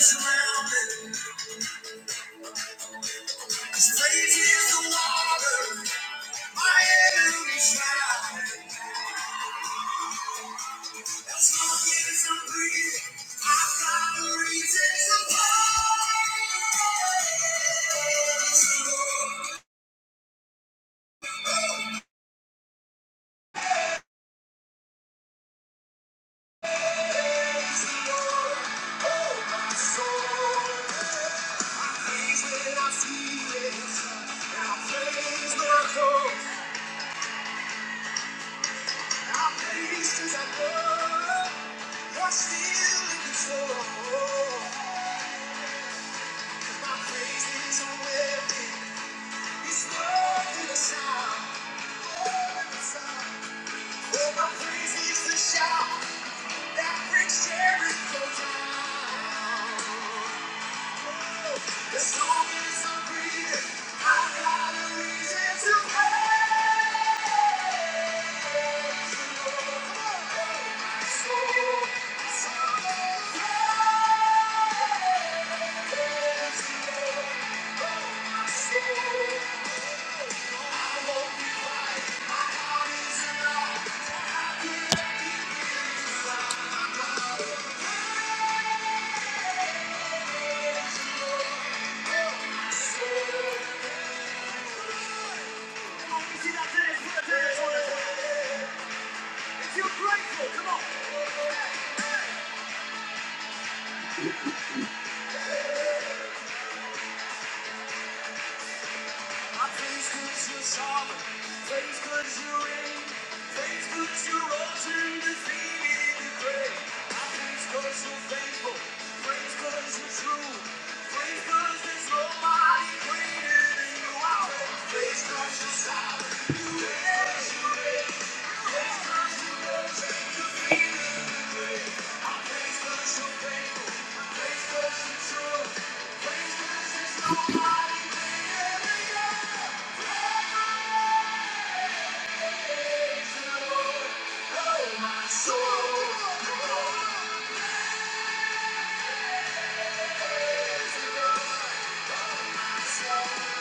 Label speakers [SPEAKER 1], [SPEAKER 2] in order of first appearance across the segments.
[SPEAKER 1] Surrounded, cause crazy is the water. My enemy's drowned. As long as I'm I've a reason to praise the Lord. Oh, my soul. I praise when I see it, and I praise when I go. I praise 'cause I know you're still in control. My praise is a weapon. It's worth the sound. Oh, my praise is the shout that breaks Jericho down. As long as I'm breathing, I've got a reason to praise the Lord. My soul, my soul praise the Lord. My soul, I won't be without His love. How could I be without If you're grateful, come on. I praise 'cause you're sovereign. Praise 'cause you reign. Praise 'cause you're awesome, defeated the grave. I praise 'cause you're faithful. Praise 'cause you're true. Praise 'cause there's nobody greater than you. I praise 'cause you're sovereign. Praise 'cause you reign. Praise 'cause you're awesome, defeated the grave. Thank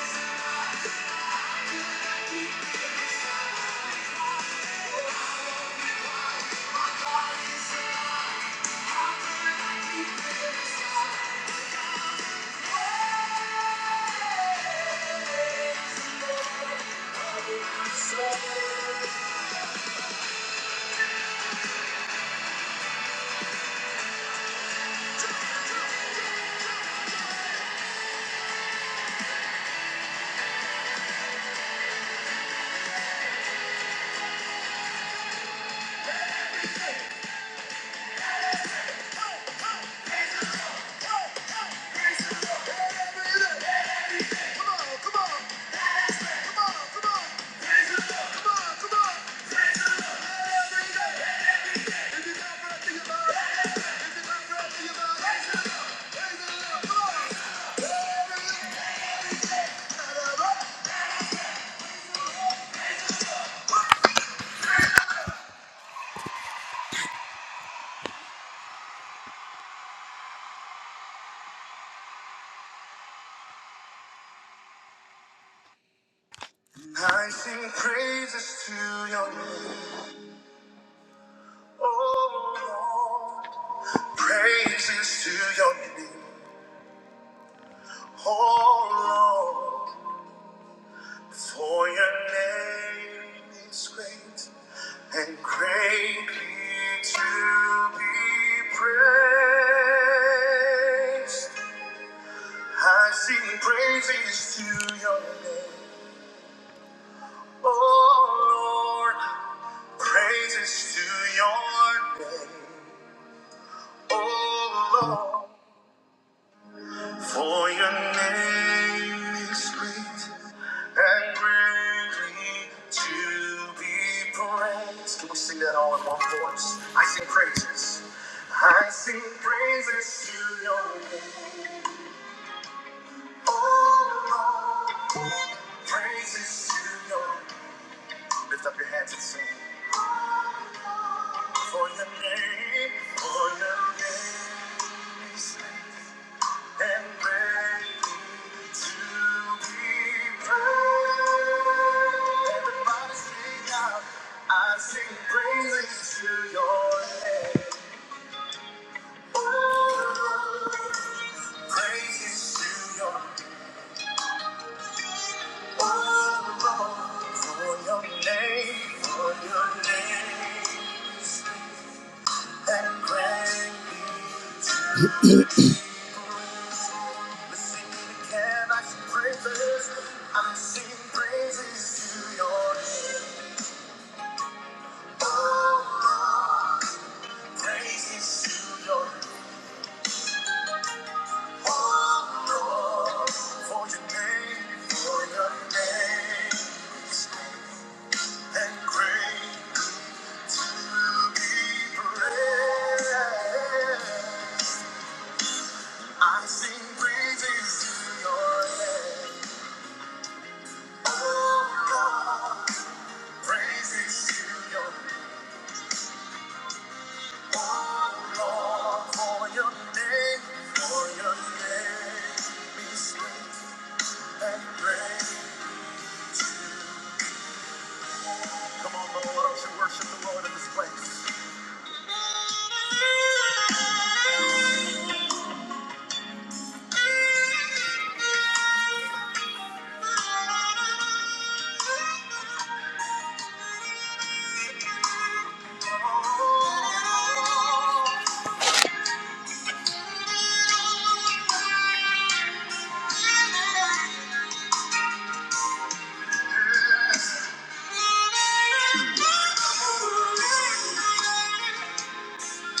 [SPEAKER 1] you. Oh, Praises to your name, oh Lord, for your name is great and greatly to be praised. I sing praises to your name, oh Lord, praises to your name, oh Lord. For your name is great and greatly to be praised. Can we sing that all in one voice? I sing praises. I sing praises to your name. Oh Lord, praises to your name. Lift up your hands and sing. For your name, for your name. and ready to be praised. Everybody sing out, I sing praises to your name. Oh, praises to your oh, Lord, for your name, for your name, and great. I am singing praises to your name. Oh, Lord, praises to your name. Oh, Lord, for your name, for your name, and great to be praised. I sing praises to your name. Oh, Lord, praises to your name. Lord, for your name, for your name, be sweet and great. Come on, Lord, why don't you worship the Lord in this place?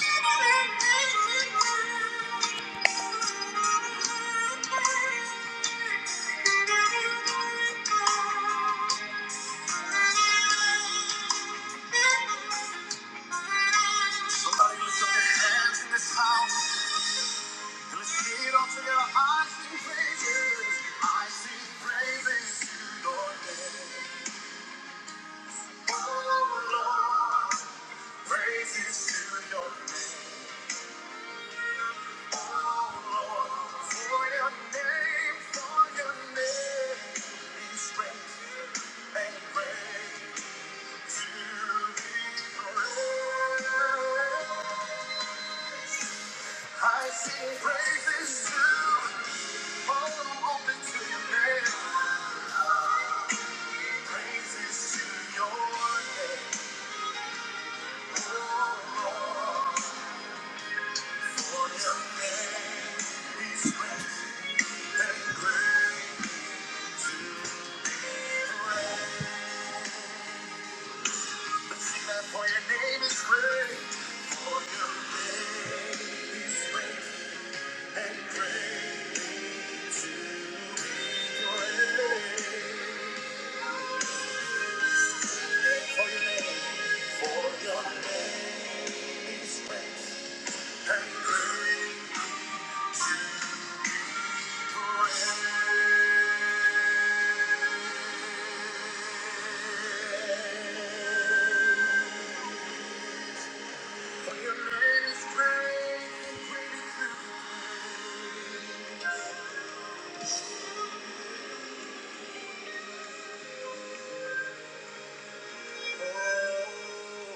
[SPEAKER 1] Somebody lift up your hands in this house and let's sing it all together. I sing praises, I sing praises to your name. Oh Lord, praises to your name. I sing praises to all who open to your name. Praises to your name, oh Lord. For your name is great and great to praise. For your name is great, for your name is great, and great to praise. For your name, for your name is great, for your name is great, and great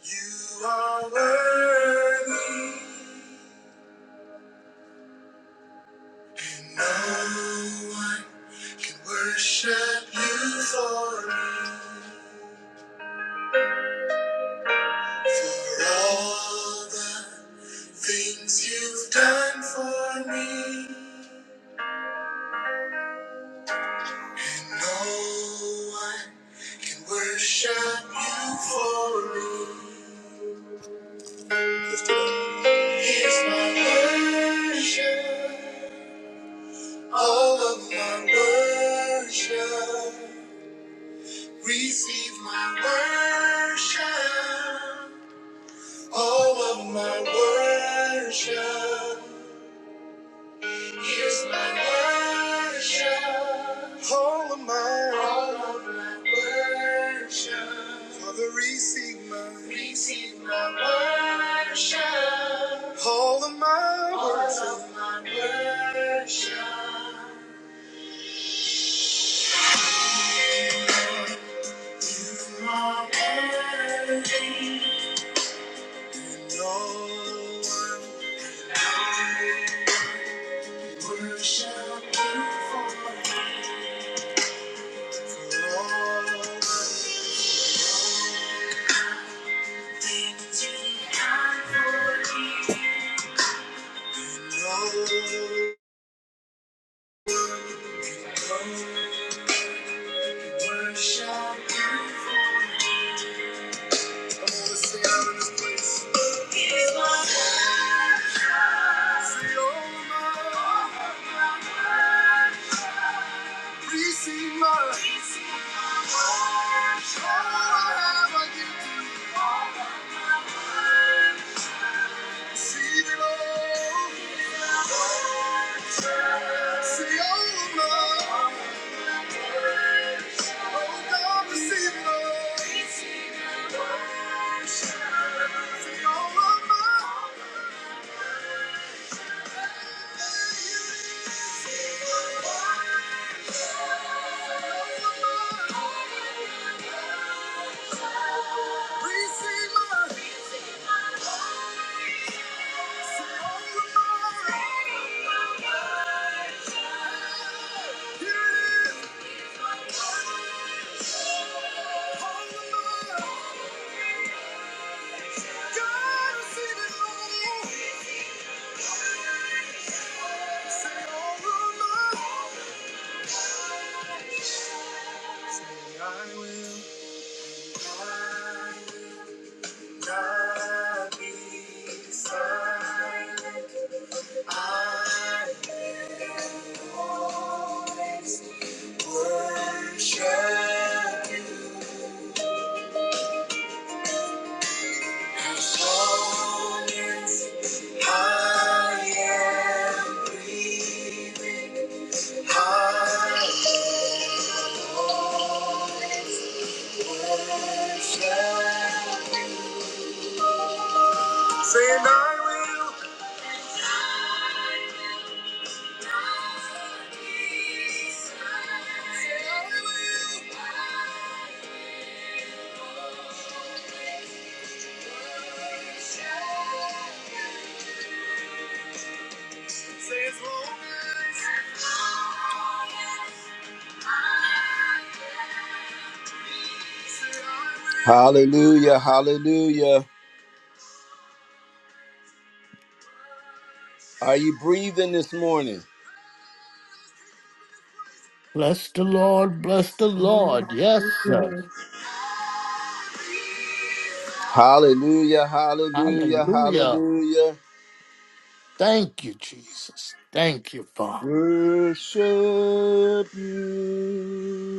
[SPEAKER 1] to You are worthy, and no one can worship you for me, for all. the Things you've done for me, and no one can worship you for me. Lift it up. Here's my worship, all of my worship. Receive my worship, all of my worship. Here's my worship, all of my. Father, receive my all of my worship. You know I'm wrong. You know worship. I'm gonna say it in this place. Give my heart. Say all my receive my all I have I give to you. Receive it all. Say all of my oh God, receive it all. I will not be silent. I will worship you. I am breathing. I worship. Saying I will. Say as long as Hallelujah, hallelujah. Are you breathing this morning?
[SPEAKER 2] Bless the Lord, bless the
[SPEAKER 3] Amen.
[SPEAKER 2] Lord. Yes, sir.
[SPEAKER 3] Hallelujah,
[SPEAKER 1] Hallelujah, hallelujah,
[SPEAKER 2] Hallelujah.
[SPEAKER 1] hallelujah.
[SPEAKER 2] Thank you, Jesus. Thank you, Father.
[SPEAKER 1] Worship you.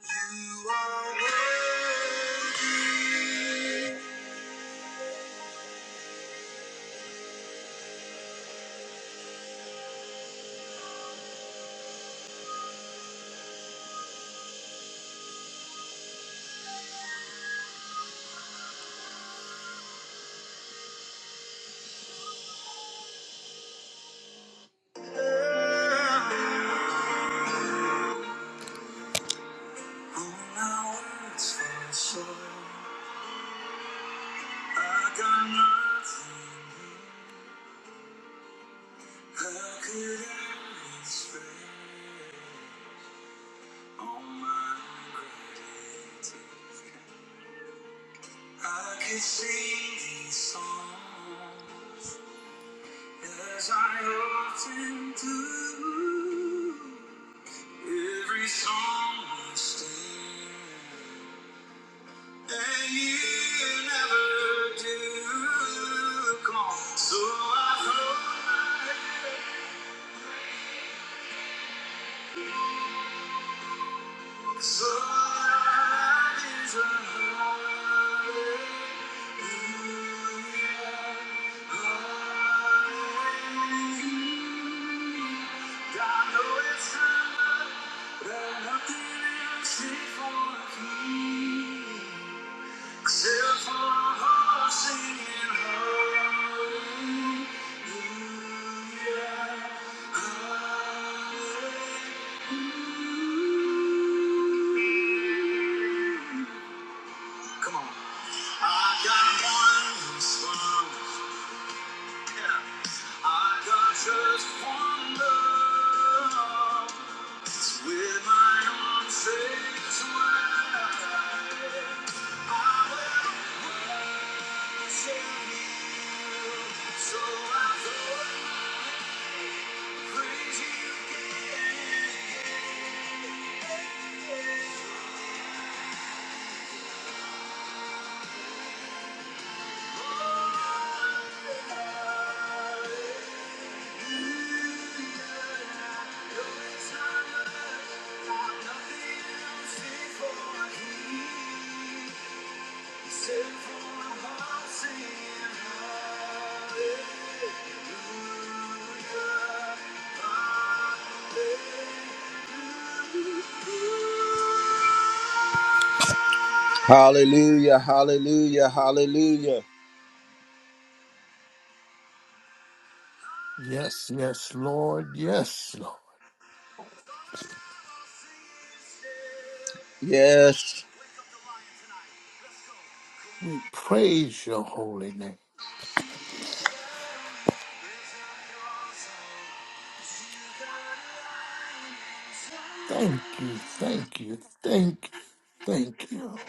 [SPEAKER 1] You, Lord, you are worthy. All my words fall short. I got nothing. How could I explain all my gratitude? I could sing these songs as I often do. Every song must end. And you never do. Come on. So I throw my head up. So I raise a hallelujah. God knows it's am up, but nothing else is for me. Come on. Yeah. with my arms raised wide. I will sing. So hallelujah, hallelujah. hallelujah.
[SPEAKER 2] Yes, yes, Lord. Yes, Lord.
[SPEAKER 1] Yes.
[SPEAKER 2] We praise your holy name. Thank you, thank you, thank you, thank you.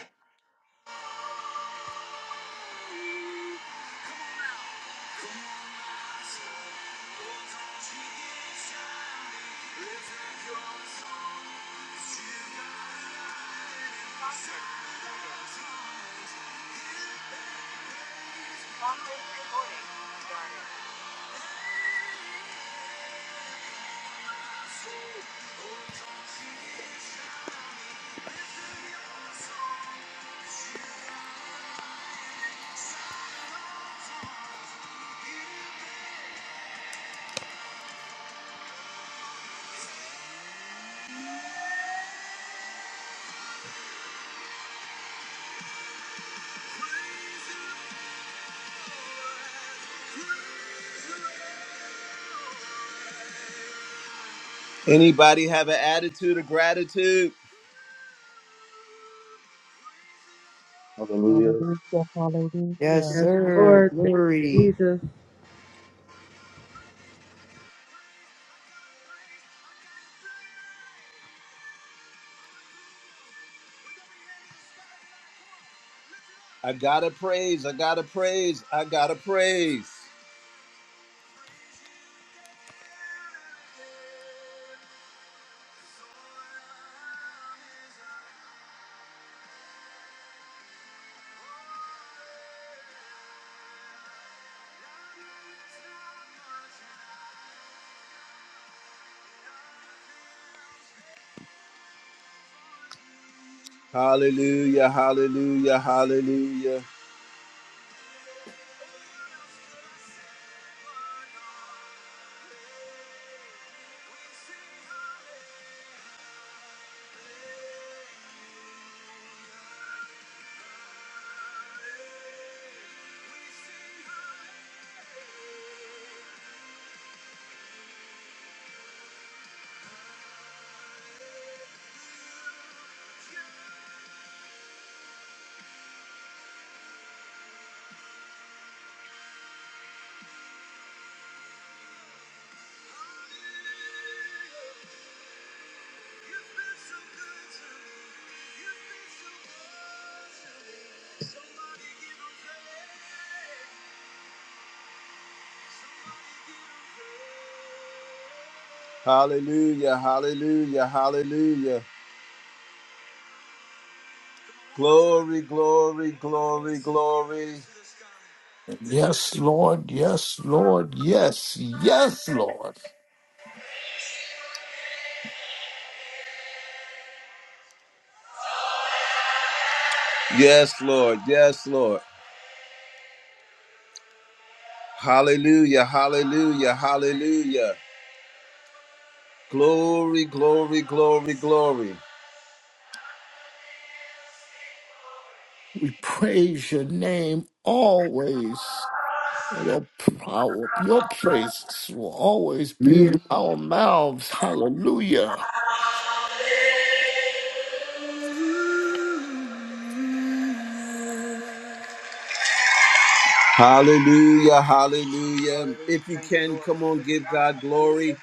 [SPEAKER 1] Anybody have an attitude of gratitude?
[SPEAKER 4] Hallelujah.
[SPEAKER 3] hallelujah,
[SPEAKER 5] Yes,
[SPEAKER 3] hallelujah,
[SPEAKER 6] Yes,
[SPEAKER 5] sir.
[SPEAKER 6] Lord. Thank you,
[SPEAKER 5] Glory.
[SPEAKER 6] Jesus.
[SPEAKER 1] I gotta praise, I gotta praise, I gotta praise. Hallelujah, hallelujah, hallelujah, hallelujah, hallelujah, hallelujah. Glory, glory, glory, glory.
[SPEAKER 2] Yes, Lord. Yes, Lord. Yes, yes, Lord.
[SPEAKER 1] Yes, Lord, yes, Lord. Hallelujah, hallelujah, hallelujah. Glory, glory, glory, glory.
[SPEAKER 2] We praise your name always. And Your power, your praises will always be in our mouths. Hallelujah.
[SPEAKER 1] Hallelujah, hallelujah.
[SPEAKER 7] Hallelujah.
[SPEAKER 1] If you
[SPEAKER 7] Thank you,
[SPEAKER 1] can,
[SPEAKER 7] Lord.
[SPEAKER 1] come on,
[SPEAKER 7] Glory to
[SPEAKER 1] give
[SPEAKER 7] God.
[SPEAKER 1] God glory.
[SPEAKER 7] Hallelujah.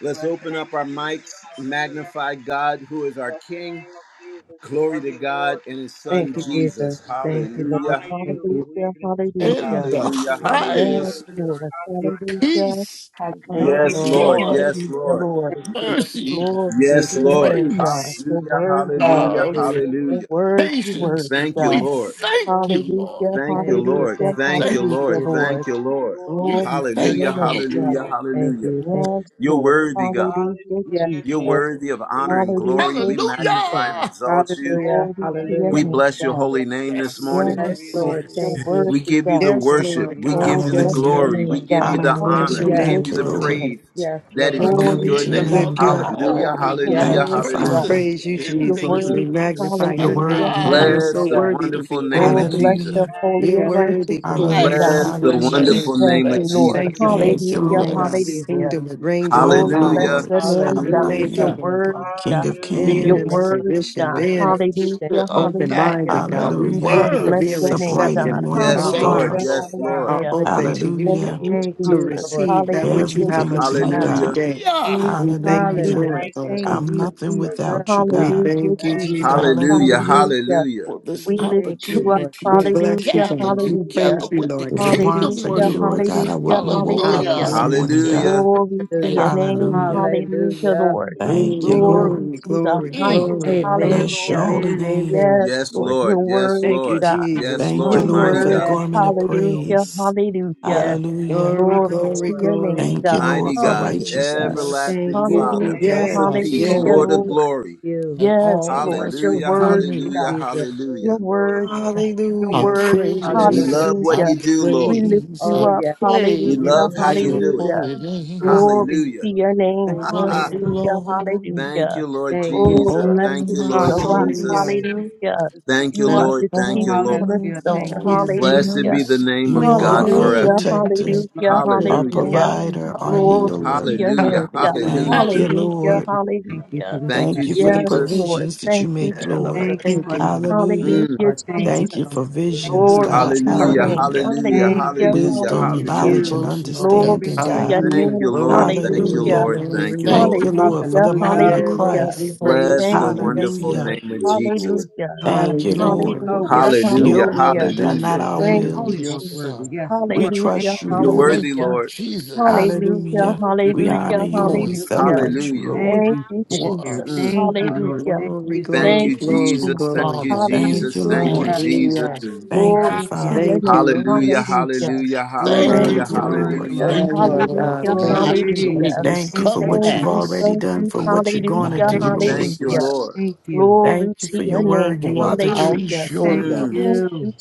[SPEAKER 1] Let's
[SPEAKER 7] Bless the
[SPEAKER 1] open
[SPEAKER 7] name
[SPEAKER 1] up
[SPEAKER 7] of
[SPEAKER 1] our mics,
[SPEAKER 7] Jesus. Hallelujah.
[SPEAKER 1] magnify God, who is our
[SPEAKER 7] Bless the
[SPEAKER 1] King.
[SPEAKER 7] name of Jesus. We
[SPEAKER 1] Glory
[SPEAKER 7] love
[SPEAKER 1] to
[SPEAKER 7] you,
[SPEAKER 1] God
[SPEAKER 7] Lord. We
[SPEAKER 1] and His
[SPEAKER 7] love you,
[SPEAKER 6] Thank
[SPEAKER 1] Son
[SPEAKER 6] you,
[SPEAKER 7] Lord.
[SPEAKER 6] Jesus.
[SPEAKER 1] Jesus.
[SPEAKER 6] Thank
[SPEAKER 7] We
[SPEAKER 6] you, Lord.
[SPEAKER 7] honor
[SPEAKER 1] Hallelujah,
[SPEAKER 7] you.
[SPEAKER 6] Thank you.
[SPEAKER 7] We,
[SPEAKER 3] hallelujah,
[SPEAKER 6] Thank
[SPEAKER 7] we
[SPEAKER 2] In
[SPEAKER 3] hallelujah.
[SPEAKER 6] you,
[SPEAKER 2] the
[SPEAKER 6] Jesus.
[SPEAKER 7] exalt
[SPEAKER 4] Thank you,
[SPEAKER 1] hallelujah,
[SPEAKER 7] you. We
[SPEAKER 4] Heavenly
[SPEAKER 3] Yes,
[SPEAKER 4] Father.
[SPEAKER 2] highest
[SPEAKER 1] hallelujah.
[SPEAKER 7] acknowledge
[SPEAKER 6] Thank
[SPEAKER 7] you.
[SPEAKER 3] Lord,
[SPEAKER 6] you, Jesus.
[SPEAKER 7] Hallelujah.
[SPEAKER 3] hallelujah,
[SPEAKER 2] peace,
[SPEAKER 4] Thank you for the
[SPEAKER 6] Hallelujah,
[SPEAKER 1] Yes,
[SPEAKER 4] blessing.
[SPEAKER 6] Lord.
[SPEAKER 7] Hallelujah.
[SPEAKER 3] hallelujah,
[SPEAKER 6] Thank,
[SPEAKER 1] Lord,
[SPEAKER 2] joy,
[SPEAKER 7] Glory,
[SPEAKER 4] This
[SPEAKER 1] yes,
[SPEAKER 3] hallelujah,
[SPEAKER 7] glory.
[SPEAKER 1] Lord,
[SPEAKER 3] Lord.
[SPEAKER 6] thank you,
[SPEAKER 7] Thank
[SPEAKER 6] Lord.
[SPEAKER 7] you,
[SPEAKER 2] mercy,
[SPEAKER 6] Thank
[SPEAKER 7] Jesus.
[SPEAKER 3] Glory
[SPEAKER 6] you,
[SPEAKER 1] yes,
[SPEAKER 3] to
[SPEAKER 6] Jesus.
[SPEAKER 3] your
[SPEAKER 1] Lord.
[SPEAKER 3] name, God.
[SPEAKER 7] Thank
[SPEAKER 2] grace,
[SPEAKER 3] You're
[SPEAKER 7] you,
[SPEAKER 1] Hallelujah,
[SPEAKER 4] morning, we
[SPEAKER 3] worthy,
[SPEAKER 7] Jesus.
[SPEAKER 3] God.
[SPEAKER 4] believe
[SPEAKER 1] hallelujah,
[SPEAKER 7] Thank
[SPEAKER 2] love,
[SPEAKER 7] you,
[SPEAKER 6] Hallelujah.
[SPEAKER 7] Jesus.
[SPEAKER 3] You're
[SPEAKER 1] hallelujah.
[SPEAKER 3] worthy,
[SPEAKER 2] patience.
[SPEAKER 3] worthy,
[SPEAKER 1] Thank you,
[SPEAKER 2] We
[SPEAKER 3] God.
[SPEAKER 7] Glory to
[SPEAKER 1] Lord.
[SPEAKER 2] thank
[SPEAKER 7] God.
[SPEAKER 2] you, Lord.
[SPEAKER 3] Hallelujah,
[SPEAKER 4] that
[SPEAKER 1] Thank you,
[SPEAKER 4] you
[SPEAKER 6] Thank
[SPEAKER 4] made
[SPEAKER 6] you,
[SPEAKER 4] us
[SPEAKER 1] Lord.
[SPEAKER 3] hallelujah,
[SPEAKER 6] thank
[SPEAKER 4] to
[SPEAKER 6] you, thank
[SPEAKER 1] Thank you,
[SPEAKER 2] Thank
[SPEAKER 4] be
[SPEAKER 2] you,
[SPEAKER 1] Lord.
[SPEAKER 3] hallelujah,
[SPEAKER 6] you.
[SPEAKER 2] Lord.
[SPEAKER 3] Lord.
[SPEAKER 1] Thank you, Lord.
[SPEAKER 7] Glory
[SPEAKER 2] We
[SPEAKER 7] to
[SPEAKER 3] Glory
[SPEAKER 7] God.
[SPEAKER 3] to
[SPEAKER 6] Thank
[SPEAKER 1] Hallelujah,
[SPEAKER 2] thank
[SPEAKER 3] your
[SPEAKER 2] you,
[SPEAKER 3] name,
[SPEAKER 6] you,
[SPEAKER 4] recognized
[SPEAKER 2] Lord.
[SPEAKER 6] Jesus.
[SPEAKER 1] hallelujah,
[SPEAKER 3] God.
[SPEAKER 7] Hallelujah, Jesus.
[SPEAKER 4] powerfully
[SPEAKER 6] Thank
[SPEAKER 1] hallelujah.
[SPEAKER 4] through
[SPEAKER 6] you,
[SPEAKER 4] the
[SPEAKER 6] thank
[SPEAKER 3] Yes,
[SPEAKER 4] fallen
[SPEAKER 1] You're
[SPEAKER 3] Lord.
[SPEAKER 4] trust,
[SPEAKER 1] worthy, God.
[SPEAKER 3] Hallelujah,
[SPEAKER 6] you. Yes,
[SPEAKER 7] Hallelujah,
[SPEAKER 4] seeing
[SPEAKER 1] You're
[SPEAKER 3] Jesus.
[SPEAKER 4] the
[SPEAKER 6] Lord.
[SPEAKER 7] Jesus.
[SPEAKER 1] worthy
[SPEAKER 4] Lord
[SPEAKER 1] of
[SPEAKER 4] our
[SPEAKER 1] honor
[SPEAKER 4] ways,
[SPEAKER 1] and
[SPEAKER 4] Lord,
[SPEAKER 3] Hallelujah,
[SPEAKER 1] glory.
[SPEAKER 4] and
[SPEAKER 1] We
[SPEAKER 7] Bless you,
[SPEAKER 4] showing
[SPEAKER 1] magnify
[SPEAKER 3] Jesus.
[SPEAKER 1] and
[SPEAKER 7] Lord.
[SPEAKER 2] Hallelujah.
[SPEAKER 1] exalt you.
[SPEAKER 6] Hallelujah,
[SPEAKER 3] Glory to
[SPEAKER 7] Thank
[SPEAKER 3] your
[SPEAKER 7] you,
[SPEAKER 1] We
[SPEAKER 6] hallelujah,
[SPEAKER 3] name,
[SPEAKER 4] us
[SPEAKER 7] Lord.
[SPEAKER 1] bless
[SPEAKER 4] in the
[SPEAKER 1] your
[SPEAKER 4] way
[SPEAKER 3] God.
[SPEAKER 4] that
[SPEAKER 1] holy
[SPEAKER 6] hallelujah.
[SPEAKER 1] name
[SPEAKER 7] My
[SPEAKER 1] this
[SPEAKER 4] you
[SPEAKER 2] Yes,
[SPEAKER 4] will
[SPEAKER 7] soul
[SPEAKER 4] do
[SPEAKER 3] Yes,
[SPEAKER 1] morning.
[SPEAKER 6] Yes,
[SPEAKER 4] us
[SPEAKER 7] loves
[SPEAKER 4] what
[SPEAKER 2] yes,
[SPEAKER 7] you,
[SPEAKER 4] you
[SPEAKER 3] Lord,
[SPEAKER 6] Lord.
[SPEAKER 7] Jesus.
[SPEAKER 4] really
[SPEAKER 3] you're
[SPEAKER 6] Thank
[SPEAKER 4] want to
[SPEAKER 6] you.
[SPEAKER 2] yes.
[SPEAKER 1] We
[SPEAKER 4] do. and Thank
[SPEAKER 3] worthy,
[SPEAKER 1] give
[SPEAKER 4] you
[SPEAKER 1] you
[SPEAKER 4] the
[SPEAKER 1] the
[SPEAKER 3] God.
[SPEAKER 5] Yes,
[SPEAKER 6] Thank
[SPEAKER 1] worship.
[SPEAKER 5] Lord
[SPEAKER 1] We
[SPEAKER 5] God.
[SPEAKER 7] My
[SPEAKER 6] you.
[SPEAKER 3] Oh,
[SPEAKER 1] give you the
[SPEAKER 3] bless
[SPEAKER 7] soul
[SPEAKER 5] Yes,
[SPEAKER 8] Hallelujah.
[SPEAKER 3] your
[SPEAKER 5] Lord
[SPEAKER 7] loves
[SPEAKER 1] glory.
[SPEAKER 3] name,
[SPEAKER 1] We
[SPEAKER 7] you,
[SPEAKER 5] God.
[SPEAKER 1] give
[SPEAKER 3] God.
[SPEAKER 1] you
[SPEAKER 4] Lord.
[SPEAKER 5] We
[SPEAKER 1] the
[SPEAKER 7] Jesus.
[SPEAKER 5] bless
[SPEAKER 1] honor.
[SPEAKER 8] Hallelujah.
[SPEAKER 5] your
[SPEAKER 3] Hallelujah,
[SPEAKER 1] We
[SPEAKER 6] Yes,
[SPEAKER 4] Hallelujah.
[SPEAKER 1] give
[SPEAKER 5] name,
[SPEAKER 8] Thank
[SPEAKER 1] you
[SPEAKER 8] you,
[SPEAKER 1] the
[SPEAKER 5] Lord
[SPEAKER 3] Jesus.
[SPEAKER 8] Lord.
[SPEAKER 1] praise
[SPEAKER 5] Jesus.
[SPEAKER 6] yes,
[SPEAKER 1] that is
[SPEAKER 2] and
[SPEAKER 6] Lord.
[SPEAKER 1] due
[SPEAKER 8] Glory
[SPEAKER 3] Glory
[SPEAKER 1] your
[SPEAKER 8] to
[SPEAKER 7] Hallelujah.
[SPEAKER 5] We
[SPEAKER 8] your
[SPEAKER 3] to
[SPEAKER 2] creator
[SPEAKER 4] Thank
[SPEAKER 3] the
[SPEAKER 1] name.
[SPEAKER 4] you,
[SPEAKER 8] name,
[SPEAKER 2] of
[SPEAKER 5] lift you
[SPEAKER 4] Lord.
[SPEAKER 5] up,
[SPEAKER 3] highest,
[SPEAKER 8] God.
[SPEAKER 4] Thank
[SPEAKER 5] Lord
[SPEAKER 2] all
[SPEAKER 1] Hallelujah,
[SPEAKER 3] God.
[SPEAKER 2] the
[SPEAKER 4] you
[SPEAKER 5] God.
[SPEAKER 3] You're
[SPEAKER 6] Yes.
[SPEAKER 1] hallelujah,
[SPEAKER 8] Thank you,
[SPEAKER 3] worthy,
[SPEAKER 5] We
[SPEAKER 6] in the
[SPEAKER 3] God.
[SPEAKER 6] name
[SPEAKER 1] hallelujah.
[SPEAKER 8] Father.
[SPEAKER 2] universes
[SPEAKER 6] of
[SPEAKER 5] praise
[SPEAKER 7] Hallelujah.
[SPEAKER 5] you,
[SPEAKER 6] Jesus.
[SPEAKER 2] in
[SPEAKER 3] You're
[SPEAKER 4] Thank you
[SPEAKER 2] the
[SPEAKER 4] for the
[SPEAKER 5] Jesus.
[SPEAKER 1] Mm.
[SPEAKER 5] We
[SPEAKER 3] worthy.
[SPEAKER 4] ability to have the
[SPEAKER 5] magnify
[SPEAKER 2] universe.
[SPEAKER 8] You're
[SPEAKER 5] your
[SPEAKER 4] eyes that
[SPEAKER 3] Hallelujah,
[SPEAKER 7] Thank
[SPEAKER 8] worthy,
[SPEAKER 5] name.
[SPEAKER 7] you,
[SPEAKER 4] we
[SPEAKER 5] You're
[SPEAKER 8] God.
[SPEAKER 7] Jesus.
[SPEAKER 5] so
[SPEAKER 1] Bless
[SPEAKER 6] Yes,
[SPEAKER 1] the
[SPEAKER 3] hallelujah.
[SPEAKER 5] worthy to be
[SPEAKER 1] wonderful name
[SPEAKER 3] Oh,
[SPEAKER 1] of
[SPEAKER 4] recognize
[SPEAKER 5] praised.
[SPEAKER 4] and
[SPEAKER 3] bless
[SPEAKER 1] Jesus.
[SPEAKER 3] your
[SPEAKER 8] Hallelujah.
[SPEAKER 4] we're not where
[SPEAKER 7] Thank
[SPEAKER 3] holy
[SPEAKER 5] You're
[SPEAKER 7] you,
[SPEAKER 4] we're
[SPEAKER 6] yes,
[SPEAKER 3] and
[SPEAKER 4] supposed
[SPEAKER 5] worthy
[SPEAKER 4] to
[SPEAKER 3] righteous
[SPEAKER 7] Jesus.
[SPEAKER 5] to
[SPEAKER 4] be
[SPEAKER 5] be
[SPEAKER 4] so
[SPEAKER 3] name,
[SPEAKER 4] we can
[SPEAKER 8] Hallelujah.
[SPEAKER 5] praised.
[SPEAKER 3] God.
[SPEAKER 5] We
[SPEAKER 1] Bless
[SPEAKER 4] get
[SPEAKER 2] bless,
[SPEAKER 1] the
[SPEAKER 4] on
[SPEAKER 5] bless your
[SPEAKER 4] track
[SPEAKER 3] We
[SPEAKER 8] Hallelujah.
[SPEAKER 4] with
[SPEAKER 2] bless,
[SPEAKER 1] wonderful
[SPEAKER 5] name.
[SPEAKER 3] thank
[SPEAKER 4] you.
[SPEAKER 1] name of
[SPEAKER 3] you,
[SPEAKER 7] Thank
[SPEAKER 2] bless,
[SPEAKER 3] Lord.
[SPEAKER 7] you,
[SPEAKER 5] Thank
[SPEAKER 1] Jesus.
[SPEAKER 5] you for
[SPEAKER 6] Yes,
[SPEAKER 7] Jesus.
[SPEAKER 5] the
[SPEAKER 8] Thank
[SPEAKER 2] bless,
[SPEAKER 8] you,
[SPEAKER 4] Thank you
[SPEAKER 5] food
[SPEAKER 4] for
[SPEAKER 3] Hallelujah,
[SPEAKER 5] of
[SPEAKER 4] the
[SPEAKER 6] thank
[SPEAKER 8] Lord.
[SPEAKER 6] you,
[SPEAKER 4] peace
[SPEAKER 5] God's
[SPEAKER 4] that
[SPEAKER 2] bless.
[SPEAKER 4] comes
[SPEAKER 6] Jesus.
[SPEAKER 3] hallelujah.
[SPEAKER 4] from
[SPEAKER 5] kingdom that
[SPEAKER 4] having a
[SPEAKER 5] reigns in
[SPEAKER 8] Lord
[SPEAKER 5] our
[SPEAKER 8] of
[SPEAKER 3] Oh,
[SPEAKER 4] relationship
[SPEAKER 3] bless
[SPEAKER 7] Hallelujah.
[SPEAKER 5] lives.
[SPEAKER 1] Hallelujah.
[SPEAKER 3] your
[SPEAKER 8] Lords.
[SPEAKER 3] name,
[SPEAKER 5] We
[SPEAKER 3] God.
[SPEAKER 5] thank you,
[SPEAKER 3] You're
[SPEAKER 6] Hallelujah.
[SPEAKER 8] Hallelujah.
[SPEAKER 5] Lord
[SPEAKER 3] worthy,
[SPEAKER 5] God.
[SPEAKER 8] King
[SPEAKER 3] God.
[SPEAKER 8] of
[SPEAKER 4] Thank you
[SPEAKER 6] In
[SPEAKER 4] for the
[SPEAKER 7] Hallelujah.
[SPEAKER 5] Being
[SPEAKER 6] the
[SPEAKER 3] You're
[SPEAKER 4] love
[SPEAKER 6] name
[SPEAKER 5] in
[SPEAKER 4] and
[SPEAKER 8] Kings.
[SPEAKER 6] of
[SPEAKER 3] worthy,
[SPEAKER 4] change.
[SPEAKER 5] provision,
[SPEAKER 6] Jesus.
[SPEAKER 3] God.
[SPEAKER 7] Glory
[SPEAKER 5] being
[SPEAKER 7] to
[SPEAKER 6] Thank you,
[SPEAKER 4] Hallelujah.
[SPEAKER 7] God.
[SPEAKER 6] thank
[SPEAKER 3] Hallelujah,
[SPEAKER 2] There
[SPEAKER 6] you,
[SPEAKER 2] are
[SPEAKER 5] open
[SPEAKER 2] not
[SPEAKER 3] hallelujah.
[SPEAKER 5] minded, God.
[SPEAKER 2] enough
[SPEAKER 4] Thank
[SPEAKER 5] We
[SPEAKER 7] Glory
[SPEAKER 4] you
[SPEAKER 6] thank
[SPEAKER 4] for
[SPEAKER 7] be to
[SPEAKER 6] you,
[SPEAKER 5] thank
[SPEAKER 3] Oh,
[SPEAKER 4] the
[SPEAKER 8] Hallelujah.
[SPEAKER 5] you for
[SPEAKER 6] Lord,
[SPEAKER 7] God.
[SPEAKER 3] bless
[SPEAKER 5] being
[SPEAKER 4] saving
[SPEAKER 2] words
[SPEAKER 3] your
[SPEAKER 8] The
[SPEAKER 3] name,
[SPEAKER 4] blood.
[SPEAKER 8] bright
[SPEAKER 5] receptive,
[SPEAKER 8] and
[SPEAKER 3] God.
[SPEAKER 2] to
[SPEAKER 5] Lord.
[SPEAKER 8] morning
[SPEAKER 1] Yes,
[SPEAKER 5] Our
[SPEAKER 2] thank
[SPEAKER 1] Lord.
[SPEAKER 2] you,
[SPEAKER 8] star.
[SPEAKER 3] Hallelujah,
[SPEAKER 5] hearts
[SPEAKER 7] Almighty
[SPEAKER 1] Yes,
[SPEAKER 2] Lord.
[SPEAKER 6] in
[SPEAKER 7] God.
[SPEAKER 6] the
[SPEAKER 1] Lord.
[SPEAKER 5] are
[SPEAKER 6] name
[SPEAKER 3] hallelujah.
[SPEAKER 4] Even
[SPEAKER 6] of
[SPEAKER 4] as
[SPEAKER 5] open
[SPEAKER 4] we've
[SPEAKER 6] Jesus.
[SPEAKER 4] been
[SPEAKER 5] to
[SPEAKER 4] so
[SPEAKER 5] you,
[SPEAKER 3] Thank
[SPEAKER 8] Hallelujah.
[SPEAKER 5] God,
[SPEAKER 4] far
[SPEAKER 3] you,
[SPEAKER 4] away
[SPEAKER 6] Thank
[SPEAKER 4] from
[SPEAKER 5] to
[SPEAKER 4] what
[SPEAKER 6] you,
[SPEAKER 4] we
[SPEAKER 3] Jesus.
[SPEAKER 4] know,
[SPEAKER 6] Lord.
[SPEAKER 7] Hallelujah.
[SPEAKER 5] receive
[SPEAKER 6] Thank,
[SPEAKER 5] that
[SPEAKER 8] You're
[SPEAKER 4] that
[SPEAKER 5] which
[SPEAKER 4] you
[SPEAKER 5] you
[SPEAKER 3] Hallelujah,
[SPEAKER 4] want
[SPEAKER 5] have
[SPEAKER 8] everything
[SPEAKER 2] Hallelujah.
[SPEAKER 4] to
[SPEAKER 5] us
[SPEAKER 8] to
[SPEAKER 5] to
[SPEAKER 4] know
[SPEAKER 8] me,
[SPEAKER 4] that
[SPEAKER 3] Jesus.
[SPEAKER 5] have
[SPEAKER 4] we
[SPEAKER 1] Hallelujah.
[SPEAKER 4] have
[SPEAKER 8] God.
[SPEAKER 4] no
[SPEAKER 5] today.
[SPEAKER 4] idea
[SPEAKER 2] Hallelujah.
[SPEAKER 3] Jesus,
[SPEAKER 4] what
[SPEAKER 5] We
[SPEAKER 4] we need
[SPEAKER 5] thank
[SPEAKER 4] to
[SPEAKER 5] you
[SPEAKER 4] know,
[SPEAKER 6] hallelujah.
[SPEAKER 8] Hallelujah.
[SPEAKER 5] for it,
[SPEAKER 3] Jesus,
[SPEAKER 7] Thank you,
[SPEAKER 5] Lord
[SPEAKER 6] Thank
[SPEAKER 7] Lord.
[SPEAKER 5] God.
[SPEAKER 8] I'm
[SPEAKER 6] you,
[SPEAKER 4] that
[SPEAKER 8] nothing
[SPEAKER 4] you're
[SPEAKER 3] Jesus.
[SPEAKER 4] right in
[SPEAKER 6] Jesus.
[SPEAKER 4] the
[SPEAKER 8] without you,
[SPEAKER 5] We
[SPEAKER 4] present.
[SPEAKER 8] God.
[SPEAKER 3] Hallelujah,
[SPEAKER 5] thank
[SPEAKER 2] I
[SPEAKER 5] you,
[SPEAKER 6] Thank,
[SPEAKER 7] Thank
[SPEAKER 3] Jesus.
[SPEAKER 7] you,
[SPEAKER 4] Hallelujah.
[SPEAKER 5] Jesus.
[SPEAKER 2] Thank
[SPEAKER 7] Lord.
[SPEAKER 2] you
[SPEAKER 1] Hallelujah.
[SPEAKER 8] Hallelujah.
[SPEAKER 3] Hallelujah.
[SPEAKER 1] Hallelujah.
[SPEAKER 2] for
[SPEAKER 4] Thank you,
[SPEAKER 2] this
[SPEAKER 3] We
[SPEAKER 4] Lord.
[SPEAKER 3] lift
[SPEAKER 6] thank
[SPEAKER 4] Thank you,
[SPEAKER 3] you
[SPEAKER 4] Lord.
[SPEAKER 6] you,
[SPEAKER 3] up.
[SPEAKER 6] Lord.
[SPEAKER 2] opportunity
[SPEAKER 5] We
[SPEAKER 6] Thank,
[SPEAKER 2] to
[SPEAKER 7] I
[SPEAKER 5] bless
[SPEAKER 7] give
[SPEAKER 5] you,
[SPEAKER 3] Hallelujah,
[SPEAKER 7] you
[SPEAKER 5] God.
[SPEAKER 7] the
[SPEAKER 2] gather
[SPEAKER 5] We
[SPEAKER 3] hallelujah.
[SPEAKER 2] together
[SPEAKER 5] praise
[SPEAKER 7] glory.
[SPEAKER 5] you,
[SPEAKER 7] I
[SPEAKER 2] with the
[SPEAKER 5] Lord
[SPEAKER 8] If it
[SPEAKER 5] God.
[SPEAKER 6] thank
[SPEAKER 8] weren't
[SPEAKER 6] you,
[SPEAKER 2] kingdom
[SPEAKER 8] for you,
[SPEAKER 3] Hallelujah,
[SPEAKER 6] Jesus.
[SPEAKER 8] Lord
[SPEAKER 2] worshipers.
[SPEAKER 8] God, I
[SPEAKER 3] hallelujah,
[SPEAKER 8] wouldn't
[SPEAKER 7] Give
[SPEAKER 8] have
[SPEAKER 7] you all
[SPEAKER 8] woke up
[SPEAKER 7] the
[SPEAKER 3] hallelujah.
[SPEAKER 8] this
[SPEAKER 2] Hallelujah.
[SPEAKER 4] Thank
[SPEAKER 2] For
[SPEAKER 7] glory.
[SPEAKER 5] Hallelujah.
[SPEAKER 4] you,
[SPEAKER 8] morning,
[SPEAKER 4] Lord, for the
[SPEAKER 2] sharing.
[SPEAKER 8] God.
[SPEAKER 1] Hallelujah.
[SPEAKER 2] with-
[SPEAKER 4] places
[SPEAKER 3] Glory
[SPEAKER 4] that you
[SPEAKER 3] to
[SPEAKER 6] Hallelujah.
[SPEAKER 3] your
[SPEAKER 2] Thank
[SPEAKER 4] bring
[SPEAKER 2] you.
[SPEAKER 4] us to.
[SPEAKER 3] name.
[SPEAKER 8] Hallelujah.
[SPEAKER 3] Hallelujah,
[SPEAKER 6] Hallelujah.
[SPEAKER 3] Lord.
[SPEAKER 4] Thank you for the
[SPEAKER 8] Thank you,
[SPEAKER 5] Glory,
[SPEAKER 8] Lord.
[SPEAKER 4] encounters
[SPEAKER 3] Glory
[SPEAKER 4] that
[SPEAKER 5] glory,
[SPEAKER 4] you
[SPEAKER 3] to
[SPEAKER 4] can
[SPEAKER 3] the
[SPEAKER 4] share
[SPEAKER 5] glory,
[SPEAKER 4] your
[SPEAKER 7] I
[SPEAKER 2] Mm,
[SPEAKER 7] Give
[SPEAKER 3] highest.
[SPEAKER 4] voice.
[SPEAKER 7] you
[SPEAKER 5] glory.
[SPEAKER 2] mm,
[SPEAKER 7] all the
[SPEAKER 2] mm.
[SPEAKER 6] Amen.
[SPEAKER 8] Bless your
[SPEAKER 4] Hallelujah.
[SPEAKER 7] glory,
[SPEAKER 3] Hallelujah.
[SPEAKER 8] holy
[SPEAKER 7] Lord.
[SPEAKER 6] Amen.
[SPEAKER 8] name.
[SPEAKER 6] Amen.
[SPEAKER 3] Yes,
[SPEAKER 1] Yes,
[SPEAKER 3] Lord, your
[SPEAKER 1] Lord.
[SPEAKER 4] Jesus,
[SPEAKER 3] word,
[SPEAKER 1] Yes,
[SPEAKER 4] keep
[SPEAKER 5] Thank
[SPEAKER 4] us
[SPEAKER 5] you,
[SPEAKER 1] Lord.
[SPEAKER 3] God.
[SPEAKER 4] here and
[SPEAKER 2] mm.
[SPEAKER 4] living.
[SPEAKER 1] Yes,
[SPEAKER 5] Jesus.
[SPEAKER 7] I
[SPEAKER 8] Thank
[SPEAKER 3] Your
[SPEAKER 7] Give
[SPEAKER 8] you,
[SPEAKER 1] Lord.
[SPEAKER 7] you
[SPEAKER 8] Lord,
[SPEAKER 1] Mighty
[SPEAKER 8] for
[SPEAKER 5] Hallelujah.
[SPEAKER 8] the
[SPEAKER 3] word,
[SPEAKER 1] God.
[SPEAKER 7] all
[SPEAKER 6] Yes.
[SPEAKER 7] the
[SPEAKER 8] garment of
[SPEAKER 7] glory, Lord.
[SPEAKER 3] hallelujah,
[SPEAKER 4] Thank you,
[SPEAKER 8] praise.
[SPEAKER 4] Lord Jesus.
[SPEAKER 6] Yes.
[SPEAKER 3] hallelujah.
[SPEAKER 8] Hallelujah.
[SPEAKER 5] Glory,
[SPEAKER 7] My
[SPEAKER 6] And
[SPEAKER 3] Glory to
[SPEAKER 5] glory,
[SPEAKER 7] soul loves
[SPEAKER 3] your
[SPEAKER 7] you,
[SPEAKER 3] name,
[SPEAKER 5] glory.
[SPEAKER 8] Thank
[SPEAKER 7] Jesus.
[SPEAKER 8] you,
[SPEAKER 4] Hallelujah.
[SPEAKER 3] God.
[SPEAKER 4] Thank
[SPEAKER 8] Lord,
[SPEAKER 1] Mighty
[SPEAKER 8] for
[SPEAKER 7] Thank
[SPEAKER 1] God,
[SPEAKER 7] you, Lord.
[SPEAKER 3] Hallelujah,
[SPEAKER 8] righteousness.
[SPEAKER 2] Bless the
[SPEAKER 6] thank
[SPEAKER 1] everlasting
[SPEAKER 6] you,
[SPEAKER 1] Father,
[SPEAKER 2] Lord,
[SPEAKER 6] Jesus.
[SPEAKER 3] hallelujah,
[SPEAKER 7] Thank
[SPEAKER 2] O
[SPEAKER 1] Prince
[SPEAKER 7] you,
[SPEAKER 5] Yes,
[SPEAKER 1] of
[SPEAKER 2] my
[SPEAKER 7] Jesus.
[SPEAKER 6] Thank
[SPEAKER 1] Peace,
[SPEAKER 4] you,
[SPEAKER 6] you,
[SPEAKER 5] yes.
[SPEAKER 3] hallelujah,
[SPEAKER 6] Lord.
[SPEAKER 4] Lord.
[SPEAKER 1] Lord of
[SPEAKER 2] soul,
[SPEAKER 3] Lord.
[SPEAKER 4] Thank
[SPEAKER 1] glory.
[SPEAKER 4] you, Lord.
[SPEAKER 6] You.
[SPEAKER 2] and
[SPEAKER 3] Yes,
[SPEAKER 2] all
[SPEAKER 7] Thank
[SPEAKER 3] Lord,
[SPEAKER 7] you,
[SPEAKER 2] that's
[SPEAKER 3] your
[SPEAKER 1] Hallelujah,
[SPEAKER 7] Jesus.
[SPEAKER 6] Thank
[SPEAKER 2] within
[SPEAKER 3] word,
[SPEAKER 2] me.
[SPEAKER 6] you,
[SPEAKER 1] hallelujah,
[SPEAKER 3] God.
[SPEAKER 6] Jesus.
[SPEAKER 3] Your
[SPEAKER 1] hallelujah.
[SPEAKER 7] Glory, glory,
[SPEAKER 3] word,
[SPEAKER 4] Thank
[SPEAKER 7] glory.
[SPEAKER 3] God.
[SPEAKER 4] you for
[SPEAKER 3] Your
[SPEAKER 4] bringing
[SPEAKER 2] I
[SPEAKER 4] us
[SPEAKER 5] Hallelujah.
[SPEAKER 3] word,
[SPEAKER 4] right
[SPEAKER 5] Praise
[SPEAKER 4] into
[SPEAKER 5] you,
[SPEAKER 4] the
[SPEAKER 1] We
[SPEAKER 6] Hallelujah.
[SPEAKER 2] praise,
[SPEAKER 7] Blessed
[SPEAKER 1] love
[SPEAKER 4] presence.
[SPEAKER 7] be
[SPEAKER 6] Thank
[SPEAKER 5] Jesus.
[SPEAKER 1] what
[SPEAKER 2] I
[SPEAKER 7] the
[SPEAKER 3] hallelujah.
[SPEAKER 6] you,
[SPEAKER 1] you
[SPEAKER 7] name
[SPEAKER 1] do,
[SPEAKER 7] of
[SPEAKER 1] Lord.
[SPEAKER 3] We lift
[SPEAKER 7] Jesus.
[SPEAKER 2] praise,
[SPEAKER 3] you
[SPEAKER 6] Oh,
[SPEAKER 2] I
[SPEAKER 3] up,
[SPEAKER 6] yes.
[SPEAKER 1] We
[SPEAKER 6] In the Name of
[SPEAKER 3] hallelujah,
[SPEAKER 1] love how
[SPEAKER 2] praise
[SPEAKER 1] you
[SPEAKER 2] your
[SPEAKER 6] Jesus.
[SPEAKER 1] do
[SPEAKER 4] initiative
[SPEAKER 1] it.
[SPEAKER 3] hallelujah.
[SPEAKER 7] Hallelujah.
[SPEAKER 2] holy
[SPEAKER 4] and will
[SPEAKER 2] name.
[SPEAKER 5] Yes, Lord.
[SPEAKER 4] actually
[SPEAKER 3] Glory
[SPEAKER 4] do
[SPEAKER 1] Hallelujah.
[SPEAKER 3] to
[SPEAKER 4] how to
[SPEAKER 3] your
[SPEAKER 4] do
[SPEAKER 3] name,
[SPEAKER 5] Thank
[SPEAKER 1] Ha,
[SPEAKER 5] you,
[SPEAKER 1] ha.
[SPEAKER 2] Bless
[SPEAKER 5] Lord.
[SPEAKER 2] the
[SPEAKER 5] God.
[SPEAKER 3] hallelujah,
[SPEAKER 2] Lord,
[SPEAKER 7] Hallelujah.
[SPEAKER 1] Thank
[SPEAKER 3] hallelujah.
[SPEAKER 1] you, Lord
[SPEAKER 6] Thank you.
[SPEAKER 3] Oh,
[SPEAKER 1] Jesus.
[SPEAKER 2] O
[SPEAKER 4] without you
[SPEAKER 3] blessed
[SPEAKER 1] Thank you,
[SPEAKER 4] going to
[SPEAKER 2] my
[SPEAKER 3] be
[SPEAKER 1] Lord
[SPEAKER 3] the
[SPEAKER 4] the
[SPEAKER 3] rock,
[SPEAKER 2] soul,
[SPEAKER 4] event
[SPEAKER 7] Hallelujah.
[SPEAKER 5] Hallelujah.
[SPEAKER 1] Jesus.
[SPEAKER 4] and
[SPEAKER 3] hallelujah.
[SPEAKER 4] that takes
[SPEAKER 1] Thank
[SPEAKER 7] Hallelujah.
[SPEAKER 1] you,
[SPEAKER 3] You
[SPEAKER 4] place.
[SPEAKER 3] are
[SPEAKER 2] and
[SPEAKER 1] Lord.
[SPEAKER 3] the
[SPEAKER 1] Thank
[SPEAKER 3] chief
[SPEAKER 1] you, Lord.
[SPEAKER 4] And
[SPEAKER 2] all
[SPEAKER 4] we
[SPEAKER 6] Hallelujah.
[SPEAKER 2] that's
[SPEAKER 3] cornerstone,
[SPEAKER 6] Thank
[SPEAKER 4] long and
[SPEAKER 6] you,
[SPEAKER 4] being to
[SPEAKER 2] within
[SPEAKER 1] Blessed
[SPEAKER 3] hallelujah.
[SPEAKER 4] the
[SPEAKER 1] be the
[SPEAKER 4] word,
[SPEAKER 2] us.
[SPEAKER 1] name
[SPEAKER 8] You
[SPEAKER 1] of
[SPEAKER 2] We
[SPEAKER 8] are
[SPEAKER 1] God
[SPEAKER 4] we
[SPEAKER 8] our
[SPEAKER 4] long to
[SPEAKER 3] Hallelujah,
[SPEAKER 1] forever.
[SPEAKER 2] praise
[SPEAKER 8] protector,
[SPEAKER 3] hallelujah,
[SPEAKER 6] Lord.
[SPEAKER 4] be the
[SPEAKER 2] your
[SPEAKER 8] our
[SPEAKER 6] Thank
[SPEAKER 4] people
[SPEAKER 1] Hallelujah.
[SPEAKER 6] you.
[SPEAKER 3] hallelujah.
[SPEAKER 4] that
[SPEAKER 2] holy
[SPEAKER 4] have
[SPEAKER 8] provider,
[SPEAKER 4] been
[SPEAKER 8] our
[SPEAKER 4] doing
[SPEAKER 3] Glory
[SPEAKER 4] some
[SPEAKER 3] to
[SPEAKER 8] healer.
[SPEAKER 4] shit
[SPEAKER 2] name.
[SPEAKER 4] and
[SPEAKER 3] your
[SPEAKER 4] that.
[SPEAKER 3] name,
[SPEAKER 1] Hallelujah.
[SPEAKER 3] God.
[SPEAKER 5] Hallelujah.
[SPEAKER 8] Thank
[SPEAKER 1] Hallelujah.
[SPEAKER 8] you,
[SPEAKER 6] Thank
[SPEAKER 2] Hallelujah.
[SPEAKER 4] But if you
[SPEAKER 6] you,
[SPEAKER 3] Hallelujah,
[SPEAKER 8] Lord.
[SPEAKER 6] Jesus.
[SPEAKER 4] continue to
[SPEAKER 6] Thank
[SPEAKER 4] summon
[SPEAKER 6] you
[SPEAKER 4] us
[SPEAKER 6] for
[SPEAKER 3] hallelujah.
[SPEAKER 4] to
[SPEAKER 6] this
[SPEAKER 4] the
[SPEAKER 1] Thank
[SPEAKER 6] day.
[SPEAKER 8] Thank
[SPEAKER 4] place
[SPEAKER 1] you,
[SPEAKER 8] you for
[SPEAKER 4] where
[SPEAKER 8] the
[SPEAKER 4] you
[SPEAKER 3] Yes,
[SPEAKER 4] are
[SPEAKER 1] Jesus.
[SPEAKER 3] Lord.
[SPEAKER 8] provisions that you
[SPEAKER 3] Thank
[SPEAKER 4] and
[SPEAKER 3] you,
[SPEAKER 4] you
[SPEAKER 8] make,
[SPEAKER 5] Yeah,
[SPEAKER 4] create that
[SPEAKER 8] Lord.
[SPEAKER 5] Lord.
[SPEAKER 6] Thank
[SPEAKER 4] place
[SPEAKER 3] Jesus.
[SPEAKER 4] so
[SPEAKER 6] you
[SPEAKER 5] Thank
[SPEAKER 4] that
[SPEAKER 6] for
[SPEAKER 4] way
[SPEAKER 6] this
[SPEAKER 4] we
[SPEAKER 5] you.
[SPEAKER 4] can walk
[SPEAKER 8] Hallelujah.
[SPEAKER 4] with
[SPEAKER 1] Mm.
[SPEAKER 6] blessing,
[SPEAKER 4] you,
[SPEAKER 3] Hallelujah,
[SPEAKER 6] Lord. Thank you
[SPEAKER 8] Thank
[SPEAKER 3] Jesus.
[SPEAKER 8] you
[SPEAKER 6] so
[SPEAKER 8] for
[SPEAKER 6] much.
[SPEAKER 4] we
[SPEAKER 6] Thank
[SPEAKER 8] visions,
[SPEAKER 2] We
[SPEAKER 6] you.
[SPEAKER 4] recognize that
[SPEAKER 3] Glory
[SPEAKER 2] love
[SPEAKER 8] God.
[SPEAKER 4] it's
[SPEAKER 3] to
[SPEAKER 4] not
[SPEAKER 2] you,
[SPEAKER 3] your
[SPEAKER 4] the
[SPEAKER 1] Hallelujah,
[SPEAKER 5] Lord.
[SPEAKER 4] time
[SPEAKER 2] Father,
[SPEAKER 3] name.
[SPEAKER 4] for
[SPEAKER 8] Hallelujah.
[SPEAKER 4] us to
[SPEAKER 1] hallelujah,
[SPEAKER 6] Thank
[SPEAKER 4] continue
[SPEAKER 6] you,
[SPEAKER 4] to
[SPEAKER 3] Hallelujah,
[SPEAKER 6] Lord.
[SPEAKER 4] push
[SPEAKER 1] hallelujah,
[SPEAKER 4] us to
[SPEAKER 8] wisdom,
[SPEAKER 4] the
[SPEAKER 6] Thank
[SPEAKER 2] because
[SPEAKER 4] place
[SPEAKER 2] you
[SPEAKER 3] hallelujah.
[SPEAKER 8] knowledge,
[SPEAKER 4] where
[SPEAKER 1] hallelujah.
[SPEAKER 6] you.
[SPEAKER 4] we
[SPEAKER 8] and
[SPEAKER 2] first
[SPEAKER 4] can
[SPEAKER 2] loved
[SPEAKER 4] actually
[SPEAKER 3] Glory
[SPEAKER 8] understanding,
[SPEAKER 4] end
[SPEAKER 2] us.
[SPEAKER 4] up.
[SPEAKER 3] to your
[SPEAKER 8] God.
[SPEAKER 5] Hallelujah.
[SPEAKER 1] Thank you,
[SPEAKER 3] name.
[SPEAKER 1] Lord.
[SPEAKER 5] Glory,
[SPEAKER 4] Thank you
[SPEAKER 1] Thank you,
[SPEAKER 5] glory,
[SPEAKER 3] Hallelujah.
[SPEAKER 8] Hallelujah.
[SPEAKER 4] for
[SPEAKER 1] Lord.
[SPEAKER 2] And
[SPEAKER 4] what
[SPEAKER 2] we
[SPEAKER 4] it is
[SPEAKER 1] Thank you,
[SPEAKER 4] you
[SPEAKER 5] glory.
[SPEAKER 4] do.
[SPEAKER 2] thank
[SPEAKER 8] Thank
[SPEAKER 1] Lord.
[SPEAKER 8] you,
[SPEAKER 2] you,
[SPEAKER 8] Lord, for
[SPEAKER 2] Father,
[SPEAKER 3] Hallelujah,
[SPEAKER 8] the mind
[SPEAKER 6] Hallelujah.
[SPEAKER 8] of
[SPEAKER 5] Yeah,
[SPEAKER 4] Hallelujah.
[SPEAKER 3] hallelujah.
[SPEAKER 5] Lord, we
[SPEAKER 8] Christ.
[SPEAKER 2] for that
[SPEAKER 5] praise
[SPEAKER 1] Bless
[SPEAKER 3] Thank
[SPEAKER 1] the
[SPEAKER 5] you.
[SPEAKER 2] blood.
[SPEAKER 3] you,
[SPEAKER 5] Yes,
[SPEAKER 1] wonderful
[SPEAKER 5] Lord.
[SPEAKER 8] Hallelujah.
[SPEAKER 3] Jesus.
[SPEAKER 1] name of
[SPEAKER 4] Two-edged sword
[SPEAKER 1] Jesus.
[SPEAKER 3] Hallelujah,
[SPEAKER 6] Yes.
[SPEAKER 2] We
[SPEAKER 8] Thank you,
[SPEAKER 4] doing
[SPEAKER 2] thank you
[SPEAKER 8] Lord.
[SPEAKER 5] Hallelujah.
[SPEAKER 4] kind
[SPEAKER 2] for
[SPEAKER 6] So
[SPEAKER 4] of
[SPEAKER 2] your
[SPEAKER 3] hallelujah,
[SPEAKER 6] worthy.
[SPEAKER 4] Lord,
[SPEAKER 8] Your
[SPEAKER 2] show
[SPEAKER 1] Hallelujah,
[SPEAKER 6] Worthy.
[SPEAKER 2] of
[SPEAKER 8] will
[SPEAKER 3] hallelujah.
[SPEAKER 8] be
[SPEAKER 2] love by
[SPEAKER 8] done,
[SPEAKER 6] worthy,
[SPEAKER 8] not
[SPEAKER 1] hallelujah.
[SPEAKER 4] going
[SPEAKER 6] worthy.
[SPEAKER 8] our
[SPEAKER 4] to the
[SPEAKER 3] Thank
[SPEAKER 4] peace
[SPEAKER 8] will.
[SPEAKER 3] you,
[SPEAKER 2] surrendering
[SPEAKER 6] Only
[SPEAKER 2] your
[SPEAKER 4] places
[SPEAKER 6] one
[SPEAKER 4] that we
[SPEAKER 3] Jesus.
[SPEAKER 6] worthy.
[SPEAKER 4] don't
[SPEAKER 2] son.
[SPEAKER 6] Yes,
[SPEAKER 8] We
[SPEAKER 4] recognize,
[SPEAKER 6] Lord.
[SPEAKER 4] Lord.
[SPEAKER 6] Thank
[SPEAKER 3] Hallelujah,
[SPEAKER 8] trust you,
[SPEAKER 6] you.
[SPEAKER 2] We
[SPEAKER 1] You're
[SPEAKER 4] Hallelujah.
[SPEAKER 8] Lord.
[SPEAKER 1] worthy,
[SPEAKER 2] thank
[SPEAKER 3] hallelujah.
[SPEAKER 2] you,
[SPEAKER 1] Lord.
[SPEAKER 2] Jesus,
[SPEAKER 4] Thank
[SPEAKER 3] Hallelujah,
[SPEAKER 4] you,
[SPEAKER 8] Hallelujah.
[SPEAKER 6] Thank
[SPEAKER 4] Lord.
[SPEAKER 6] you,
[SPEAKER 8] We
[SPEAKER 6] Jesus.
[SPEAKER 2] by
[SPEAKER 3] hallelujah,
[SPEAKER 8] honor you and
[SPEAKER 4] Hallelujah.
[SPEAKER 8] we
[SPEAKER 2] going
[SPEAKER 3] hallelujah.
[SPEAKER 2] through
[SPEAKER 8] celebrate you,
[SPEAKER 1] Hallelujah.
[SPEAKER 8] Lord.
[SPEAKER 6] Thank
[SPEAKER 3] Thank
[SPEAKER 6] you for
[SPEAKER 3] you,
[SPEAKER 6] being
[SPEAKER 2] for
[SPEAKER 6] there.
[SPEAKER 3] Jesus.
[SPEAKER 1] Mm.
[SPEAKER 2] us
[SPEAKER 4] Our
[SPEAKER 6] Thank you,
[SPEAKER 4] mind on
[SPEAKER 6] Lord.
[SPEAKER 4] you.
[SPEAKER 3] Hallelujah.
[SPEAKER 6] Thank
[SPEAKER 7] Hallelujah.
[SPEAKER 5] Glory,
[SPEAKER 6] you so
[SPEAKER 1] Thank
[SPEAKER 5] glory,
[SPEAKER 3] Thank
[SPEAKER 1] you,
[SPEAKER 3] you,
[SPEAKER 2] what
[SPEAKER 5] glory,
[SPEAKER 2] the
[SPEAKER 1] Jesus. Thank
[SPEAKER 3] Jesus.
[SPEAKER 5] glory.
[SPEAKER 1] you,
[SPEAKER 4] we
[SPEAKER 2] Father
[SPEAKER 4] need to
[SPEAKER 3] Hallelujah,
[SPEAKER 8] Thank you,
[SPEAKER 1] Jesus.
[SPEAKER 4] put
[SPEAKER 6] much.
[SPEAKER 4] on
[SPEAKER 1] Thank
[SPEAKER 7] You
[SPEAKER 1] you,
[SPEAKER 8] Lord.
[SPEAKER 4] you,
[SPEAKER 7] are
[SPEAKER 6] Yes.
[SPEAKER 2] asked
[SPEAKER 3] Jesus.
[SPEAKER 4] Lord.
[SPEAKER 2] you to
[SPEAKER 1] Jesus.
[SPEAKER 5] Hallelujah.
[SPEAKER 2] do.
[SPEAKER 8] Thank you,
[SPEAKER 6] Yes.
[SPEAKER 3] Glory to
[SPEAKER 6] yes.
[SPEAKER 4] Thank
[SPEAKER 3] your
[SPEAKER 8] Father.
[SPEAKER 4] you,
[SPEAKER 5] Thank you,
[SPEAKER 4] Lord.
[SPEAKER 3] name.
[SPEAKER 5] Lord.
[SPEAKER 1] Hallelujah,
[SPEAKER 4] Hallelujah.
[SPEAKER 3] Hallelujah.
[SPEAKER 1] hallelujah,
[SPEAKER 2] Thank
[SPEAKER 3] Thank
[SPEAKER 6] Glory,
[SPEAKER 1] hallelujah,
[SPEAKER 2] you,
[SPEAKER 8] Thank you,
[SPEAKER 3] you,
[SPEAKER 2] Father.
[SPEAKER 6] glory,
[SPEAKER 8] Lord.
[SPEAKER 3] Jesus.
[SPEAKER 1] hallelujah.
[SPEAKER 6] glory,
[SPEAKER 5] Yeah,
[SPEAKER 2] Thank you,
[SPEAKER 5] Lord
[SPEAKER 6] glory.
[SPEAKER 2] Lord,
[SPEAKER 5] God,
[SPEAKER 3] Hallelujah,
[SPEAKER 2] for not
[SPEAKER 5] praise you,
[SPEAKER 6] glory.
[SPEAKER 2] letting
[SPEAKER 3] hallelujah.
[SPEAKER 2] this
[SPEAKER 4] Hallelujah.
[SPEAKER 5] Jesus.
[SPEAKER 8] Thank you
[SPEAKER 6] Thank
[SPEAKER 8] for
[SPEAKER 2] cup
[SPEAKER 6] you,
[SPEAKER 8] what
[SPEAKER 4] Hallelujah.
[SPEAKER 3] Thank
[SPEAKER 8] you've
[SPEAKER 6] Jesus.
[SPEAKER 3] you,
[SPEAKER 2] pass.
[SPEAKER 8] already
[SPEAKER 3] thank
[SPEAKER 8] done,
[SPEAKER 3] you,
[SPEAKER 8] for what you're going
[SPEAKER 2] My
[SPEAKER 8] to
[SPEAKER 3] hallelujah,
[SPEAKER 8] do,
[SPEAKER 6] Thank
[SPEAKER 2] you,
[SPEAKER 6] you,
[SPEAKER 8] Lord.
[SPEAKER 1] Thank you,
[SPEAKER 6] Lord.
[SPEAKER 3] hallelujah.
[SPEAKER 2] Jesus,
[SPEAKER 1] Lord.
[SPEAKER 6] Thank you.
[SPEAKER 3] Glory
[SPEAKER 8] Thank you
[SPEAKER 3] to
[SPEAKER 8] for your
[SPEAKER 3] your
[SPEAKER 7] holy,
[SPEAKER 3] name,
[SPEAKER 8] word.
[SPEAKER 2] for
[SPEAKER 8] You are the
[SPEAKER 6] Hallelujah.
[SPEAKER 3] hallelujah.
[SPEAKER 2] without
[SPEAKER 8] truth.
[SPEAKER 2] your
[SPEAKER 6] Thank
[SPEAKER 2] love,
[SPEAKER 1] Mm.
[SPEAKER 3] Thank you,
[SPEAKER 6] you.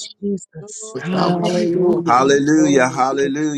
[SPEAKER 7] the
[SPEAKER 3] Jesus.
[SPEAKER 7] Lord, you
[SPEAKER 2] without
[SPEAKER 3] Thank
[SPEAKER 7] are holy.
[SPEAKER 3] you,
[SPEAKER 2] your
[SPEAKER 7] You are
[SPEAKER 5] Hallelujah.
[SPEAKER 3] Jesus.
[SPEAKER 2] patience.
[SPEAKER 1] Hallelujah,
[SPEAKER 5] Glory,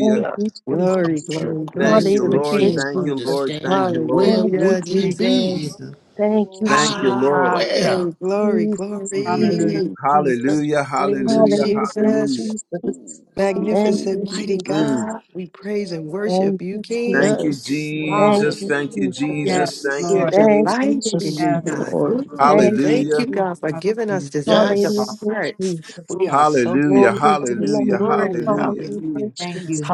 [SPEAKER 3] Thank you,
[SPEAKER 5] glory,
[SPEAKER 3] Jesus.
[SPEAKER 2] Without your
[SPEAKER 5] glory, glory
[SPEAKER 1] Thank
[SPEAKER 2] grace,
[SPEAKER 1] you,
[SPEAKER 5] to the
[SPEAKER 1] Lord.
[SPEAKER 3] Hallelujah,
[SPEAKER 2] mercy, and
[SPEAKER 5] King.
[SPEAKER 1] Thank you,
[SPEAKER 3] Jesus.
[SPEAKER 1] Lord. Thank you,
[SPEAKER 2] understanding,
[SPEAKER 1] Lord.
[SPEAKER 2] where
[SPEAKER 3] Thank you,
[SPEAKER 2] would
[SPEAKER 5] Hallelujah,
[SPEAKER 2] we
[SPEAKER 6] Thank
[SPEAKER 3] Jesus.
[SPEAKER 6] you,
[SPEAKER 2] be?
[SPEAKER 5] Jesus.
[SPEAKER 6] Jesus.
[SPEAKER 7] holy, you
[SPEAKER 3] Thank you,
[SPEAKER 1] Thank you,
[SPEAKER 3] Jesus.
[SPEAKER 1] Lord.
[SPEAKER 5] God,
[SPEAKER 2] Where
[SPEAKER 5] King, glory,
[SPEAKER 3] Jesus,
[SPEAKER 2] would
[SPEAKER 7] are
[SPEAKER 2] we be?
[SPEAKER 3] Jesus,
[SPEAKER 7] holy.
[SPEAKER 6] Hallelujah.
[SPEAKER 5] glory.
[SPEAKER 3] Jesus.
[SPEAKER 1] Hallelujah,
[SPEAKER 5] Praise you,
[SPEAKER 1] hallelujah,
[SPEAKER 3] Hallelujah,
[SPEAKER 1] hallelujah.
[SPEAKER 5] Jesus.
[SPEAKER 3] Jesus.
[SPEAKER 2] Ooh, ooh,
[SPEAKER 3] Thank
[SPEAKER 2] ooh,
[SPEAKER 3] you,
[SPEAKER 5] Magnificent, mighty
[SPEAKER 2] ooh.
[SPEAKER 3] Jesus.
[SPEAKER 1] Mm.
[SPEAKER 5] God. We praise and
[SPEAKER 7] Hallelujah,
[SPEAKER 5] worship
[SPEAKER 3] Thank
[SPEAKER 5] you,
[SPEAKER 3] you,
[SPEAKER 5] King.
[SPEAKER 1] Thank
[SPEAKER 3] Jesus.
[SPEAKER 1] you,
[SPEAKER 2] Yes, Lord.
[SPEAKER 3] Thank
[SPEAKER 5] Hallelujah.
[SPEAKER 1] Jesus.
[SPEAKER 3] you,
[SPEAKER 1] Thank you,
[SPEAKER 3] Jesus.
[SPEAKER 6] Yes,
[SPEAKER 1] Jesus.
[SPEAKER 2] Yes,
[SPEAKER 1] Thank
[SPEAKER 5] We
[SPEAKER 1] you,
[SPEAKER 5] are
[SPEAKER 6] Lord.
[SPEAKER 3] Thank
[SPEAKER 1] Jesus.
[SPEAKER 7] hallelujah,
[SPEAKER 3] you,
[SPEAKER 5] delighted in
[SPEAKER 2] yes,
[SPEAKER 5] you,
[SPEAKER 6] Yes,
[SPEAKER 3] Jesus.
[SPEAKER 5] God.
[SPEAKER 6] Lord.
[SPEAKER 2] Lord.
[SPEAKER 5] Ooh, we
[SPEAKER 3] Thank you,
[SPEAKER 5] thank
[SPEAKER 1] Hallelujah,
[SPEAKER 5] you, God, for
[SPEAKER 3] Jesus.
[SPEAKER 5] giving us
[SPEAKER 6] Hallelujah.
[SPEAKER 5] desires of our
[SPEAKER 2] Yes.
[SPEAKER 3] Hallelujah,
[SPEAKER 5] hearts.
[SPEAKER 3] Jesus.
[SPEAKER 5] We are so
[SPEAKER 1] hallelujah,
[SPEAKER 3] Glory
[SPEAKER 5] thankful
[SPEAKER 3] to
[SPEAKER 5] this
[SPEAKER 3] your
[SPEAKER 1] hallelujah,
[SPEAKER 3] name.
[SPEAKER 5] morning.
[SPEAKER 6] Thank you,
[SPEAKER 1] hallelujah.
[SPEAKER 6] Lord.
[SPEAKER 3] Hallelujah,
[SPEAKER 5] Hallelujah.
[SPEAKER 6] Thank
[SPEAKER 3] Jesus.
[SPEAKER 6] you.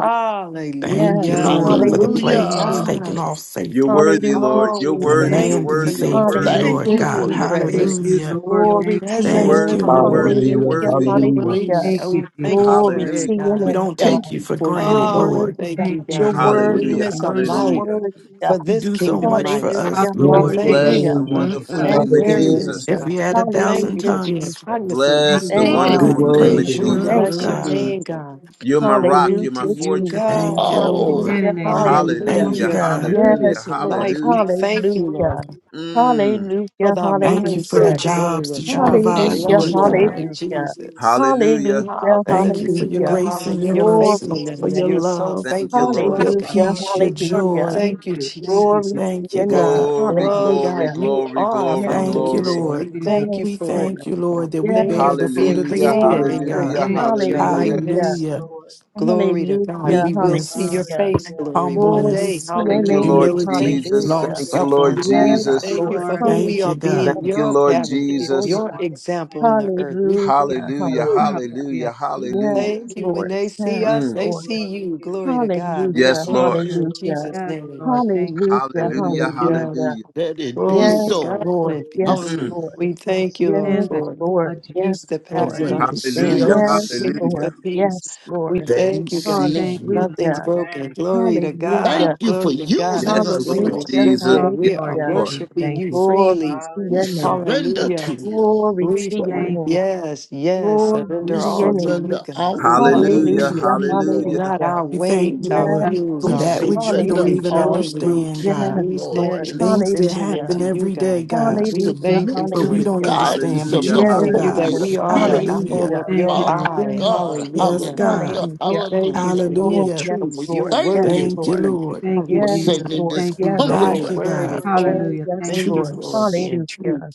[SPEAKER 8] Thank
[SPEAKER 7] hallelujah.
[SPEAKER 8] you,
[SPEAKER 3] Yes.
[SPEAKER 8] Lord,
[SPEAKER 1] Mm.
[SPEAKER 8] for the
[SPEAKER 5] Glory
[SPEAKER 3] Hallelujah,
[SPEAKER 7] hallelujah.
[SPEAKER 5] to
[SPEAKER 8] planes
[SPEAKER 2] Hallelujah.
[SPEAKER 7] Oh,
[SPEAKER 5] God.
[SPEAKER 8] taking off
[SPEAKER 3] Jesus.
[SPEAKER 1] You're
[SPEAKER 8] safely
[SPEAKER 1] worthy,
[SPEAKER 3] Hallelujah,
[SPEAKER 1] Lord.
[SPEAKER 5] Oh,
[SPEAKER 1] You're
[SPEAKER 5] we
[SPEAKER 8] and
[SPEAKER 1] worthy,
[SPEAKER 6] Thank
[SPEAKER 3] Jesus.
[SPEAKER 1] you're
[SPEAKER 5] thank
[SPEAKER 7] Hallelujah,
[SPEAKER 6] you,
[SPEAKER 5] you
[SPEAKER 8] landing
[SPEAKER 5] for
[SPEAKER 6] Jesus.
[SPEAKER 1] worthy,
[SPEAKER 5] your
[SPEAKER 1] you're
[SPEAKER 8] safely,
[SPEAKER 6] Thank,
[SPEAKER 1] worthy.
[SPEAKER 2] Thank
[SPEAKER 8] Lord
[SPEAKER 3] Hallelujah,
[SPEAKER 2] you
[SPEAKER 8] God.
[SPEAKER 2] for
[SPEAKER 5] overwhelming
[SPEAKER 2] your
[SPEAKER 6] you. thank
[SPEAKER 3] Jesus.
[SPEAKER 5] presence.
[SPEAKER 6] you,
[SPEAKER 2] presence.
[SPEAKER 8] Hallelujah.
[SPEAKER 6] Lord.
[SPEAKER 5] Your
[SPEAKER 3] Glory
[SPEAKER 6] Thank,
[SPEAKER 3] to
[SPEAKER 1] You're
[SPEAKER 5] presence,
[SPEAKER 8] Thank
[SPEAKER 3] your
[SPEAKER 8] you,
[SPEAKER 3] name.
[SPEAKER 1] worthy, you're
[SPEAKER 8] Lord.
[SPEAKER 1] worthy,
[SPEAKER 2] Thank
[SPEAKER 1] you're
[SPEAKER 5] hallelujah,
[SPEAKER 9] Hallelujah,
[SPEAKER 2] you
[SPEAKER 3] Hallelujah,
[SPEAKER 2] for
[SPEAKER 1] worthy.
[SPEAKER 2] your
[SPEAKER 9] hallelujah.
[SPEAKER 3] hallelujah.
[SPEAKER 5] overwhelming.
[SPEAKER 6] thank
[SPEAKER 5] Oh,
[SPEAKER 2] grace.
[SPEAKER 6] you,
[SPEAKER 5] we
[SPEAKER 6] Jesus.
[SPEAKER 5] thank you for
[SPEAKER 3] Glory
[SPEAKER 1] Hallelujah,
[SPEAKER 3] to
[SPEAKER 5] it,
[SPEAKER 3] your
[SPEAKER 8] We
[SPEAKER 5] God.
[SPEAKER 3] name,
[SPEAKER 8] don't
[SPEAKER 3] God.
[SPEAKER 8] take
[SPEAKER 2] Thank
[SPEAKER 8] you
[SPEAKER 2] you
[SPEAKER 8] for
[SPEAKER 2] for your
[SPEAKER 3] You're
[SPEAKER 8] granted,
[SPEAKER 5] Oh, we
[SPEAKER 3] worthy,
[SPEAKER 2] love,
[SPEAKER 8] Lord.
[SPEAKER 3] God.
[SPEAKER 5] thank
[SPEAKER 6] Thank
[SPEAKER 5] you,
[SPEAKER 6] you,
[SPEAKER 3] You're
[SPEAKER 5] God, for
[SPEAKER 6] Lord.
[SPEAKER 5] the
[SPEAKER 2] for
[SPEAKER 3] worthy,
[SPEAKER 2] your
[SPEAKER 1] hallelujah,
[SPEAKER 3] God.
[SPEAKER 5] newness of
[SPEAKER 3] You're
[SPEAKER 2] mercy.
[SPEAKER 5] life,
[SPEAKER 1] hallelujah.
[SPEAKER 3] worthy, God.
[SPEAKER 5] for
[SPEAKER 8] You
[SPEAKER 5] this
[SPEAKER 8] do so
[SPEAKER 5] kingdom
[SPEAKER 8] much for us,
[SPEAKER 5] lifestyle.
[SPEAKER 3] Hallelujah,
[SPEAKER 5] We
[SPEAKER 6] Hallelujah.
[SPEAKER 9] Bless
[SPEAKER 8] Lord.
[SPEAKER 9] your
[SPEAKER 5] thank
[SPEAKER 6] Thank
[SPEAKER 5] you,
[SPEAKER 1] Bless
[SPEAKER 2] Mm,
[SPEAKER 3] hallelujah.
[SPEAKER 1] the
[SPEAKER 9] name,
[SPEAKER 5] Lord, for
[SPEAKER 2] mm,
[SPEAKER 9] Jesus.
[SPEAKER 1] wonderful
[SPEAKER 6] us.
[SPEAKER 2] mm.
[SPEAKER 3] Thank
[SPEAKER 1] name of
[SPEAKER 3] you,
[SPEAKER 6] Thank
[SPEAKER 9] Hallelujah.
[SPEAKER 6] you.
[SPEAKER 5] awareness,
[SPEAKER 1] Jesus.
[SPEAKER 8] If
[SPEAKER 3] Jesus.
[SPEAKER 8] we
[SPEAKER 5] God.
[SPEAKER 8] had a
[SPEAKER 5] We
[SPEAKER 3] Hallelujah,
[SPEAKER 5] thank
[SPEAKER 8] thousand
[SPEAKER 5] you for being
[SPEAKER 8] tongues,
[SPEAKER 3] Jesus.
[SPEAKER 5] cognizant of
[SPEAKER 6] Thank
[SPEAKER 1] Bless
[SPEAKER 5] who
[SPEAKER 1] the
[SPEAKER 5] you
[SPEAKER 3] Thank
[SPEAKER 8] we
[SPEAKER 2] Mm,
[SPEAKER 3] you,
[SPEAKER 9] You're
[SPEAKER 1] wonderful
[SPEAKER 5] are.
[SPEAKER 8] couldn't
[SPEAKER 1] name
[SPEAKER 2] mm,
[SPEAKER 1] of
[SPEAKER 8] praise
[SPEAKER 9] worthy.
[SPEAKER 3] Jesus.
[SPEAKER 5] We
[SPEAKER 8] you
[SPEAKER 2] mm,
[SPEAKER 1] Jesus.
[SPEAKER 3] Thank
[SPEAKER 8] enough,
[SPEAKER 5] bless
[SPEAKER 3] you,
[SPEAKER 2] mm,
[SPEAKER 5] your
[SPEAKER 8] God.
[SPEAKER 2] mm.
[SPEAKER 5] name,
[SPEAKER 3] Jesus.
[SPEAKER 5] God.
[SPEAKER 1] You're my rock.
[SPEAKER 5] Glory
[SPEAKER 3] Hallelujah,
[SPEAKER 1] You're my
[SPEAKER 5] to you,
[SPEAKER 1] fortress.
[SPEAKER 3] Jesus.
[SPEAKER 8] Thank you,
[SPEAKER 5] God.
[SPEAKER 6] you.
[SPEAKER 2] Oh.
[SPEAKER 6] And
[SPEAKER 8] Lord.
[SPEAKER 3] Hallelujah,
[SPEAKER 6] an amen.
[SPEAKER 3] hallelujah.
[SPEAKER 6] Thank
[SPEAKER 8] Thank you,
[SPEAKER 1] Hallelujah.
[SPEAKER 6] you,
[SPEAKER 5] Hallelujah. For
[SPEAKER 6] Lord.
[SPEAKER 8] God.
[SPEAKER 3] Yes,
[SPEAKER 1] Hallelujah.
[SPEAKER 5] newness of
[SPEAKER 3] Lord.
[SPEAKER 5] life, we
[SPEAKER 1] Hallelujah.
[SPEAKER 5] thank you,
[SPEAKER 7] hallelujah,
[SPEAKER 5] Lord
[SPEAKER 3] Hallelujah.
[SPEAKER 7] Jesus.
[SPEAKER 1] Mm.
[SPEAKER 5] for
[SPEAKER 3] Hallelujah,
[SPEAKER 5] thy
[SPEAKER 7] Thank
[SPEAKER 8] Thank
[SPEAKER 7] you,
[SPEAKER 8] you for the
[SPEAKER 3] hallelujah.
[SPEAKER 5] mindset.
[SPEAKER 7] Jesus.
[SPEAKER 6] Thank
[SPEAKER 5] Glory
[SPEAKER 8] jobs
[SPEAKER 5] to
[SPEAKER 6] you,
[SPEAKER 8] that you
[SPEAKER 5] God. We
[SPEAKER 8] provide,
[SPEAKER 2] Bless
[SPEAKER 3] Hallelujah,
[SPEAKER 2] the
[SPEAKER 5] bless
[SPEAKER 8] Lord
[SPEAKER 5] you,
[SPEAKER 8] God.
[SPEAKER 5] Lord
[SPEAKER 2] Lord.
[SPEAKER 7] Thank you,
[SPEAKER 3] hallelujah.
[SPEAKER 5] Jesus.
[SPEAKER 7] Jesus.
[SPEAKER 1] Hallelujah.
[SPEAKER 3] Hallelujah,
[SPEAKER 8] Thank you for your
[SPEAKER 3] hallelujah.
[SPEAKER 5] Hallelujah.
[SPEAKER 8] grace and your
[SPEAKER 5] Hallelujah.
[SPEAKER 7] Hallelujah,
[SPEAKER 3] Glory
[SPEAKER 8] mercy,
[SPEAKER 3] to
[SPEAKER 8] for
[SPEAKER 7] glory.
[SPEAKER 5] Faithfulness.
[SPEAKER 3] your
[SPEAKER 8] your
[SPEAKER 5] You're
[SPEAKER 3] name.
[SPEAKER 5] so
[SPEAKER 8] love,
[SPEAKER 1] Thank you,
[SPEAKER 5] faithful to
[SPEAKER 1] Lord.
[SPEAKER 6] Jesus.
[SPEAKER 8] your
[SPEAKER 5] us, God.
[SPEAKER 3] Hallelujah,
[SPEAKER 8] peace, your
[SPEAKER 7] Hallelujah,
[SPEAKER 6] Lord,
[SPEAKER 3] hallelujah.
[SPEAKER 8] joy.
[SPEAKER 6] thank
[SPEAKER 7] glory.
[SPEAKER 5] Thank you,
[SPEAKER 6] you. Thank you,
[SPEAKER 5] Jesus.
[SPEAKER 3] Glory to
[SPEAKER 8] Thank you,
[SPEAKER 3] your name.
[SPEAKER 8] God
[SPEAKER 1] Glory,
[SPEAKER 5] Oh,
[SPEAKER 1] glory,
[SPEAKER 3] Hallelujah.
[SPEAKER 7] Hallelujah,
[SPEAKER 5] God, you
[SPEAKER 1] glory,
[SPEAKER 7] glory.
[SPEAKER 5] are our
[SPEAKER 3] Yes,
[SPEAKER 1] glory,
[SPEAKER 8] Thank you,
[SPEAKER 1] glory.
[SPEAKER 5] foundation.
[SPEAKER 3] Lord.
[SPEAKER 5] We
[SPEAKER 8] Lord.
[SPEAKER 3] Yes,
[SPEAKER 6] Jesus.
[SPEAKER 5] thank you
[SPEAKER 8] We
[SPEAKER 5] for
[SPEAKER 3] Lord.
[SPEAKER 5] it,
[SPEAKER 8] thank you,
[SPEAKER 5] Lord God.
[SPEAKER 8] Lord, that we
[SPEAKER 3] Yes,
[SPEAKER 5] Thank you
[SPEAKER 8] bear the
[SPEAKER 5] for
[SPEAKER 3] Lord.
[SPEAKER 8] fruit
[SPEAKER 5] being
[SPEAKER 8] of the
[SPEAKER 1] Hallelujah.
[SPEAKER 3] Yes,
[SPEAKER 5] created
[SPEAKER 8] Spirit,
[SPEAKER 5] in your
[SPEAKER 3] Lord.
[SPEAKER 1] Hallelujah.
[SPEAKER 8] God.
[SPEAKER 6] Thank you.
[SPEAKER 7] Hallelujah,
[SPEAKER 5] image, your
[SPEAKER 6] Thank
[SPEAKER 7] Jesus.
[SPEAKER 1] Hallelujah.
[SPEAKER 7] Thank
[SPEAKER 3] Hallelujah.
[SPEAKER 5] likeness,
[SPEAKER 7] you,
[SPEAKER 8] Hallelujah.
[SPEAKER 7] Lord.
[SPEAKER 5] Glory to God.
[SPEAKER 3] Hallelujah.
[SPEAKER 5] We will see your
[SPEAKER 8] Meekness,
[SPEAKER 3] Hallelujah.
[SPEAKER 5] face,
[SPEAKER 7] Hallelujah.
[SPEAKER 5] glory. One
[SPEAKER 3] Glory to
[SPEAKER 5] day,
[SPEAKER 8] humbleness,
[SPEAKER 3] your
[SPEAKER 1] Thank you,
[SPEAKER 5] hallelujah.
[SPEAKER 3] name.
[SPEAKER 1] Lord
[SPEAKER 5] We
[SPEAKER 8] humility,
[SPEAKER 5] thank you,
[SPEAKER 1] Jesus.
[SPEAKER 7] Bless
[SPEAKER 8] long
[SPEAKER 5] Lord.
[SPEAKER 3] Hallelujah.
[SPEAKER 1] Thank
[SPEAKER 7] your
[SPEAKER 1] you, Lord
[SPEAKER 8] suffering,
[SPEAKER 6] you.
[SPEAKER 7] wonderful
[SPEAKER 5] We
[SPEAKER 7] name.
[SPEAKER 3] Yes,
[SPEAKER 6] Yes,
[SPEAKER 8] God.
[SPEAKER 1] Jesus.
[SPEAKER 5] thank you
[SPEAKER 3] Lord.
[SPEAKER 5] for
[SPEAKER 6] Lord. Thank
[SPEAKER 5] who
[SPEAKER 3] Hallelujah.
[SPEAKER 5] we
[SPEAKER 8] Thank you,
[SPEAKER 5] are
[SPEAKER 6] you,
[SPEAKER 8] God.
[SPEAKER 5] being,
[SPEAKER 1] Thank you,
[SPEAKER 5] your
[SPEAKER 1] Lord
[SPEAKER 5] pattern,
[SPEAKER 7] Bless your
[SPEAKER 1] Jesus.
[SPEAKER 5] your
[SPEAKER 6] Jesus.
[SPEAKER 7] wonderful
[SPEAKER 5] example
[SPEAKER 7] name.
[SPEAKER 5] in the earth. We thank
[SPEAKER 3] Hallelujah.
[SPEAKER 5] you for
[SPEAKER 1] Hallelujah.
[SPEAKER 5] that.
[SPEAKER 6] Woo,
[SPEAKER 3] Hallelujah.
[SPEAKER 1] Hallelujah.
[SPEAKER 6] hallelujah.
[SPEAKER 7] Hallelujah.
[SPEAKER 5] We
[SPEAKER 3] Yes,
[SPEAKER 1] Hallelujah.
[SPEAKER 5] thank you. When
[SPEAKER 3] Lord.
[SPEAKER 5] they see
[SPEAKER 3] Yes,
[SPEAKER 7] My
[SPEAKER 5] us,
[SPEAKER 1] Mm.
[SPEAKER 5] they
[SPEAKER 7] soul
[SPEAKER 3] Lord.
[SPEAKER 5] see
[SPEAKER 7] love you,
[SPEAKER 5] you.
[SPEAKER 7] Jesus.
[SPEAKER 5] Glory to God. We
[SPEAKER 3] Hallelujah.
[SPEAKER 1] Yes,
[SPEAKER 5] thank
[SPEAKER 1] Lord.
[SPEAKER 5] you in
[SPEAKER 7] Glory,
[SPEAKER 3] Hallelujah.
[SPEAKER 5] Jesus'
[SPEAKER 7] glory,
[SPEAKER 6] Yes,
[SPEAKER 7] glory.
[SPEAKER 5] name.
[SPEAKER 6] Lord. Thank you.
[SPEAKER 3] Hallelujah.
[SPEAKER 1] Hallelujah.
[SPEAKER 5] Hallelujah.
[SPEAKER 3] Hallelujah.
[SPEAKER 1] Hallelujah.
[SPEAKER 2] Let it be
[SPEAKER 5] Glory
[SPEAKER 7] Glory,
[SPEAKER 5] to
[SPEAKER 3] Yes,
[SPEAKER 2] so,
[SPEAKER 5] God
[SPEAKER 7] glory,
[SPEAKER 2] Lord.
[SPEAKER 3] Lord.
[SPEAKER 5] and
[SPEAKER 7] glory.
[SPEAKER 3] Yes,
[SPEAKER 5] peace.
[SPEAKER 2] Hallelujah.
[SPEAKER 1] Mm.
[SPEAKER 3] Lord.
[SPEAKER 5] We thank you,
[SPEAKER 3] Yes,
[SPEAKER 5] Lord,
[SPEAKER 6] And the name
[SPEAKER 5] for
[SPEAKER 3] Lord.
[SPEAKER 6] of Jesus.
[SPEAKER 3] Yes,
[SPEAKER 5] peace that
[SPEAKER 2] And
[SPEAKER 3] Lord.
[SPEAKER 5] passes
[SPEAKER 6] Thank
[SPEAKER 2] when
[SPEAKER 7] Thank
[SPEAKER 2] they
[SPEAKER 7] you,
[SPEAKER 6] you.
[SPEAKER 2] see
[SPEAKER 7] Jesus.
[SPEAKER 1] Hallelujah.
[SPEAKER 5] understanding.
[SPEAKER 3] Yes,
[SPEAKER 7] Thank
[SPEAKER 2] us,
[SPEAKER 5] We
[SPEAKER 7] you,
[SPEAKER 5] thank you
[SPEAKER 1] Hallelujah.
[SPEAKER 5] for
[SPEAKER 3] Lord.
[SPEAKER 7] Jesus.
[SPEAKER 5] peace.
[SPEAKER 3] Yes,
[SPEAKER 5] We
[SPEAKER 3] Lord.
[SPEAKER 2] they
[SPEAKER 5] thank you,
[SPEAKER 2] see
[SPEAKER 5] God.
[SPEAKER 6] Thank you,
[SPEAKER 2] you.
[SPEAKER 6] Thank you,
[SPEAKER 5] Nothing's
[SPEAKER 6] Lord.
[SPEAKER 3] Hallelujah.
[SPEAKER 5] broken.
[SPEAKER 7] Thank you,
[SPEAKER 5] Glory to
[SPEAKER 7] Jesus.
[SPEAKER 3] Hallelujah.
[SPEAKER 2] Thank
[SPEAKER 5] God.
[SPEAKER 2] you for
[SPEAKER 5] Glory to God.
[SPEAKER 1] Yes,
[SPEAKER 2] using us,
[SPEAKER 5] Unexplained,
[SPEAKER 1] Lord
[SPEAKER 2] Lord.
[SPEAKER 3] Hallelujah.
[SPEAKER 1] Jesus.
[SPEAKER 6] Oh,
[SPEAKER 5] restricted.
[SPEAKER 1] Yes,
[SPEAKER 5] We are
[SPEAKER 6] Lord
[SPEAKER 3] Hallelujah.
[SPEAKER 1] Lord.
[SPEAKER 6] Jesus.
[SPEAKER 5] worshiping
[SPEAKER 6] Thank
[SPEAKER 5] you
[SPEAKER 6] you.
[SPEAKER 3] Glory
[SPEAKER 5] freely.
[SPEAKER 3] to
[SPEAKER 2] We
[SPEAKER 3] your name.
[SPEAKER 7] Hallelujah.
[SPEAKER 2] surrender to
[SPEAKER 5] Hallelujah.
[SPEAKER 2] you.
[SPEAKER 3] Glory
[SPEAKER 5] We
[SPEAKER 3] to your
[SPEAKER 6] Thank
[SPEAKER 3] name.
[SPEAKER 6] you.
[SPEAKER 5] yes, yes,
[SPEAKER 3] Glory
[SPEAKER 2] We
[SPEAKER 5] surrender
[SPEAKER 3] to your
[SPEAKER 7] Hallelujah.
[SPEAKER 5] all
[SPEAKER 3] name.
[SPEAKER 5] to you,
[SPEAKER 2] surrender
[SPEAKER 5] God.
[SPEAKER 2] our will
[SPEAKER 1] Hallelujah.
[SPEAKER 2] to
[SPEAKER 5] Hallelujah.
[SPEAKER 3] Hallelujah.
[SPEAKER 2] you,
[SPEAKER 1] Hallelujah.
[SPEAKER 2] Lord
[SPEAKER 5] Not
[SPEAKER 2] God.
[SPEAKER 3] Hallelujah.
[SPEAKER 5] our
[SPEAKER 8] We thank
[SPEAKER 5] ways,
[SPEAKER 8] you,
[SPEAKER 5] our
[SPEAKER 8] Lord,
[SPEAKER 6] Yes,
[SPEAKER 3] Yes,
[SPEAKER 5] wills,
[SPEAKER 8] for
[SPEAKER 7] Thank
[SPEAKER 2] We
[SPEAKER 3] Lord.
[SPEAKER 5] our
[SPEAKER 7] you,
[SPEAKER 8] that
[SPEAKER 5] ways.
[SPEAKER 8] which
[SPEAKER 7] Jesus.
[SPEAKER 8] we
[SPEAKER 5] It
[SPEAKER 2] surrender
[SPEAKER 8] don't
[SPEAKER 5] is
[SPEAKER 8] even
[SPEAKER 3] Hallelujah.
[SPEAKER 2] our
[SPEAKER 5] your will.
[SPEAKER 2] will
[SPEAKER 8] understand,
[SPEAKER 2] to you,
[SPEAKER 8] God.
[SPEAKER 3] Yes,
[SPEAKER 5] We
[SPEAKER 2] Lord
[SPEAKER 5] stand
[SPEAKER 3] Lord.
[SPEAKER 5] in
[SPEAKER 2] Jesus.
[SPEAKER 8] Things that
[SPEAKER 5] submission
[SPEAKER 3] Hallelujah.
[SPEAKER 8] happen
[SPEAKER 5] into you,
[SPEAKER 8] every day,
[SPEAKER 5] God.
[SPEAKER 2] We
[SPEAKER 8] God,
[SPEAKER 5] We
[SPEAKER 3] Hallelujah.
[SPEAKER 5] thank
[SPEAKER 2] submit
[SPEAKER 5] you
[SPEAKER 8] but
[SPEAKER 2] to
[SPEAKER 5] for
[SPEAKER 8] we
[SPEAKER 5] it.
[SPEAKER 7] Hallelujah.
[SPEAKER 2] the
[SPEAKER 8] don't
[SPEAKER 3] Hallelujah.
[SPEAKER 8] understand,
[SPEAKER 2] guidance
[SPEAKER 8] but
[SPEAKER 2] of
[SPEAKER 5] We
[SPEAKER 8] you
[SPEAKER 1] Hallelujah.
[SPEAKER 2] the
[SPEAKER 8] know,
[SPEAKER 5] thank
[SPEAKER 3] Yes,
[SPEAKER 5] you
[SPEAKER 8] God.
[SPEAKER 2] Holy
[SPEAKER 5] that
[SPEAKER 1] Hallelujah.
[SPEAKER 5] we
[SPEAKER 3] Lord.
[SPEAKER 5] are the
[SPEAKER 2] Spirit, Lord
[SPEAKER 8] Hallelujah.
[SPEAKER 5] apple
[SPEAKER 6] Lord.
[SPEAKER 5] of
[SPEAKER 3] Hallelujah.
[SPEAKER 6] Thank you,
[SPEAKER 5] your
[SPEAKER 2] Father
[SPEAKER 6] Lord.
[SPEAKER 7] Hallelujah.
[SPEAKER 5] eye.
[SPEAKER 3] Yes,
[SPEAKER 2] God.
[SPEAKER 3] Lord.
[SPEAKER 8] Yes,
[SPEAKER 5] Hallelujah.
[SPEAKER 8] God.
[SPEAKER 2] Hallelujah,
[SPEAKER 5] We
[SPEAKER 3] Hallelujah.
[SPEAKER 5] thank you
[SPEAKER 2] hallelujah.
[SPEAKER 5] for your
[SPEAKER 3] Oh,
[SPEAKER 8] Hallelujah.
[SPEAKER 3] yes,
[SPEAKER 2] And we
[SPEAKER 5] truth. Your
[SPEAKER 3] Lord.
[SPEAKER 7] Glory to
[SPEAKER 3] Yes,
[SPEAKER 2] thank
[SPEAKER 5] word
[SPEAKER 7] God.
[SPEAKER 5] is
[SPEAKER 2] you.
[SPEAKER 8] Thank you,
[SPEAKER 3] Lord.
[SPEAKER 5] truth.
[SPEAKER 8] Lord.
[SPEAKER 6] Thank you,
[SPEAKER 2] for
[SPEAKER 3] Yes,
[SPEAKER 6] Jesus.
[SPEAKER 5] Hallelujah.
[SPEAKER 2] sending
[SPEAKER 3] Lord.
[SPEAKER 2] this
[SPEAKER 6] Thank you,
[SPEAKER 3] Yes,
[SPEAKER 6] Lord.
[SPEAKER 5] Thy
[SPEAKER 3] Lord.
[SPEAKER 8] Thank you,
[SPEAKER 2] comforter
[SPEAKER 5] word
[SPEAKER 8] God.
[SPEAKER 5] is
[SPEAKER 7] Glory to
[SPEAKER 5] truth.
[SPEAKER 7] God.
[SPEAKER 3] Oh,
[SPEAKER 6] Hallelujah.
[SPEAKER 3] yes,
[SPEAKER 6] Thank
[SPEAKER 5] Thank
[SPEAKER 2] to
[SPEAKER 5] you
[SPEAKER 3] Lord.
[SPEAKER 6] you.
[SPEAKER 5] for it
[SPEAKER 2] us.
[SPEAKER 5] being
[SPEAKER 3] Hallelujah.
[SPEAKER 5] true.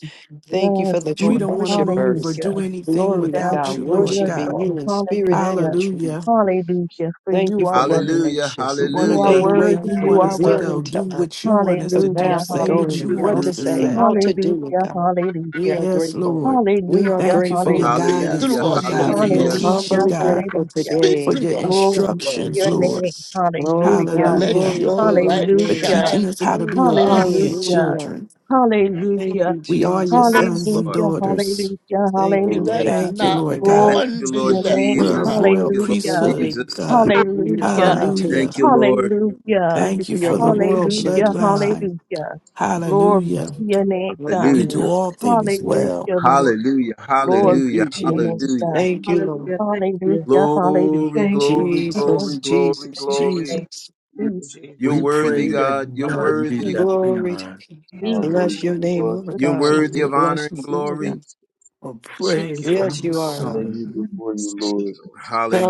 [SPEAKER 5] Thank you
[SPEAKER 3] Yes,
[SPEAKER 5] for the
[SPEAKER 8] We
[SPEAKER 5] true
[SPEAKER 3] Lord.
[SPEAKER 8] don't want to move or
[SPEAKER 5] worshipers.
[SPEAKER 8] do
[SPEAKER 3] Hallelujah. We
[SPEAKER 8] anything
[SPEAKER 5] Glory to
[SPEAKER 3] bow
[SPEAKER 8] without
[SPEAKER 5] God,
[SPEAKER 8] you,
[SPEAKER 3] before
[SPEAKER 8] Lord
[SPEAKER 3] your
[SPEAKER 8] God.
[SPEAKER 5] worshiping
[SPEAKER 3] throne.
[SPEAKER 5] you in spirit and
[SPEAKER 3] Hallelujah.
[SPEAKER 5] in truth.
[SPEAKER 8] Hallelujah.
[SPEAKER 3] Hallelujah. For
[SPEAKER 5] Thank
[SPEAKER 3] you
[SPEAKER 5] you
[SPEAKER 3] are
[SPEAKER 5] for
[SPEAKER 3] worthy.
[SPEAKER 1] Hallelujah.
[SPEAKER 5] revelation.
[SPEAKER 8] We want
[SPEAKER 3] You
[SPEAKER 8] to
[SPEAKER 3] are
[SPEAKER 8] go
[SPEAKER 1] Hallelujah.
[SPEAKER 8] the
[SPEAKER 5] Thank you,
[SPEAKER 8] way
[SPEAKER 3] worthy.
[SPEAKER 5] God,
[SPEAKER 8] you
[SPEAKER 5] for
[SPEAKER 6] Thank
[SPEAKER 3] You
[SPEAKER 7] Thank
[SPEAKER 8] want
[SPEAKER 6] you,
[SPEAKER 3] are
[SPEAKER 7] you,
[SPEAKER 8] us to
[SPEAKER 6] Lord.
[SPEAKER 3] worthy.
[SPEAKER 7] Lord.
[SPEAKER 5] revealing
[SPEAKER 8] go,
[SPEAKER 5] to
[SPEAKER 8] do
[SPEAKER 5] us.
[SPEAKER 8] what you want us
[SPEAKER 5] the
[SPEAKER 8] to do,
[SPEAKER 3] Hallelujah.
[SPEAKER 5] path of
[SPEAKER 8] say
[SPEAKER 6] Thank
[SPEAKER 8] what
[SPEAKER 5] going
[SPEAKER 8] you
[SPEAKER 6] you,
[SPEAKER 5] and
[SPEAKER 3] Hallelujah.
[SPEAKER 8] want
[SPEAKER 5] what
[SPEAKER 6] Lord.
[SPEAKER 8] us
[SPEAKER 5] to
[SPEAKER 8] to
[SPEAKER 5] say,
[SPEAKER 1] Mm.
[SPEAKER 8] say.
[SPEAKER 5] how
[SPEAKER 7] Thank
[SPEAKER 5] to
[SPEAKER 7] you,
[SPEAKER 5] do it,
[SPEAKER 3] Hallelujah.
[SPEAKER 7] Jesus.
[SPEAKER 5] God. We
[SPEAKER 3] Hallelujah.
[SPEAKER 5] are
[SPEAKER 8] Yes,
[SPEAKER 5] grateful.
[SPEAKER 8] Lord.
[SPEAKER 5] We are
[SPEAKER 3] Hallelujah.
[SPEAKER 8] Thank you for your
[SPEAKER 5] grateful.
[SPEAKER 2] Speak
[SPEAKER 3] Hallelujah.
[SPEAKER 8] guidance,
[SPEAKER 2] through
[SPEAKER 1] Hallelujah.
[SPEAKER 8] Lord
[SPEAKER 2] us,
[SPEAKER 6] Thank you,
[SPEAKER 8] God, for
[SPEAKER 2] Holy
[SPEAKER 8] your
[SPEAKER 5] We
[SPEAKER 6] Jesus.
[SPEAKER 5] are
[SPEAKER 1] Hallelujah.
[SPEAKER 3] Hallelujah.
[SPEAKER 8] teaching,
[SPEAKER 2] Ghost.
[SPEAKER 5] humbly
[SPEAKER 8] God,
[SPEAKER 5] grateful
[SPEAKER 3] Hallelujah.
[SPEAKER 2] Speak
[SPEAKER 8] for
[SPEAKER 5] today.
[SPEAKER 2] through
[SPEAKER 8] your
[SPEAKER 2] us,
[SPEAKER 3] Glory to
[SPEAKER 2] Lord
[SPEAKER 8] instructions,
[SPEAKER 3] your name.
[SPEAKER 8] Lord.
[SPEAKER 2] Jesus.
[SPEAKER 5] Glory,
[SPEAKER 3] Hallelujah.
[SPEAKER 5] God.
[SPEAKER 2] Let
[SPEAKER 8] Hallelujah.
[SPEAKER 5] Glory,
[SPEAKER 2] your
[SPEAKER 5] glory,
[SPEAKER 2] light
[SPEAKER 8] For
[SPEAKER 5] glory.
[SPEAKER 3] Hallelujah.
[SPEAKER 8] teaching
[SPEAKER 2] shine
[SPEAKER 8] us how to
[SPEAKER 2] through
[SPEAKER 8] be obedient
[SPEAKER 2] us.
[SPEAKER 3] Hallelujah.
[SPEAKER 5] Hallelujah.
[SPEAKER 8] children.
[SPEAKER 7] Thank you,
[SPEAKER 5] Thank
[SPEAKER 3] Hallelujah.
[SPEAKER 5] you,
[SPEAKER 7] Jesus.
[SPEAKER 8] We are your
[SPEAKER 1] Yes,
[SPEAKER 8] sons
[SPEAKER 5] Jesus.
[SPEAKER 8] and
[SPEAKER 1] Lord.
[SPEAKER 3] Hallelujah,
[SPEAKER 8] daughters.
[SPEAKER 3] hallelujah,
[SPEAKER 5] Thank you,
[SPEAKER 4] Hallelujah.
[SPEAKER 2] Let
[SPEAKER 5] thank
[SPEAKER 3] hallelujah.
[SPEAKER 5] you,
[SPEAKER 8] Thank you,
[SPEAKER 5] thank
[SPEAKER 2] not
[SPEAKER 8] Lord
[SPEAKER 5] you.
[SPEAKER 7] Thank
[SPEAKER 8] God.
[SPEAKER 1] Thank
[SPEAKER 7] you.
[SPEAKER 3] Glory
[SPEAKER 2] one
[SPEAKER 1] you,
[SPEAKER 3] to
[SPEAKER 2] be
[SPEAKER 3] your
[SPEAKER 1] Lord
[SPEAKER 2] left
[SPEAKER 3] name.
[SPEAKER 4] Thank you,
[SPEAKER 8] We're a
[SPEAKER 1] Jesus.
[SPEAKER 4] Lord.
[SPEAKER 2] behind.
[SPEAKER 1] Thank
[SPEAKER 8] royal
[SPEAKER 1] you, Lord
[SPEAKER 5] For
[SPEAKER 3] Hallelujah,
[SPEAKER 8] priesthood,
[SPEAKER 5] loving
[SPEAKER 1] Jesus.
[SPEAKER 5] us.
[SPEAKER 8] God.
[SPEAKER 5] You're
[SPEAKER 2] Hallelujah.
[SPEAKER 4] Thank
[SPEAKER 3] hallelujah,
[SPEAKER 5] kind
[SPEAKER 4] you,
[SPEAKER 8] Hallelujah
[SPEAKER 5] to
[SPEAKER 4] Lord.
[SPEAKER 1] Thank
[SPEAKER 5] us,
[SPEAKER 1] you,
[SPEAKER 5] God.
[SPEAKER 4] Thank you,
[SPEAKER 1] Lord.
[SPEAKER 4] Lord.
[SPEAKER 2] Hallelujah.
[SPEAKER 3] hallelujah,
[SPEAKER 5] Thank you
[SPEAKER 8] Thank
[SPEAKER 5] for
[SPEAKER 8] you
[SPEAKER 5] your
[SPEAKER 8] for the
[SPEAKER 2] Hallelujah.
[SPEAKER 8] royal
[SPEAKER 5] compassion
[SPEAKER 3] hallelujah,
[SPEAKER 5] to us.
[SPEAKER 8] bloodline.
[SPEAKER 3] hallelujah. Glory
[SPEAKER 8] Hallelujah.
[SPEAKER 3] to your
[SPEAKER 4] Hallelujah.
[SPEAKER 3] name, God.
[SPEAKER 8] You
[SPEAKER 1] Hallelujah.
[SPEAKER 8] do
[SPEAKER 5] Oh,
[SPEAKER 8] all things well.
[SPEAKER 3] Hallelujah, Lord.
[SPEAKER 1] Hallelujah.
[SPEAKER 3] Glory
[SPEAKER 5] thank you,
[SPEAKER 1] Hallelujah.
[SPEAKER 3] to your
[SPEAKER 5] Jesus.
[SPEAKER 3] name,
[SPEAKER 4] Hallelujah.
[SPEAKER 1] Hallelujah.
[SPEAKER 4] For
[SPEAKER 3] God.
[SPEAKER 4] you,
[SPEAKER 5] Thank you,
[SPEAKER 4] Lord.
[SPEAKER 5] Lord.
[SPEAKER 6] Hallelujah. Thank you.
[SPEAKER 3] Hallelujah,
[SPEAKER 1] Glory,
[SPEAKER 3] hallelujah.
[SPEAKER 6] Thank
[SPEAKER 4] And
[SPEAKER 6] you, Jesus.
[SPEAKER 4] I
[SPEAKER 1] glory,
[SPEAKER 4] feel
[SPEAKER 6] Thank you.
[SPEAKER 3] Oh,
[SPEAKER 4] ready.
[SPEAKER 1] glory,
[SPEAKER 5] Jesus,
[SPEAKER 1] glory,
[SPEAKER 4] Lord.
[SPEAKER 5] Jesus,
[SPEAKER 6] Thank you.
[SPEAKER 1] glory.
[SPEAKER 5] Jesus.
[SPEAKER 7] Thank you,
[SPEAKER 3] Jesus,
[SPEAKER 4] I
[SPEAKER 1] You're
[SPEAKER 7] Jesus.
[SPEAKER 2] We
[SPEAKER 4] Can't
[SPEAKER 1] worthy,
[SPEAKER 2] pray
[SPEAKER 4] change
[SPEAKER 2] that
[SPEAKER 1] God. You're
[SPEAKER 2] none be
[SPEAKER 1] worthy.
[SPEAKER 2] left
[SPEAKER 3] Jesus,
[SPEAKER 5] Glory to
[SPEAKER 2] behind.
[SPEAKER 5] you.
[SPEAKER 6] you.
[SPEAKER 4] how
[SPEAKER 3] Jesus,
[SPEAKER 5] Bless
[SPEAKER 7] Thank
[SPEAKER 6] Thank
[SPEAKER 5] your
[SPEAKER 4] amazing
[SPEAKER 7] you,
[SPEAKER 4] you
[SPEAKER 6] you.
[SPEAKER 5] name,
[SPEAKER 4] are to
[SPEAKER 5] Lord
[SPEAKER 7] Jesus.
[SPEAKER 6] Lord.
[SPEAKER 4] me,
[SPEAKER 1] You're
[SPEAKER 6] Thank
[SPEAKER 5] God.
[SPEAKER 4] Lord.
[SPEAKER 1] worthy
[SPEAKER 5] We
[SPEAKER 6] you.
[SPEAKER 1] of
[SPEAKER 3] Jesus,
[SPEAKER 5] bless
[SPEAKER 1] honor
[SPEAKER 5] you,
[SPEAKER 1] and
[SPEAKER 5] Lord
[SPEAKER 1] glory.
[SPEAKER 5] God.
[SPEAKER 3] Jesus,
[SPEAKER 2] We're
[SPEAKER 7] Thank
[SPEAKER 2] praying
[SPEAKER 7] you,
[SPEAKER 3] Jesus,
[SPEAKER 2] for
[SPEAKER 7] Lord.
[SPEAKER 5] Yes,
[SPEAKER 2] my
[SPEAKER 5] you
[SPEAKER 4] I
[SPEAKER 5] are,
[SPEAKER 4] lay
[SPEAKER 5] Lord.
[SPEAKER 2] son.
[SPEAKER 4] you before
[SPEAKER 3] Jesus,
[SPEAKER 4] you,
[SPEAKER 7] Thank
[SPEAKER 4] Lord
[SPEAKER 7] you,
[SPEAKER 3] Jesus,
[SPEAKER 7] Lord.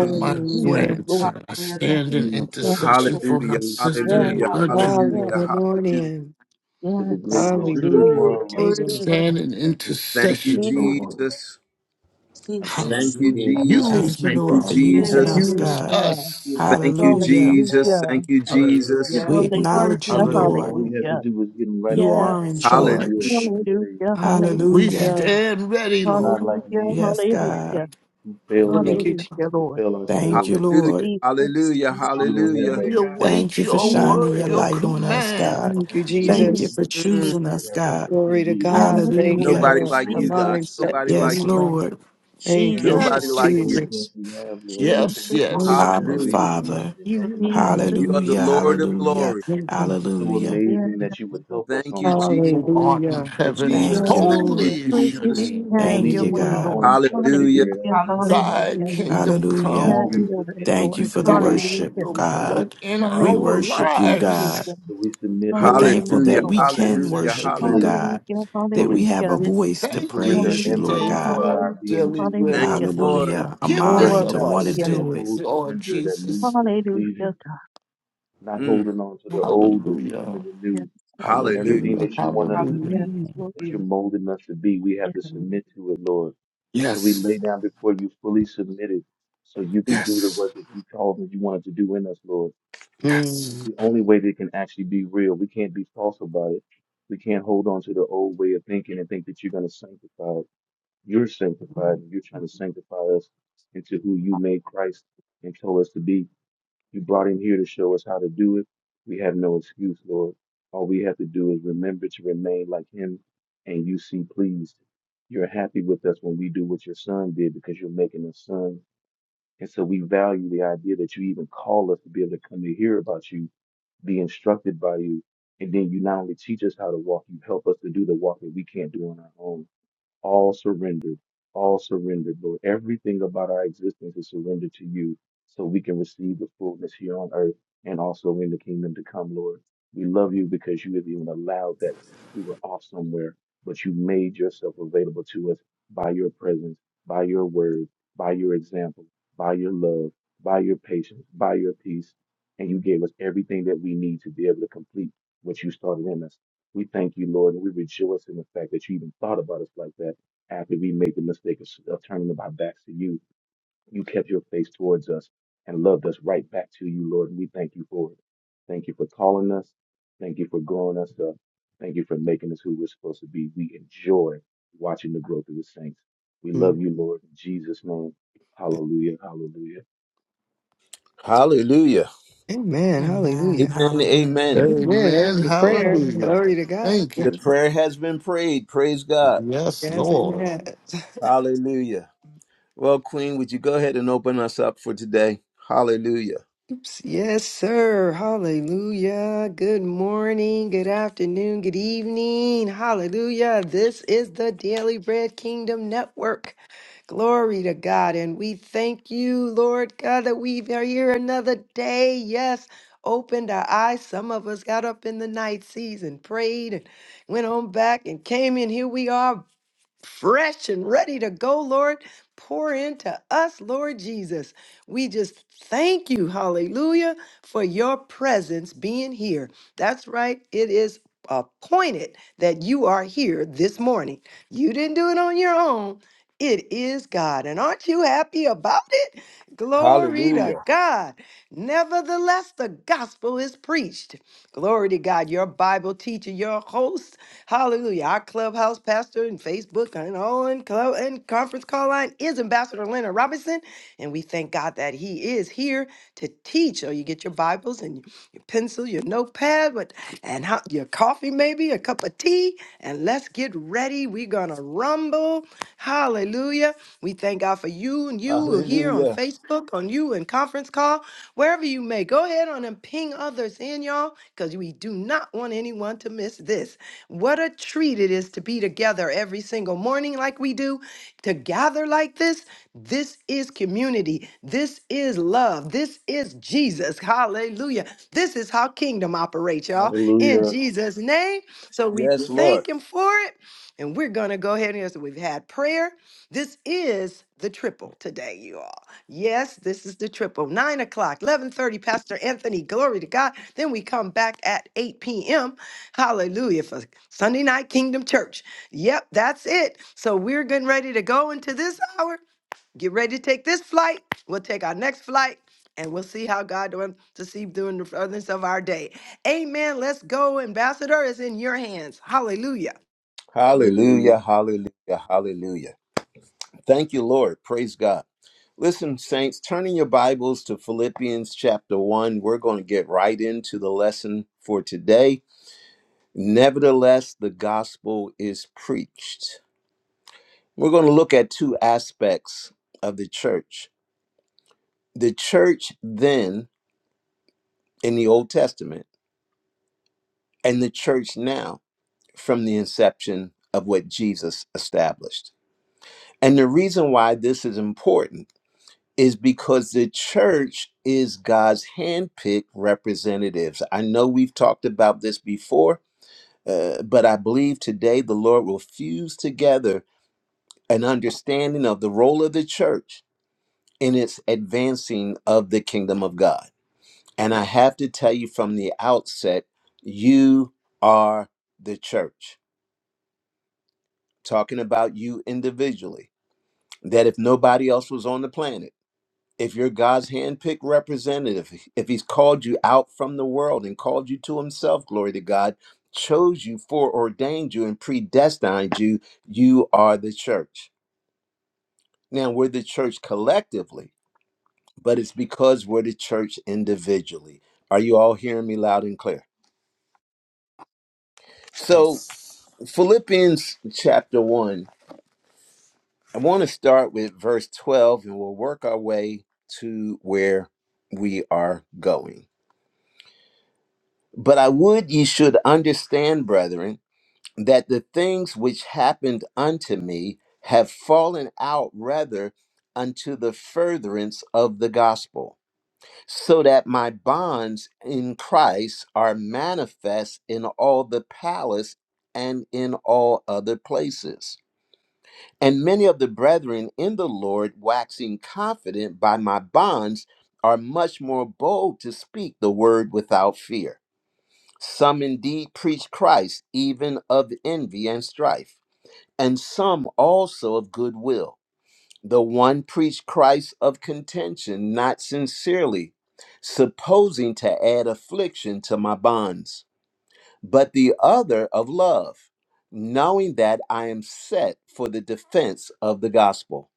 [SPEAKER 2] for my
[SPEAKER 3] Lord.
[SPEAKER 2] grandson. I
[SPEAKER 6] Hallelujah. Thank
[SPEAKER 2] stand in
[SPEAKER 4] extending the
[SPEAKER 3] Lord,
[SPEAKER 4] sacrifice
[SPEAKER 2] intercession
[SPEAKER 3] Lord.
[SPEAKER 4] of
[SPEAKER 2] for my
[SPEAKER 1] Hallelujah.
[SPEAKER 4] praise to
[SPEAKER 3] Yes,
[SPEAKER 4] you,
[SPEAKER 2] sister
[SPEAKER 7] Thank you,
[SPEAKER 3] Lord,
[SPEAKER 1] Hallelujah.
[SPEAKER 2] and
[SPEAKER 4] Lord.
[SPEAKER 7] Lord.
[SPEAKER 6] you.
[SPEAKER 2] Gertrude,
[SPEAKER 5] Hallelujah.
[SPEAKER 3] yes,
[SPEAKER 1] Hallelujah.
[SPEAKER 2] Lord.
[SPEAKER 5] Good
[SPEAKER 1] Hallelujah.
[SPEAKER 5] morning.
[SPEAKER 4] for the
[SPEAKER 3] yes,
[SPEAKER 4] greatness
[SPEAKER 3] Lord,
[SPEAKER 4] that
[SPEAKER 1] Mm.
[SPEAKER 4] you
[SPEAKER 6] Woo.
[SPEAKER 5] Hallelujah.
[SPEAKER 4] are,
[SPEAKER 7] Thank you,
[SPEAKER 4] Lord.
[SPEAKER 7] Lord.
[SPEAKER 6] Glory,
[SPEAKER 5] Table
[SPEAKER 3] Jesus,
[SPEAKER 5] is
[SPEAKER 6] glory,
[SPEAKER 2] Stand in
[SPEAKER 6] glory.
[SPEAKER 1] Thank you,
[SPEAKER 2] intercession, Lord.
[SPEAKER 3] Jesus,
[SPEAKER 1] Jesus.
[SPEAKER 4] I thank you
[SPEAKER 3] Jesus.
[SPEAKER 1] Thank
[SPEAKER 4] for
[SPEAKER 1] you,
[SPEAKER 4] being
[SPEAKER 2] Hallelujah.
[SPEAKER 4] so
[SPEAKER 1] Jesus.
[SPEAKER 2] Use
[SPEAKER 8] Thank you,
[SPEAKER 4] faithful,
[SPEAKER 2] me,
[SPEAKER 1] Thank
[SPEAKER 4] Lord,
[SPEAKER 8] Lord,
[SPEAKER 1] you,
[SPEAKER 4] that
[SPEAKER 8] for
[SPEAKER 4] you
[SPEAKER 2] Father.
[SPEAKER 6] And an
[SPEAKER 4] don't
[SPEAKER 8] using
[SPEAKER 6] amen.
[SPEAKER 1] Jesus.
[SPEAKER 8] us,
[SPEAKER 6] Thank
[SPEAKER 4] change.
[SPEAKER 7] Thank you,
[SPEAKER 2] Use
[SPEAKER 7] Lord.
[SPEAKER 8] God.
[SPEAKER 3] Hallelujah,
[SPEAKER 6] you.
[SPEAKER 2] us.
[SPEAKER 1] Thank you,
[SPEAKER 8] Hallelujah.
[SPEAKER 1] Jesus.
[SPEAKER 3] hallelujah,
[SPEAKER 1] Thank you,
[SPEAKER 7] Thank you, Lord.
[SPEAKER 1] Jesus.
[SPEAKER 2] Hallelujah.
[SPEAKER 6] Yes,
[SPEAKER 8] We
[SPEAKER 6] Lord.
[SPEAKER 8] acknowledge you,
[SPEAKER 3] hallelujah,
[SPEAKER 2] Hallelujah.
[SPEAKER 4] All
[SPEAKER 8] Lord.
[SPEAKER 4] we have to
[SPEAKER 3] hallelujah.
[SPEAKER 4] do is get in right
[SPEAKER 8] You are
[SPEAKER 4] alignment
[SPEAKER 8] in
[SPEAKER 3] Yes,
[SPEAKER 4] with you and
[SPEAKER 1] Hallelujah.
[SPEAKER 3] Lord,
[SPEAKER 4] you are who
[SPEAKER 8] charge.
[SPEAKER 4] you say
[SPEAKER 3] hallelujah,
[SPEAKER 4] you are, Lord.
[SPEAKER 2] We
[SPEAKER 3] hallelujah,
[SPEAKER 8] Hallelujah.
[SPEAKER 5] Hallelujah.
[SPEAKER 2] stand ready,
[SPEAKER 4] You're not
[SPEAKER 2] Lord.
[SPEAKER 4] like
[SPEAKER 3] hallelujah,
[SPEAKER 4] man
[SPEAKER 8] Yes,
[SPEAKER 7] Thank you,
[SPEAKER 8] God.
[SPEAKER 3] hallelujah,
[SPEAKER 7] Jesus.
[SPEAKER 4] who fails
[SPEAKER 5] Thank
[SPEAKER 4] us,
[SPEAKER 5] you.
[SPEAKER 2] Hallelujah.
[SPEAKER 5] Je-
[SPEAKER 3] hallelujah,
[SPEAKER 4] We
[SPEAKER 3] Lord.
[SPEAKER 4] fail
[SPEAKER 8] Thank
[SPEAKER 4] ourselves,
[SPEAKER 8] you,
[SPEAKER 1] Hallelujah.
[SPEAKER 8] Lord.
[SPEAKER 3] Jesus,
[SPEAKER 1] Hallelujah.
[SPEAKER 4] but
[SPEAKER 3] Jesus,
[SPEAKER 4] you don't have
[SPEAKER 1] Hallelujah.
[SPEAKER 6] Hallelujah.
[SPEAKER 7] Glory
[SPEAKER 4] that
[SPEAKER 2] We
[SPEAKER 4] in
[SPEAKER 7] to
[SPEAKER 4] you,
[SPEAKER 7] God.
[SPEAKER 8] Thank
[SPEAKER 4] Lord.
[SPEAKER 2] await
[SPEAKER 8] you for
[SPEAKER 2] your
[SPEAKER 8] shining
[SPEAKER 2] word,
[SPEAKER 8] your
[SPEAKER 3] Jesus,
[SPEAKER 2] your
[SPEAKER 8] light on us,
[SPEAKER 2] command,
[SPEAKER 8] God.
[SPEAKER 2] Father
[SPEAKER 5] Thank
[SPEAKER 4] Thank
[SPEAKER 5] you,
[SPEAKER 4] you for
[SPEAKER 8] Thank
[SPEAKER 4] being
[SPEAKER 8] you
[SPEAKER 5] Jesus.
[SPEAKER 8] for
[SPEAKER 4] in us,
[SPEAKER 3] Jesus,
[SPEAKER 4] Lord,
[SPEAKER 1] Mm.
[SPEAKER 8] choosing
[SPEAKER 4] so
[SPEAKER 3] Jesus.
[SPEAKER 4] we
[SPEAKER 8] us,
[SPEAKER 4] have the
[SPEAKER 8] God.
[SPEAKER 5] Glory to
[SPEAKER 4] opportunity to be
[SPEAKER 3] Yes,
[SPEAKER 5] God.
[SPEAKER 2] Jesus and
[SPEAKER 4] faithful
[SPEAKER 2] the
[SPEAKER 5] Thank you,
[SPEAKER 4] just
[SPEAKER 3] Lord.
[SPEAKER 8] Hallelujah.
[SPEAKER 4] like
[SPEAKER 2] Holy
[SPEAKER 1] Nobody
[SPEAKER 5] Lord.
[SPEAKER 4] you
[SPEAKER 1] like
[SPEAKER 5] My
[SPEAKER 4] are.
[SPEAKER 1] you,
[SPEAKER 2] Spirit.
[SPEAKER 1] God.
[SPEAKER 3] Jesus,
[SPEAKER 5] mind set
[SPEAKER 1] Nobody
[SPEAKER 5] to
[SPEAKER 3] Jesus,
[SPEAKER 1] like
[SPEAKER 8] Yes,
[SPEAKER 5] you,
[SPEAKER 1] you.
[SPEAKER 5] God.
[SPEAKER 8] Lord.
[SPEAKER 5] Thank
[SPEAKER 7] Yes,
[SPEAKER 3] Jesus,
[SPEAKER 1] Nobody
[SPEAKER 5] you,
[SPEAKER 7] Lord.
[SPEAKER 1] like
[SPEAKER 4] The
[SPEAKER 2] Yes.
[SPEAKER 3] Jesus,
[SPEAKER 1] you.
[SPEAKER 4] only
[SPEAKER 5] Jesus.
[SPEAKER 4] chance we have, Lord, we
[SPEAKER 3] Jesus,
[SPEAKER 2] Yes,
[SPEAKER 4] thank you for
[SPEAKER 5] Thank
[SPEAKER 4] making
[SPEAKER 3] Jesus.
[SPEAKER 2] yes.
[SPEAKER 4] us
[SPEAKER 8] Abba,
[SPEAKER 1] Hallelujah.
[SPEAKER 4] available to us
[SPEAKER 8] Father.
[SPEAKER 4] and then helping us to do
[SPEAKER 5] you,
[SPEAKER 3] Jesus,
[SPEAKER 1] You
[SPEAKER 4] it.
[SPEAKER 1] are the
[SPEAKER 8] Hallelujah.
[SPEAKER 3] Jesus.
[SPEAKER 1] Lord
[SPEAKER 7] Thank
[SPEAKER 1] of
[SPEAKER 7] you, Jesus.
[SPEAKER 8] Hallelujah.
[SPEAKER 1] glory.
[SPEAKER 5] God.
[SPEAKER 4] It's so
[SPEAKER 8] Hallelujah.
[SPEAKER 3] Yes,
[SPEAKER 4] amazing that you would
[SPEAKER 3] Lord.
[SPEAKER 4] help us
[SPEAKER 1] Thank
[SPEAKER 4] on
[SPEAKER 1] you,
[SPEAKER 4] this test,
[SPEAKER 1] Je-
[SPEAKER 2] Who
[SPEAKER 4] Lord.
[SPEAKER 2] art in
[SPEAKER 5] Hallelujah.
[SPEAKER 2] heaven,
[SPEAKER 6] Jesus.
[SPEAKER 8] Thank you,
[SPEAKER 1] Jesus.
[SPEAKER 3] Yes,
[SPEAKER 1] Thank
[SPEAKER 4] Hallelujah.
[SPEAKER 1] you,
[SPEAKER 8] Lord.
[SPEAKER 3] Lord.
[SPEAKER 2] holy is
[SPEAKER 5] Thank
[SPEAKER 2] your
[SPEAKER 1] Jesus.
[SPEAKER 2] name.
[SPEAKER 4] It'll
[SPEAKER 3] Have
[SPEAKER 8] Thank
[SPEAKER 4] leave
[SPEAKER 3] your
[SPEAKER 8] you,
[SPEAKER 4] us
[SPEAKER 3] way,
[SPEAKER 4] on our
[SPEAKER 8] God.
[SPEAKER 3] Lord.
[SPEAKER 4] own to
[SPEAKER 5] you.
[SPEAKER 4] try to
[SPEAKER 1] Hallelujah.
[SPEAKER 3] Hallelujah,
[SPEAKER 4] figure it out.
[SPEAKER 6] Hallelujah.
[SPEAKER 2] Thy
[SPEAKER 3] hallelujah.
[SPEAKER 5] Mm.
[SPEAKER 2] kingdom
[SPEAKER 4] The
[SPEAKER 8] Hallelujah.
[SPEAKER 4] more
[SPEAKER 3] Have
[SPEAKER 2] come,
[SPEAKER 4] we
[SPEAKER 3] your way,
[SPEAKER 4] submit, the
[SPEAKER 8] Thank you
[SPEAKER 3] Lord.
[SPEAKER 8] for the
[SPEAKER 4] easier it is
[SPEAKER 2] thy
[SPEAKER 4] for
[SPEAKER 8] worship,
[SPEAKER 4] you to
[SPEAKER 2] will
[SPEAKER 4] do
[SPEAKER 3] Hallelujah.
[SPEAKER 2] be
[SPEAKER 4] your will
[SPEAKER 2] done
[SPEAKER 8] God.
[SPEAKER 2] in
[SPEAKER 4] in our
[SPEAKER 8] We
[SPEAKER 4] lives,
[SPEAKER 2] our
[SPEAKER 4] Lord.
[SPEAKER 3] Hallelujah,
[SPEAKER 8] worship you,
[SPEAKER 3] hallelujah.
[SPEAKER 8] God.
[SPEAKER 2] lives
[SPEAKER 4] So we submit,
[SPEAKER 8] We're
[SPEAKER 4] Lord,
[SPEAKER 8] thankful
[SPEAKER 3] Hallelujah,
[SPEAKER 8] that
[SPEAKER 1] Hallelujah.
[SPEAKER 4] hallelujah,
[SPEAKER 8] we
[SPEAKER 3] Lord.
[SPEAKER 2] as it
[SPEAKER 8] can
[SPEAKER 2] is in
[SPEAKER 1] Hallelujah.
[SPEAKER 2] heaven.
[SPEAKER 8] worship you,
[SPEAKER 1] Hallelujah.
[SPEAKER 4] fully,
[SPEAKER 3] Hallelujah,
[SPEAKER 8] God, that we
[SPEAKER 4] fully.
[SPEAKER 8] have a
[SPEAKER 2] We
[SPEAKER 3] hallelujah.
[SPEAKER 8] voice
[SPEAKER 4] We
[SPEAKER 8] to
[SPEAKER 2] thank you
[SPEAKER 4] surrender
[SPEAKER 8] praise
[SPEAKER 2] this
[SPEAKER 8] you,
[SPEAKER 3] Hallelujah,
[SPEAKER 8] Lord
[SPEAKER 2] day
[SPEAKER 4] everything
[SPEAKER 8] God.
[SPEAKER 2] for
[SPEAKER 4] about
[SPEAKER 2] our
[SPEAKER 4] our
[SPEAKER 3] hallelujah,
[SPEAKER 4] being
[SPEAKER 2] daily
[SPEAKER 4] to you,
[SPEAKER 2] bread
[SPEAKER 1] Thank
[SPEAKER 4] Lord.
[SPEAKER 2] and
[SPEAKER 3] hallelujah.
[SPEAKER 1] you,
[SPEAKER 2] for the
[SPEAKER 1] Lord.
[SPEAKER 8] Hallelujah. A
[SPEAKER 4] We
[SPEAKER 2] forgiveness
[SPEAKER 3] Glory
[SPEAKER 8] mind to
[SPEAKER 2] of
[SPEAKER 4] recognize
[SPEAKER 2] our
[SPEAKER 8] want
[SPEAKER 3] to
[SPEAKER 8] to
[SPEAKER 4] that
[SPEAKER 3] your
[SPEAKER 4] it's the
[SPEAKER 8] do
[SPEAKER 3] name.
[SPEAKER 8] it.
[SPEAKER 2] sins,
[SPEAKER 4] full
[SPEAKER 2] Lord
[SPEAKER 4] surrender that leads
[SPEAKER 2] Jesus.
[SPEAKER 4] to the
[SPEAKER 3] Hallelujah,
[SPEAKER 4] pleasing,
[SPEAKER 3] God.
[SPEAKER 4] not
[SPEAKER 1] Mm,
[SPEAKER 3] Yes,
[SPEAKER 4] holding on to the
[SPEAKER 3] Lord.
[SPEAKER 4] old, but
[SPEAKER 2] Hallelujah.
[SPEAKER 4] becoming the
[SPEAKER 3] Yes,
[SPEAKER 4] new.
[SPEAKER 3] Lord.
[SPEAKER 1] hallelujah.
[SPEAKER 4] Everything
[SPEAKER 2] Hallelujah.
[SPEAKER 4] that you want us
[SPEAKER 6] Hallelujah.
[SPEAKER 4] to
[SPEAKER 2] Hallelujah.
[SPEAKER 3] Yes,
[SPEAKER 4] be,
[SPEAKER 5] Mm.
[SPEAKER 3] Lord.
[SPEAKER 4] that you're
[SPEAKER 6] Jesus.
[SPEAKER 4] molding us to be, we have
[SPEAKER 3] Yes,
[SPEAKER 4] to submit to it, Lord. So we lay
[SPEAKER 2] Yes.
[SPEAKER 4] down before you fully submitted so you can do the
[SPEAKER 2] Yes.
[SPEAKER 4] work that you called that you wanted to do in us, Lord. It's
[SPEAKER 2] Yes.
[SPEAKER 4] the only way that it can actually be real. We can't be false about it. We can't hold on to the old way of thinking and think that you're going to sanctify it. You're sanctified and you're trying to sanctify us into who you made Christ and told us to be. You brought him here to show us how to do it. We have no excuse, Lord. All we have to do is remember to remain like him, and you see pleased. You're happy with us when we do what your son did because you're making us son. And so we value the idea that you even call us to be able to come to hear about you, be instructed by you. And then you not only teach us how to walk, you help us to do the walk that we can't do on our own all surrendered, all surrendered, Lord. Everything about our existence is surrendered to you so we can receive the fullness here on earth and also in the kingdom to come, Lord. We love you because you have even allowed that we were off somewhere, but you made yourself available to us by your presence, by your word, by your example, by your love, by your patience, by your peace. And you gave us everything that we need to be able to complete what you started in us. We thank you, Lord, and we rejoice in the fact that you even thought about us like that after we made the mistake of, of turning our backs to you, you kept your face towards us and loved us right back to you, Lord. And we thank you for it. Thank you for calling us. Thank you for growing us up. Thank you for making us who we're supposed to be. We enjoy watching the growth of the saints. We love you, Lord. In Jesus' name, hallelujah, hallelujah,
[SPEAKER 1] Hallelujah.
[SPEAKER 5] Amen.
[SPEAKER 8] Amen.
[SPEAKER 5] Hallelujah.
[SPEAKER 1] Amen.
[SPEAKER 8] Hallelujah.
[SPEAKER 1] Amen.
[SPEAKER 5] Amen. That was
[SPEAKER 2] Amen.
[SPEAKER 5] a
[SPEAKER 3] Lord.
[SPEAKER 5] prayer.
[SPEAKER 3] Amen.
[SPEAKER 2] Hallelujah.
[SPEAKER 5] Glory to God.
[SPEAKER 2] Thank
[SPEAKER 1] The
[SPEAKER 2] you.
[SPEAKER 1] prayer has been prayed. Praise God.
[SPEAKER 2] Yes,
[SPEAKER 5] Yes,
[SPEAKER 2] Lord.
[SPEAKER 5] amen.
[SPEAKER 1] Hallelujah. Well, Queen, would you go ahead and open us up for today? Hallelujah.
[SPEAKER 5] Oops. Yes, sir. Hallelujah. Good morning, good afternoon, good evening. Hallelujah. This is the Daily Bread Kingdom Network. Glory to God. And we thank you, Lord God, that we are here another day. Yes, opened our eyes. Some of us got up in the night season, prayed, and went on back and came in. Here we are fresh and ready to go, Lord. Pour into us, Lord Jesus. We just thank you, hallelujah, for your presence being here. That's right, it is appointed that you are here this morning. You didn't do it on your own. It is God. And aren't you happy about it? Glory to
[SPEAKER 1] Hallelujah.
[SPEAKER 5] God. Nevertheless, the gospel is preached. Glory to God. Your Bible teacher, your host, Hallelujah. Our clubhouse pastor and Facebook and all and club and conference call line is Ambassador Leonard Robinson. And we thank God that he is here to teach. So you get your Bibles and your pencil, your notepad, but and how, your coffee, maybe a cup of tea, and let's get ready. We're gonna rumble. Hallelujah. We thank God for you and you who are here on
[SPEAKER 1] Hallelujah.
[SPEAKER 5] Facebook, on you and conference call, wherever you may. Go ahead on and ping others in, y'all, because we do not want anyone to miss this. What a treat it is to be together every single morning like we do, to gather like this. This is community. This is love. This is Jesus. Hallelujah. This is how kingdom operates, y'all. In
[SPEAKER 4] Hallelujah.
[SPEAKER 5] Jesus' name. So we Yeah.
[SPEAKER 1] Yes, Lord.
[SPEAKER 5] thank him for it. And we're going to go ahead and so we've had prayer. This is the triple today, you all. Yes, this is the triple. Nine o'clock, 1130, Pastor Anthony, glory to God. Then we come back at 8 p.m. Hallelujah for Sunday Night Kingdom Church. Yep, that's it. So we're getting ready to go into this hour. Get ready to take this flight. We'll take our next flight and we'll see how God doing to see during the furtherance of our day. Amen. Let's go. Ambassador is in your hands. Hallelujah.
[SPEAKER 4] Hallelujah.
[SPEAKER 1] Hallelujah. Hallelujah. Hallelujah. Thank you, Lord. Praise God. Listen, saints, turning your Bibles to Philippians chapter 1, we're going to get right into the lesson for today. Nevertheless, the gospel is preached. We're going to look at two aspects of the church the church then in the Old Testament, and the church now from the inception of what Jesus established. And the reason why this is important is because the church is God's handpicked representatives. I know we've talked about this before, uh, but I believe today the Lord will fuse together an understanding of the role of the church in its advancing of the kingdom of God. And I have to tell you from the outset, you are the church. Talking about you individually, that if nobody else was on the planet, if you're God's handpicked representative, if he's called you out from the world and called you to himself, glory to God, chose you, foreordained you, and predestined you, you are the church. Now, we're the church collectively, but it's because we're the church individually. Are you all hearing me loud and clear? So,
[SPEAKER 2] Yes.
[SPEAKER 1] Philippians chapter 1, I want to start with verse 12, and we'll work our way to where we are going. But I would ye should understand, brethren, that the things which happened unto me have fallen out rather unto the furtherance of the gospel, so that my bonds in Christ are manifest in all the palace and in all other places. And many of the brethren in the Lord, waxing confident by my bonds, are much more bold to speak the word without fear. Some indeed preach Christ, even of envy and strife, and some also of goodwill. The one preached Christ of contention, not sincerely, supposing to add affliction to my bonds, but the other of love, knowing that I am set for the defense of the gospel.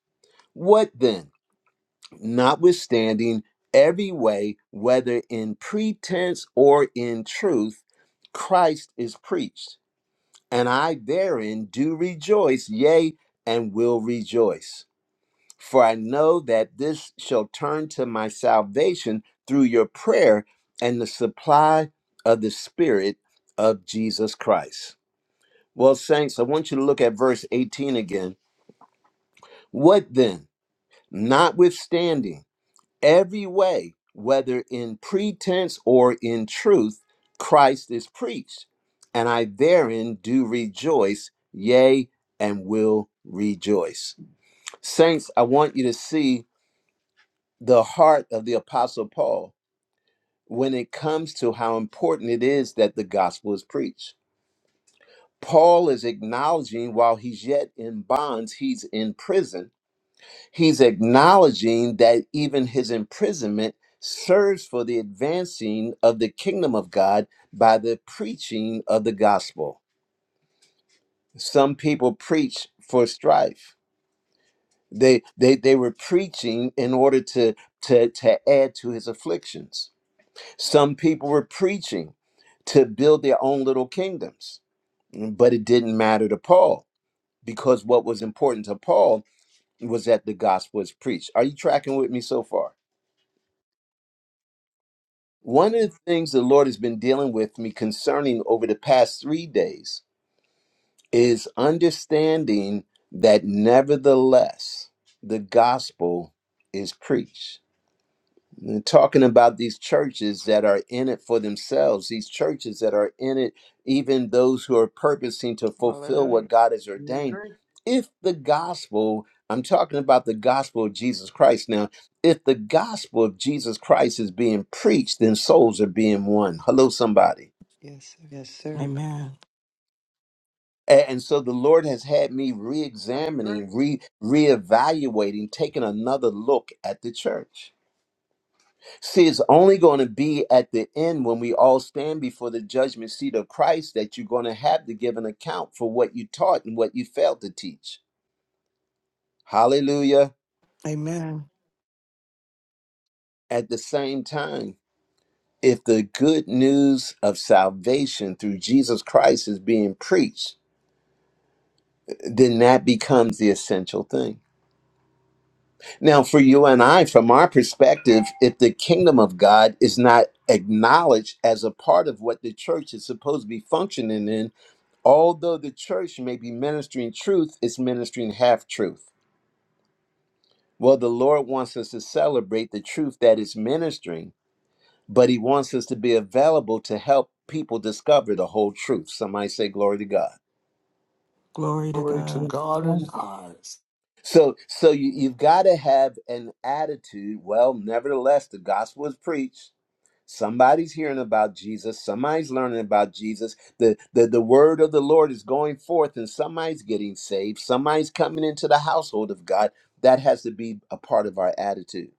[SPEAKER 1] What then? Notwithstanding every way, whether in pretense or in truth, Christ is preached and I therein do rejoice, yea, and will rejoice. For I know that this shall turn to my salvation through your prayer and the supply of the Spirit of Jesus Christ. Well, saints, I want you to look at verse 18 again. What then? Notwithstanding, every way, whether in pretense or in truth, Christ is preached. And I therein do rejoice, yea, and will rejoice. Saints, I want you to see the heart of the Apostle Paul when it comes to how important it is that the gospel is preached. Paul is acknowledging while he's yet in bonds, he's in prison He's acknowledging that even his imprisonment serves for the advancing of the kingdom of God by the preaching of the gospel. Some people preach for strife. They they they were preaching in order to to to add to his afflictions. Some people were preaching to build their own little kingdoms. But it didn't matter to Paul because what was important to Paul was that the gospel is preached. Are you tracking with me so far? One of the things the Lord has been dealing with me concerning over the past three days is understanding that nevertheless the gospel is preached talking about these churches that are in it for themselves, these churches that are in it, even those who are purposing to fulfill
[SPEAKER 7] Hallelujah.
[SPEAKER 1] what God has
[SPEAKER 7] We
[SPEAKER 1] ordained.
[SPEAKER 7] agree.
[SPEAKER 1] If the gospel, I'm talking about the gospel of Jesus Christ now, if the gospel of Jesus Christ is being preached, then souls are being won. Hello, somebody.
[SPEAKER 5] Yes, sir. yes, sir.
[SPEAKER 8] Amen.
[SPEAKER 1] A- And so the Lord has had me re
[SPEAKER 7] I agree.
[SPEAKER 1] examining, re reevaluating, taking another look at the church. See, it's only going to be at the end when we all stand before the judgment seat of Christ that you're going to have to give an account for what you taught and what you failed to teach. Hallelujah.
[SPEAKER 8] Amen.
[SPEAKER 1] At the same time, if the good news of salvation through Jesus Christ is being preached, then that becomes the essential thing. Now, for you and I, from our perspective, if the kingdom of God is not acknowledged as a part of what the church is supposed to be functioning in, Although the church may be ministering truth, it's ministering half truth. Well, the Lord wants us to celebrate the truth that is ministering, but He wants us to be available to help people discover the whole truth. Somebody say, Glory to God.
[SPEAKER 8] Glory to
[SPEAKER 2] Glory to
[SPEAKER 8] God.
[SPEAKER 3] Praise
[SPEAKER 2] God in the
[SPEAKER 3] God.
[SPEAKER 2] highest.
[SPEAKER 1] So, so you, you've got to have an attitude. Well, nevertheless, the gospel is preached Somebody's hearing about Jesus. Somebody's learning about Jesus. The, the, the word of the Lord is going forth, and somebody's getting saved. Somebody's coming into the household of God. That has to be a part of our attitude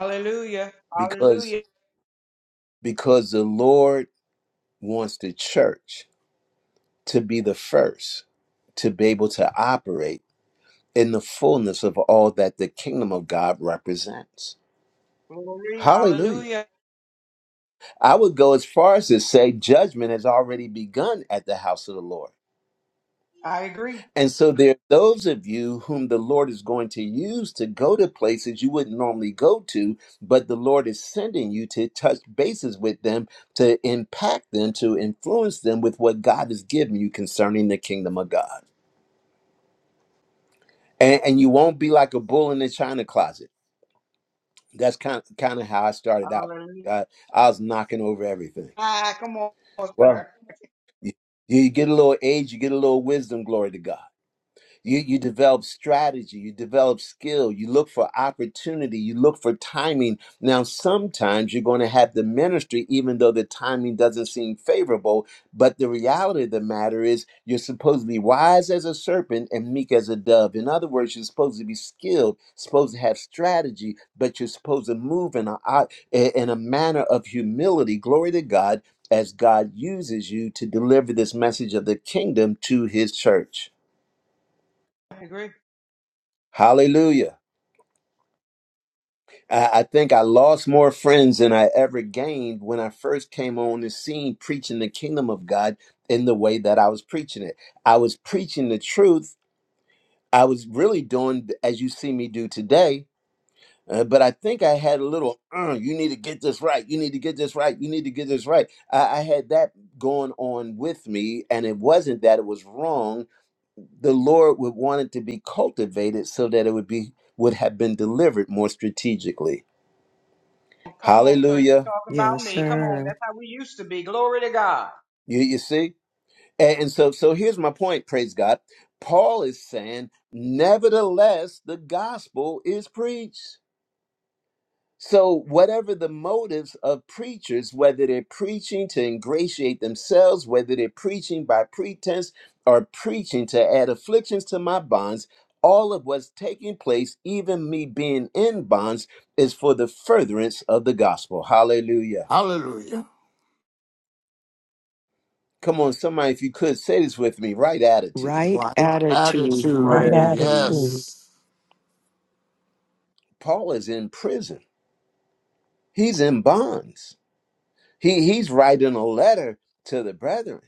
[SPEAKER 7] Hallelujah.
[SPEAKER 1] because,
[SPEAKER 7] Hallelujah.
[SPEAKER 1] because the Lord wants the church to be the first to be able to operate in the fullness of all that the kingdom of God represents.
[SPEAKER 7] Glory.
[SPEAKER 1] Hallelujah.
[SPEAKER 7] Hallelujah.
[SPEAKER 1] I would go as far as to say judgment has already begun at the house of the Lord.
[SPEAKER 7] I agree.
[SPEAKER 1] And so there are those of you whom the Lord is going to use to go to places you wouldn't normally go to, but the Lord is sending you to touch bases with them, to impact them, to influence them with what God has given you concerning the kingdom of God. And, and you won't be like a bull in the china closet. That's kind of, kind of how I started out.
[SPEAKER 7] Hallelujah.
[SPEAKER 1] God, I was knocking over everything.
[SPEAKER 7] Ah, come on,
[SPEAKER 1] Well,
[SPEAKER 7] sir.
[SPEAKER 1] you, you get a little age, you get a little wisdom, glory to God. You you develop strategy, you develop skill, you look for opportunity, you look for timing. Now sometimes you're going to have the ministry even though the timing doesn't seem favorable, but the reality of the matter is you're supposed to be wise as a serpent and meek as a dove. In other words, you're supposed to be skilled, supposed to have strategy, but you're supposed to move in a in a manner of humility. Glory to God as God uses you to deliver this message of the kingdom to his church.
[SPEAKER 7] I agree.
[SPEAKER 1] Hallelujah. I, I think I lost more friends than I ever gained when I first came on the scene preaching the kingdom of God in the way that I was preaching it. I was preaching the truth. I was really doing as you see me do today. uh, but I think I had a little, uh, you need to get this right. You need to get this right. You need to get this right. I, I had that going on with me. And it wasn't that it was wrong. The Lord would want it to be cultivated so that it would be would have been delivered more strategically.
[SPEAKER 7] Come on, sir. You
[SPEAKER 1] Hallelujah.
[SPEAKER 7] talking about
[SPEAKER 5] Yes,
[SPEAKER 7] me. Come on.
[SPEAKER 5] sir.
[SPEAKER 7] That's how we used to be. Glory to God.
[SPEAKER 1] You, you see? And, and so, so here's my point, praise God. Paul is saying, nevertheless, the gospel is preached. So, whatever the motives of preachers, whether they're preaching to ingratiate themselves, whether they're preaching by pretense or preaching to add afflictions to my bonds, all of what's taking place, even me being in bonds, is for the furtherance of the gospel. Hallelujah.
[SPEAKER 2] Hallelujah.
[SPEAKER 1] Come on, somebody, if you could say this with me, right attitude.
[SPEAKER 5] Right
[SPEAKER 2] Life
[SPEAKER 5] attitude.
[SPEAKER 4] Right
[SPEAKER 3] Right
[SPEAKER 8] Right
[SPEAKER 2] attitude,
[SPEAKER 3] at it,
[SPEAKER 4] attitude.
[SPEAKER 8] attitude.
[SPEAKER 3] too.
[SPEAKER 2] yes.
[SPEAKER 1] Paul is in prison. He's in bonds. He he's writing a letter to the brethren.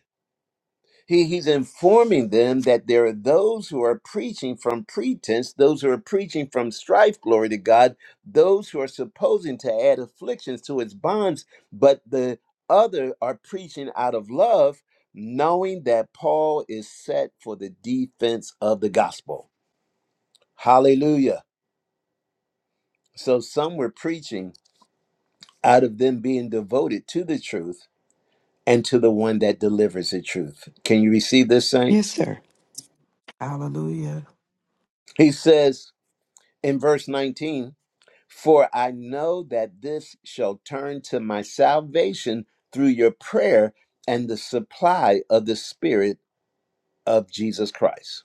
[SPEAKER 1] He he's informing them that there are those who are preaching from pretense, those who are preaching from strife, glory to God, those who are supposing to add afflictions to his bonds, but the other are preaching out of love, knowing that Paul is set for the defense of the gospel. Hallelujah. So some were preaching out of them being devoted to the truth and to the one that delivers the truth. Can you receive this,
[SPEAKER 5] Yes,
[SPEAKER 1] saints?
[SPEAKER 5] sir.
[SPEAKER 8] Hallelujah.
[SPEAKER 1] He says in verse 19, For I know that this shall turn to my salvation through your prayer and the supply of the Spirit of Jesus Christ,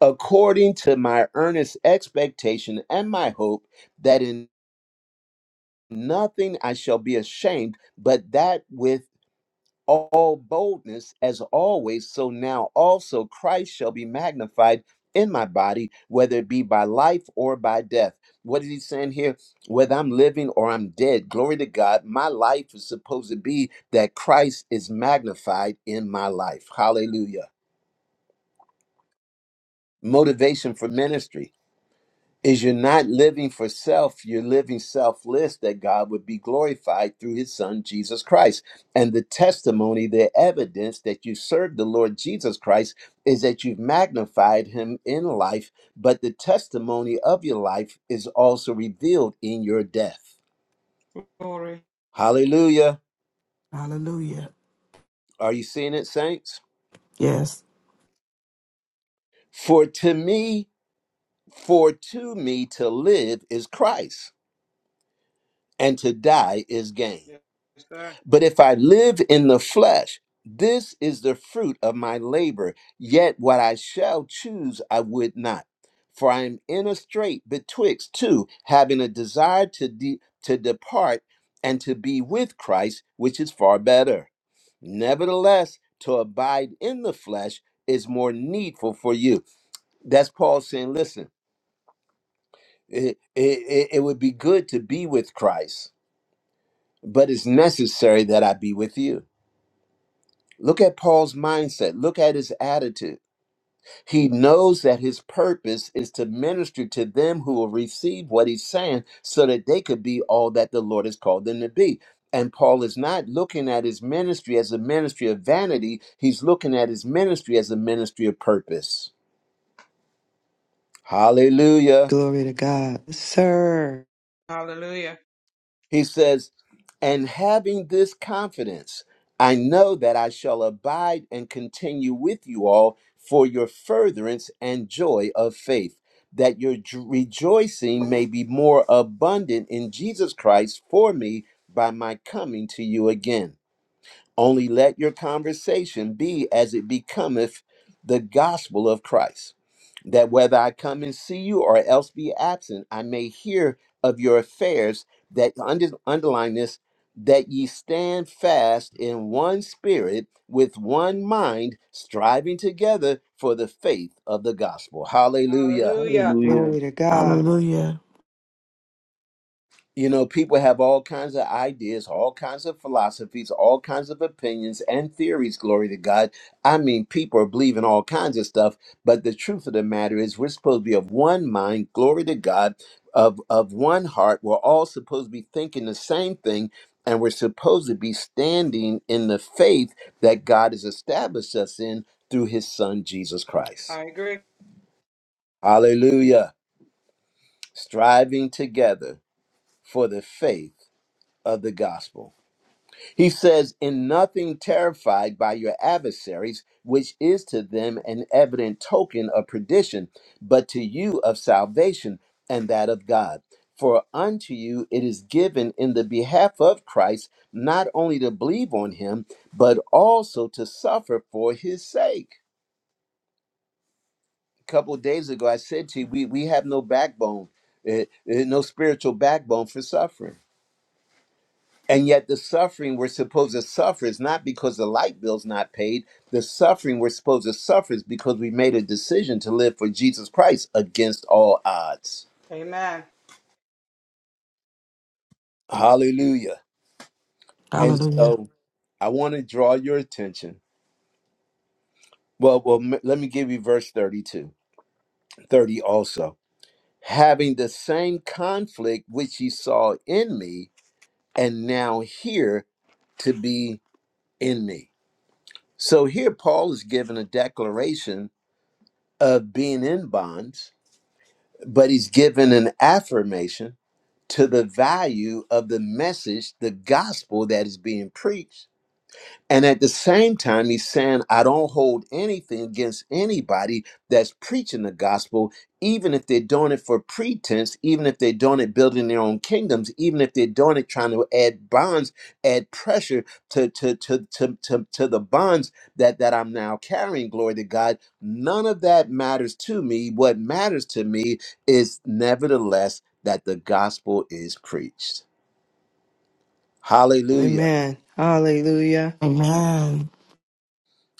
[SPEAKER 1] according to my earnest expectation and my hope that in nothing I shall be ashamed, but that with all boldness as always, so now also Christ shall be magnified in my body, whether it be by life or by death. What is he saying here? Whether I'm living or I'm dead, glory to God, my life is supposed to be that Christ is magnified in my life. Hallelujah. Motivation for ministry is you're not living for self, you're living selfless that God would be glorified through his son Jesus Christ. And the testimony, the evidence that you serve the Lord Jesus Christ is that you've magnified him in life, but the testimony of your life is also revealed in your death.
[SPEAKER 7] Glory.
[SPEAKER 1] Hallelujah.
[SPEAKER 8] Hallelujah.
[SPEAKER 1] Are you seeing it, saints?
[SPEAKER 8] Yes.
[SPEAKER 1] For to me, for to me to live is Christ, and to die is gain.
[SPEAKER 7] Yes, sir.
[SPEAKER 1] But if I live in the flesh, this is the fruit of my labor. Yet what I shall choose, I would not. For I am in a strait betwixt two, having a desire to, de- to depart and to be with Christ, which is far better. Nevertheless, to abide in the flesh is more needful for you. That's Paul saying, listen, it, it, it it would be good to be with Christ, but it's necessary that I be with you Look at Paul's mindset. Look at his attitude. He knows that his purpose is to minister to them who will receive what he's saying so that they could be all that the Lord has called them to be. And Paul is not looking at his ministry as a ministry of vanity, he's looking at his ministry as a ministry of purpose. Hallelujah.
[SPEAKER 5] Glory to God. Yes, sir.
[SPEAKER 7] Hallelujah.
[SPEAKER 1] He says, And having this confidence, I know that I shall abide and continue with you all for your furtherance and joy of faith, that your j- rejoicing may be more abundant in Jesus Christ for me by my coming to you again. Only let your conversation be as it becometh the gospel of Christ that whether I come and see you or else be absent, I may hear of your affairs. That under, underline this, that ye stand fast in one spirit, with one mind, striving together for the faith of the gospel. Hallelujah.
[SPEAKER 7] Hallelujah.
[SPEAKER 4] Hallelujah.
[SPEAKER 5] Glory to God.
[SPEAKER 8] Hallelujah.
[SPEAKER 1] You know, people have all kinds of ideas, all kinds of philosophies, all kinds of opinions and theories, glory to God. I mean, people are believing all kinds of stuff, but the truth of the matter is we're supposed to be of one mind, glory to God, of, of one heart. We're all supposed to be thinking the same thing, and we're supposed to be standing in the faith that God has established us in through his son, Jesus Christ.
[SPEAKER 7] I agree.
[SPEAKER 1] Hallelujah. Striving together for the faith of the gospel. He says, In nothing terrified by your adversaries, which is to them an evident token of perdition, but to you of salvation and that of God. For unto you it is given in the behalf of Christ not only to believe on him, but also to suffer for his sake. A couple of days ago, I said to you, we, we have no backbone, eh, eh, no spiritual backbone for suffering. And yet, the suffering we're supposed to suffer is not because the light bill's not paid. The suffering we're supposed to suffer is because we made a decision to live for Jesus Christ against all odds.
[SPEAKER 7] Amen.
[SPEAKER 1] Hallelujah. And
[SPEAKER 8] Hallelujah.
[SPEAKER 1] so, I want to draw your attention. Well, well, m- let me give you verse 32, 30. also. Having the same conflict which ye saw in me, and now here to be in me. So here Paul is given a declaration of being in bonds, but he's given an affirmation to the value of the message, the gospel that is being preached. And at the same time, he's saying, I don't hold anything against anybody that's preaching the gospel, even if they're doing it for pretense, even if they're doing it building their own kingdoms, even if they're doing it trying to add bonds, add pressure to, to, to, to, to, to the bonds that, that I'm now carrying, glory to God. None of that matters to me. What matters to me is nevertheless that the gospel is preached. Hallelujah.
[SPEAKER 5] Amen. Hallelujah.
[SPEAKER 8] Amen.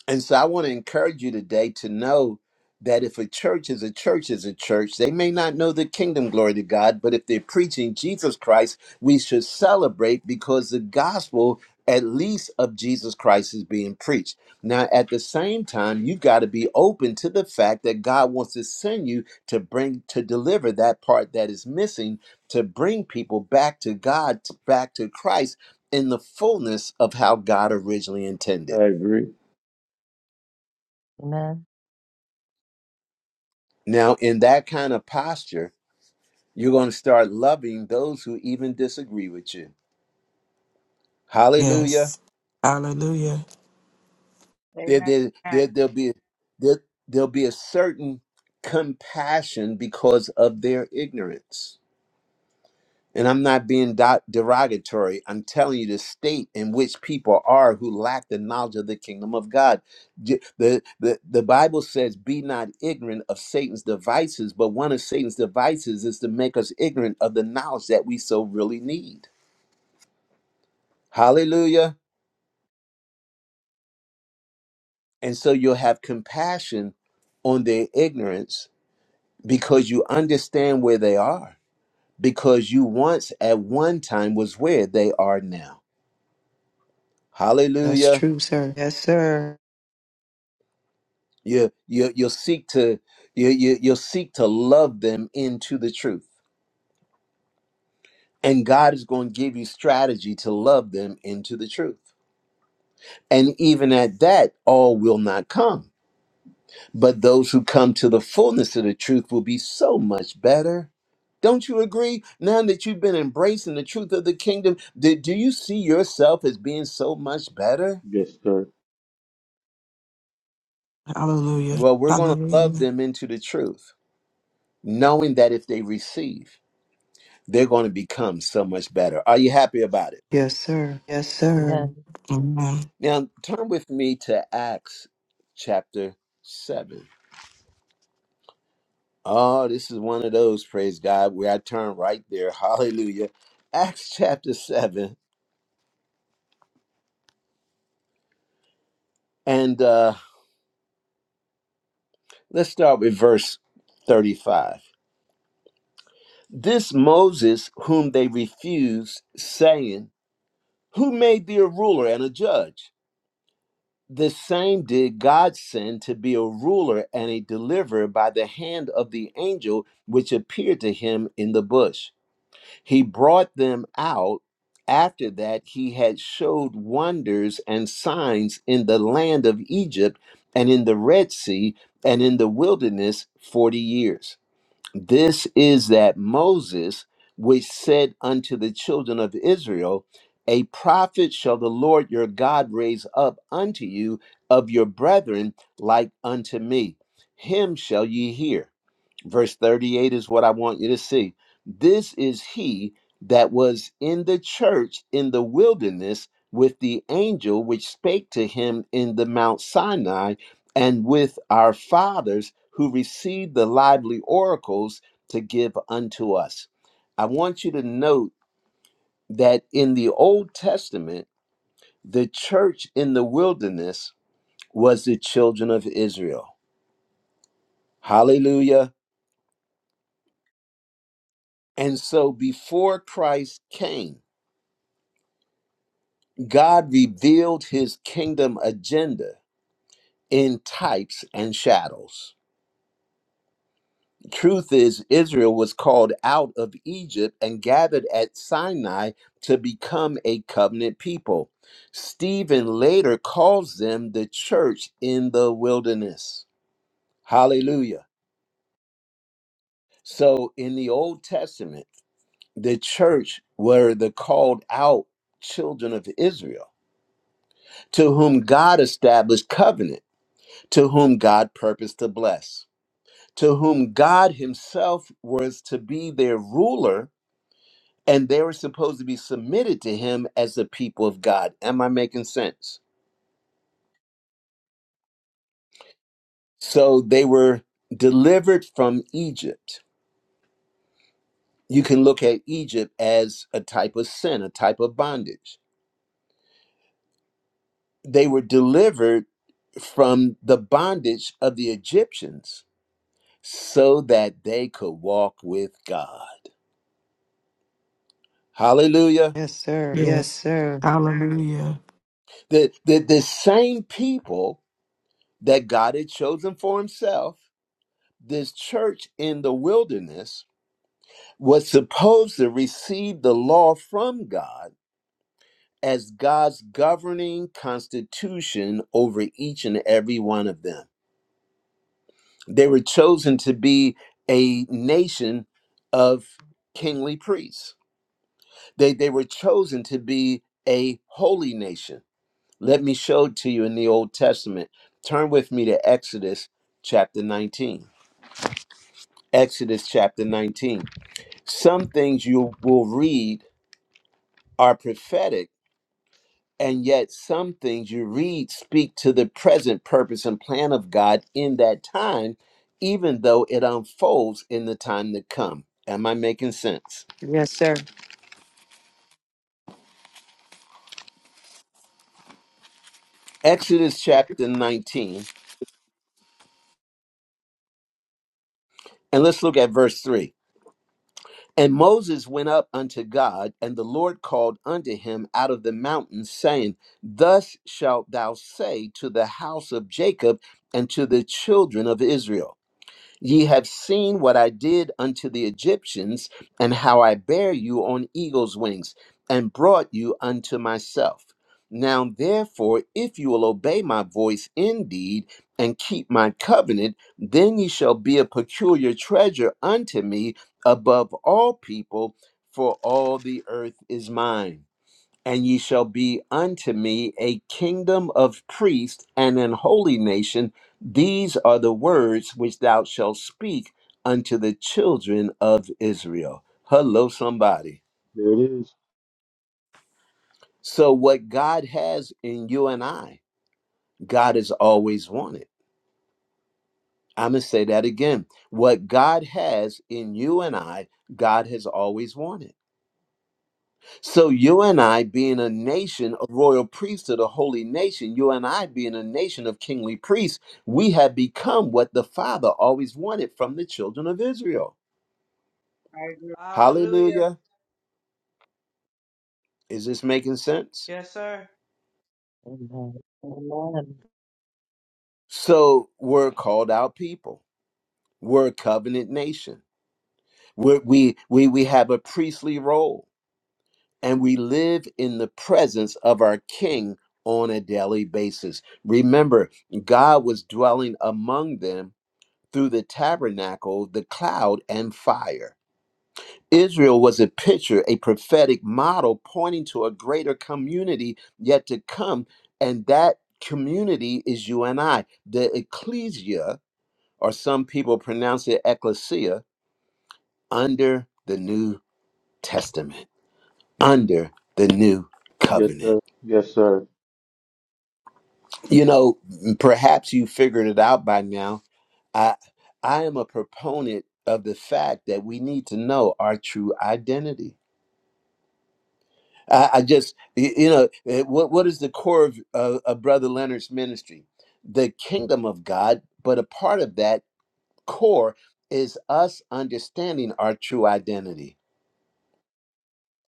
[SPEAKER 1] And so I want to encourage you today to know that if a church is a church is a church, they may not know the kingdom, glory to God, but if they're preaching Jesus Christ, we should celebrate because the gospel, at least of Jesus Christ, is being preached. Now, at the same time, you've got to be open to the fact that God wants to send you to bring, to deliver that part that is missing, to bring people back to God, back to Christ in the fullness of how God originally intended.
[SPEAKER 4] I agree.
[SPEAKER 3] Amen.
[SPEAKER 1] Now, in that kind of posture, you're going to start loving those who even disagree with you. Hallelujah.
[SPEAKER 8] Yes. Hallelujah.
[SPEAKER 1] There,
[SPEAKER 7] Amen.
[SPEAKER 1] there,
[SPEAKER 7] I
[SPEAKER 1] there, there'll, be, there, there'll be a certain compassion because of their ignorance. And I'm not being do- derogatory. I'm telling you the state in which people are who lack the knowledge of the kingdom of God. J- The, the, the Bible says, Be not ignorant of Satan's devices, but one of Satan's devices is to make us ignorant of the knowledge that we so really need. Hallelujah. And so you'll have compassion on their ignorance because you understand where they are, because you once at one time was where they are now.
[SPEAKER 5] That's
[SPEAKER 1] Hallelujah.
[SPEAKER 5] true, sir. Yes, sir.
[SPEAKER 1] You, you, you'll seek to you, you, you'll seek to love them into the truth, and God is going to give you strategy to love them into the truth. And even at that, all will not come, but those who come to the fullness of the truth will be so much better. Don't you agree? Now that you've been embracing the truth of the kingdom, do, do you see yourself as being so much better?
[SPEAKER 4] Yes, sir.
[SPEAKER 8] Hallelujah.
[SPEAKER 1] Well, we're going to love
[SPEAKER 8] Hallelujah.
[SPEAKER 1] them into the truth, knowing that if they receive. they're going to become so much better. Are you happy about it?
[SPEAKER 5] Yes, sir. Yes,
[SPEAKER 3] Amen.
[SPEAKER 5] sir.
[SPEAKER 8] Amen.
[SPEAKER 1] Now, turn with me to Acts chapter 7. Oh, this is one of those, praise God, where I turn right there. Hallelujah. Acts chapter 7. And uh, let's start with verse 35. This Moses, whom they refused, saying, Who made thee a ruler and a judge? The same did God send to be a ruler and a deliverer by the hand of the angel which appeared to him in the bush. He brought them out. After that, he had showed wonders and signs in the land of Egypt and in the Red Sea and in the wilderness 40 years. This is that Moses, which said unto the children of Israel, A prophet shall the Lord your God raise up unto you of your brethren, like unto me. Him shall ye hear verse 38 is what I want you to see. This is he that was in the church in the wilderness with the angel which spake to him in the Mount Sinai and with our fathers who received the lively oracles to give unto us. I want you to note that in the Old Testament, the church in the wilderness was the children of Israel. Hallelujah. And so before Christ came, God revealed his kingdom agenda in types and shadows. Truth is, Israel was called out of Egypt and gathered at Sinai to become a covenant people. Stephen later calls them the church in the wilderness. Hallelujah. So in the Old Testament, the church were the called out children of Israel to whom God established covenant to whom God purposed to bless, to whom God Himself was to be their ruler, and they were supposed to be submitted to Him as the people of God. Am I making sense? So they were delivered from Egypt. You can look at Egypt as a type of sin, a type of bondage. They were delivered from the bondage of the Egyptians so that they could walk with God. Hallelujah.
[SPEAKER 5] Yes, sir. Yes,
[SPEAKER 8] Yes.
[SPEAKER 5] sir.
[SPEAKER 8] Hallelujah.
[SPEAKER 1] The, the, the same people that God had chosen for himself, this church in the wilderness, was supposed to receive the law from God as God's governing constitution over each and every one of them. They were chosen to be a nation of kingly priests, they, they were chosen to be a holy nation Let me show it to you in the Old Testament. Turn with me to Exodus chapter 19. Exodus chapter 19. Some things you will read are prophetic, and yet some things you read speak to the present purpose and plan of God in that time, even though it unfolds in the time to come. Am I making sense?
[SPEAKER 5] Yes, sir.
[SPEAKER 1] Exodus chapter 19, and let's look at verse 3. And Moses went up unto God, and the Lord called unto him out of the mountain, saying, Thus shalt thou say to the house of Jacob and to the children of Israel. Ye have seen what I did unto the Egyptians, and how I bare you on eagle's wings, and brought you unto myself. Now, therefore, if you will obey my voice indeed, and keep my covenant, then ye shall be a peculiar treasure unto me above all people, for all the earth is mine and ye shall be unto me a kingdom of priests and an holy nation. These are the words which thou shalt speak unto the children of Israel. Hello, somebody.
[SPEAKER 4] There it is.
[SPEAKER 1] So, what God has in you and I, God has always wanted. I'm going to say that again. What God has in you and I, God has always wanted. So you and I being a nation, a royal priesthood, a holy nation, you and I being a nation of kingly priests, we have become what the Father always wanted from the children of Israel.
[SPEAKER 7] agree. Hallelujah.
[SPEAKER 1] Hallelujah. Is this making sense?
[SPEAKER 7] Yes, sir.
[SPEAKER 3] Amen. Amen.
[SPEAKER 1] So we're called out people. We're a covenant nation. We're, we, we, we have a priestly role and we live in the presence of our King on a daily basis. Remember, God was dwelling among them through the tabernacle, the cloud, and fire. Israel was a picture, a prophetic model pointing to a greater community yet to come. And that community is you and I, the ecclesia, or some people pronounce it ecclesia, under the New Testament, under the New
[SPEAKER 4] Yes,
[SPEAKER 1] Covenant.
[SPEAKER 4] sir. Yes, sir.
[SPEAKER 1] You know, perhaps you figured it out by now. I, I am a proponent of the fact that we need to know our true identity I, I just, y- you know, eh, what what is the core of, of, of Brother Leonard's ministry? The kingdom of God, but a part of that core is us understanding our true identity.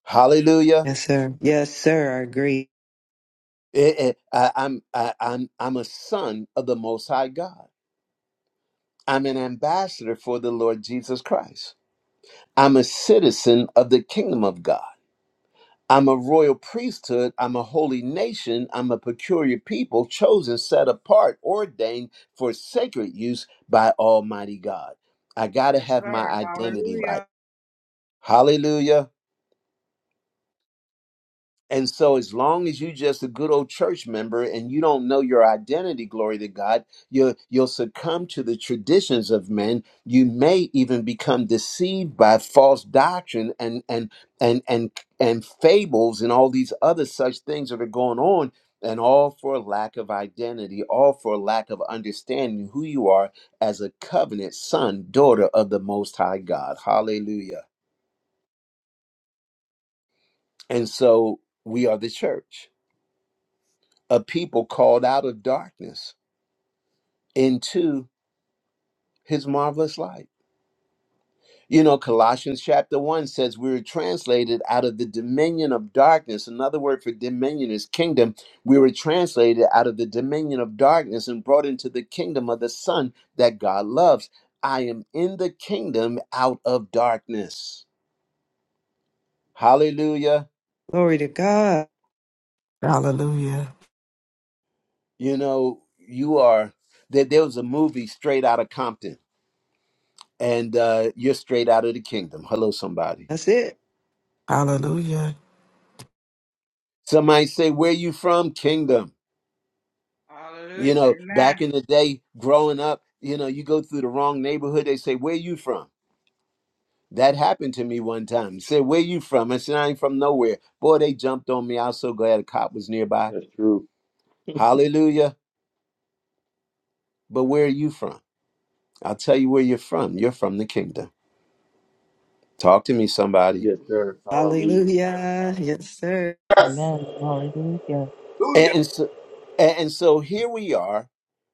[SPEAKER 1] Hallelujah!
[SPEAKER 5] Yes, sir. Yes, sir. I agree.
[SPEAKER 1] Eh, eh, I, am i I'm I'm a son of the Most High God. I'm an ambassador for the Lord Jesus Christ. I'm a citizen of the kingdom of God. I'm a royal priesthood. I'm a holy nation. I'm a peculiar people, chosen, set apart, ordained for sacred use by Almighty God. I got to
[SPEAKER 7] Yes,
[SPEAKER 1] have
[SPEAKER 7] sir.
[SPEAKER 1] my identity right.
[SPEAKER 7] Hallelujah.
[SPEAKER 1] Hallelujah. And so, as long as you just a good old church member and you don't know your identity, glory to God, you'll, you'll succumb to the traditions of men. You may even become deceived by false doctrine and and and and and fables and all these other such things that are going on, and all for lack of identity, all for lack of understanding who you are as a covenant son, daughter of the Most High God. Hallelujah. And so, we are the church a people called out of darkness into his marvelous light. You know, Colossians chapter 1 says we were translated out of the dominion of darkness. Another word for dominion is kingdom. We were translated out of the dominion of darkness and brought into the kingdom of the Son that God loves. I am in the kingdom out of darkness. Hallelujah.
[SPEAKER 5] Glory to God.
[SPEAKER 8] Hallelujah.
[SPEAKER 1] You know, you are. There, there was a movie straight out of Compton, and uh, you're straight out of the kingdom. Hello, somebody
[SPEAKER 5] That's it.
[SPEAKER 8] Hallelujah.
[SPEAKER 1] Somebody say, Where you from? Kingdom.
[SPEAKER 7] Hallelujah.
[SPEAKER 1] You know,
[SPEAKER 7] Amen.
[SPEAKER 1] back in the day, growing up, you know, you go through the wrong neighborhood, they say, Where you from? That happened to me one time. They said, Where you from? I said, I ain't from nowhere. Boy, they jumped on me. I was so glad a cop was nearby.
[SPEAKER 4] That's true.
[SPEAKER 1] Hallelujah. But where are you from? I'll tell you where you're from. You're from the kingdom. Talk to me, somebody.
[SPEAKER 4] Yes, sir. Hallelujah.
[SPEAKER 5] Hallelujah. Yes, sir.
[SPEAKER 2] Yes.
[SPEAKER 3] Amen. Hallelujah.
[SPEAKER 1] And,
[SPEAKER 2] Hallelujah.
[SPEAKER 1] and so And, and so here we are.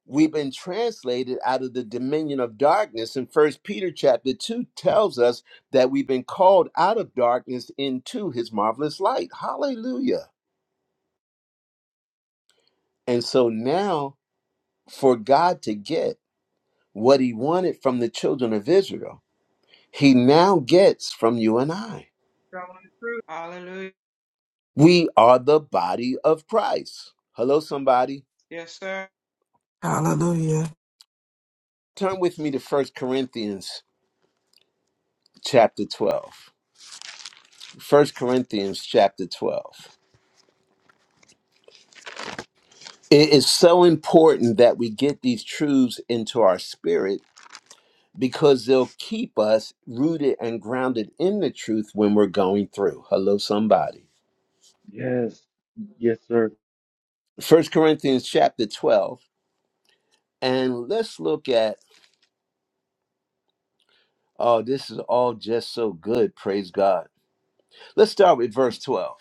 [SPEAKER 1] We've been translated out of the dominion of darkness. And First Peter chapter 2 tells us that we've been called out of darkness into his marvelous light. Hallelujah. And so now, for God to get what he wanted from the children of Israel, he now gets from you and I.
[SPEAKER 7] Telling the truth. Hallelujah.
[SPEAKER 1] We are the body of Christ. Hello, somebody.
[SPEAKER 7] Yes, sir.
[SPEAKER 8] Hallelujah.
[SPEAKER 1] Turn with me to First Corinthians chapter 12. First Corinthians chapter 12. It is so important that we get these truths into our spirit because they'll keep us rooted and grounded in the truth when we're going through. Hello, somebody.
[SPEAKER 4] Yes. Yes, sir.
[SPEAKER 1] First Corinthians chapter 12. And let's look at, oh, this is all just so good. Praise God. Let's start with verse 12.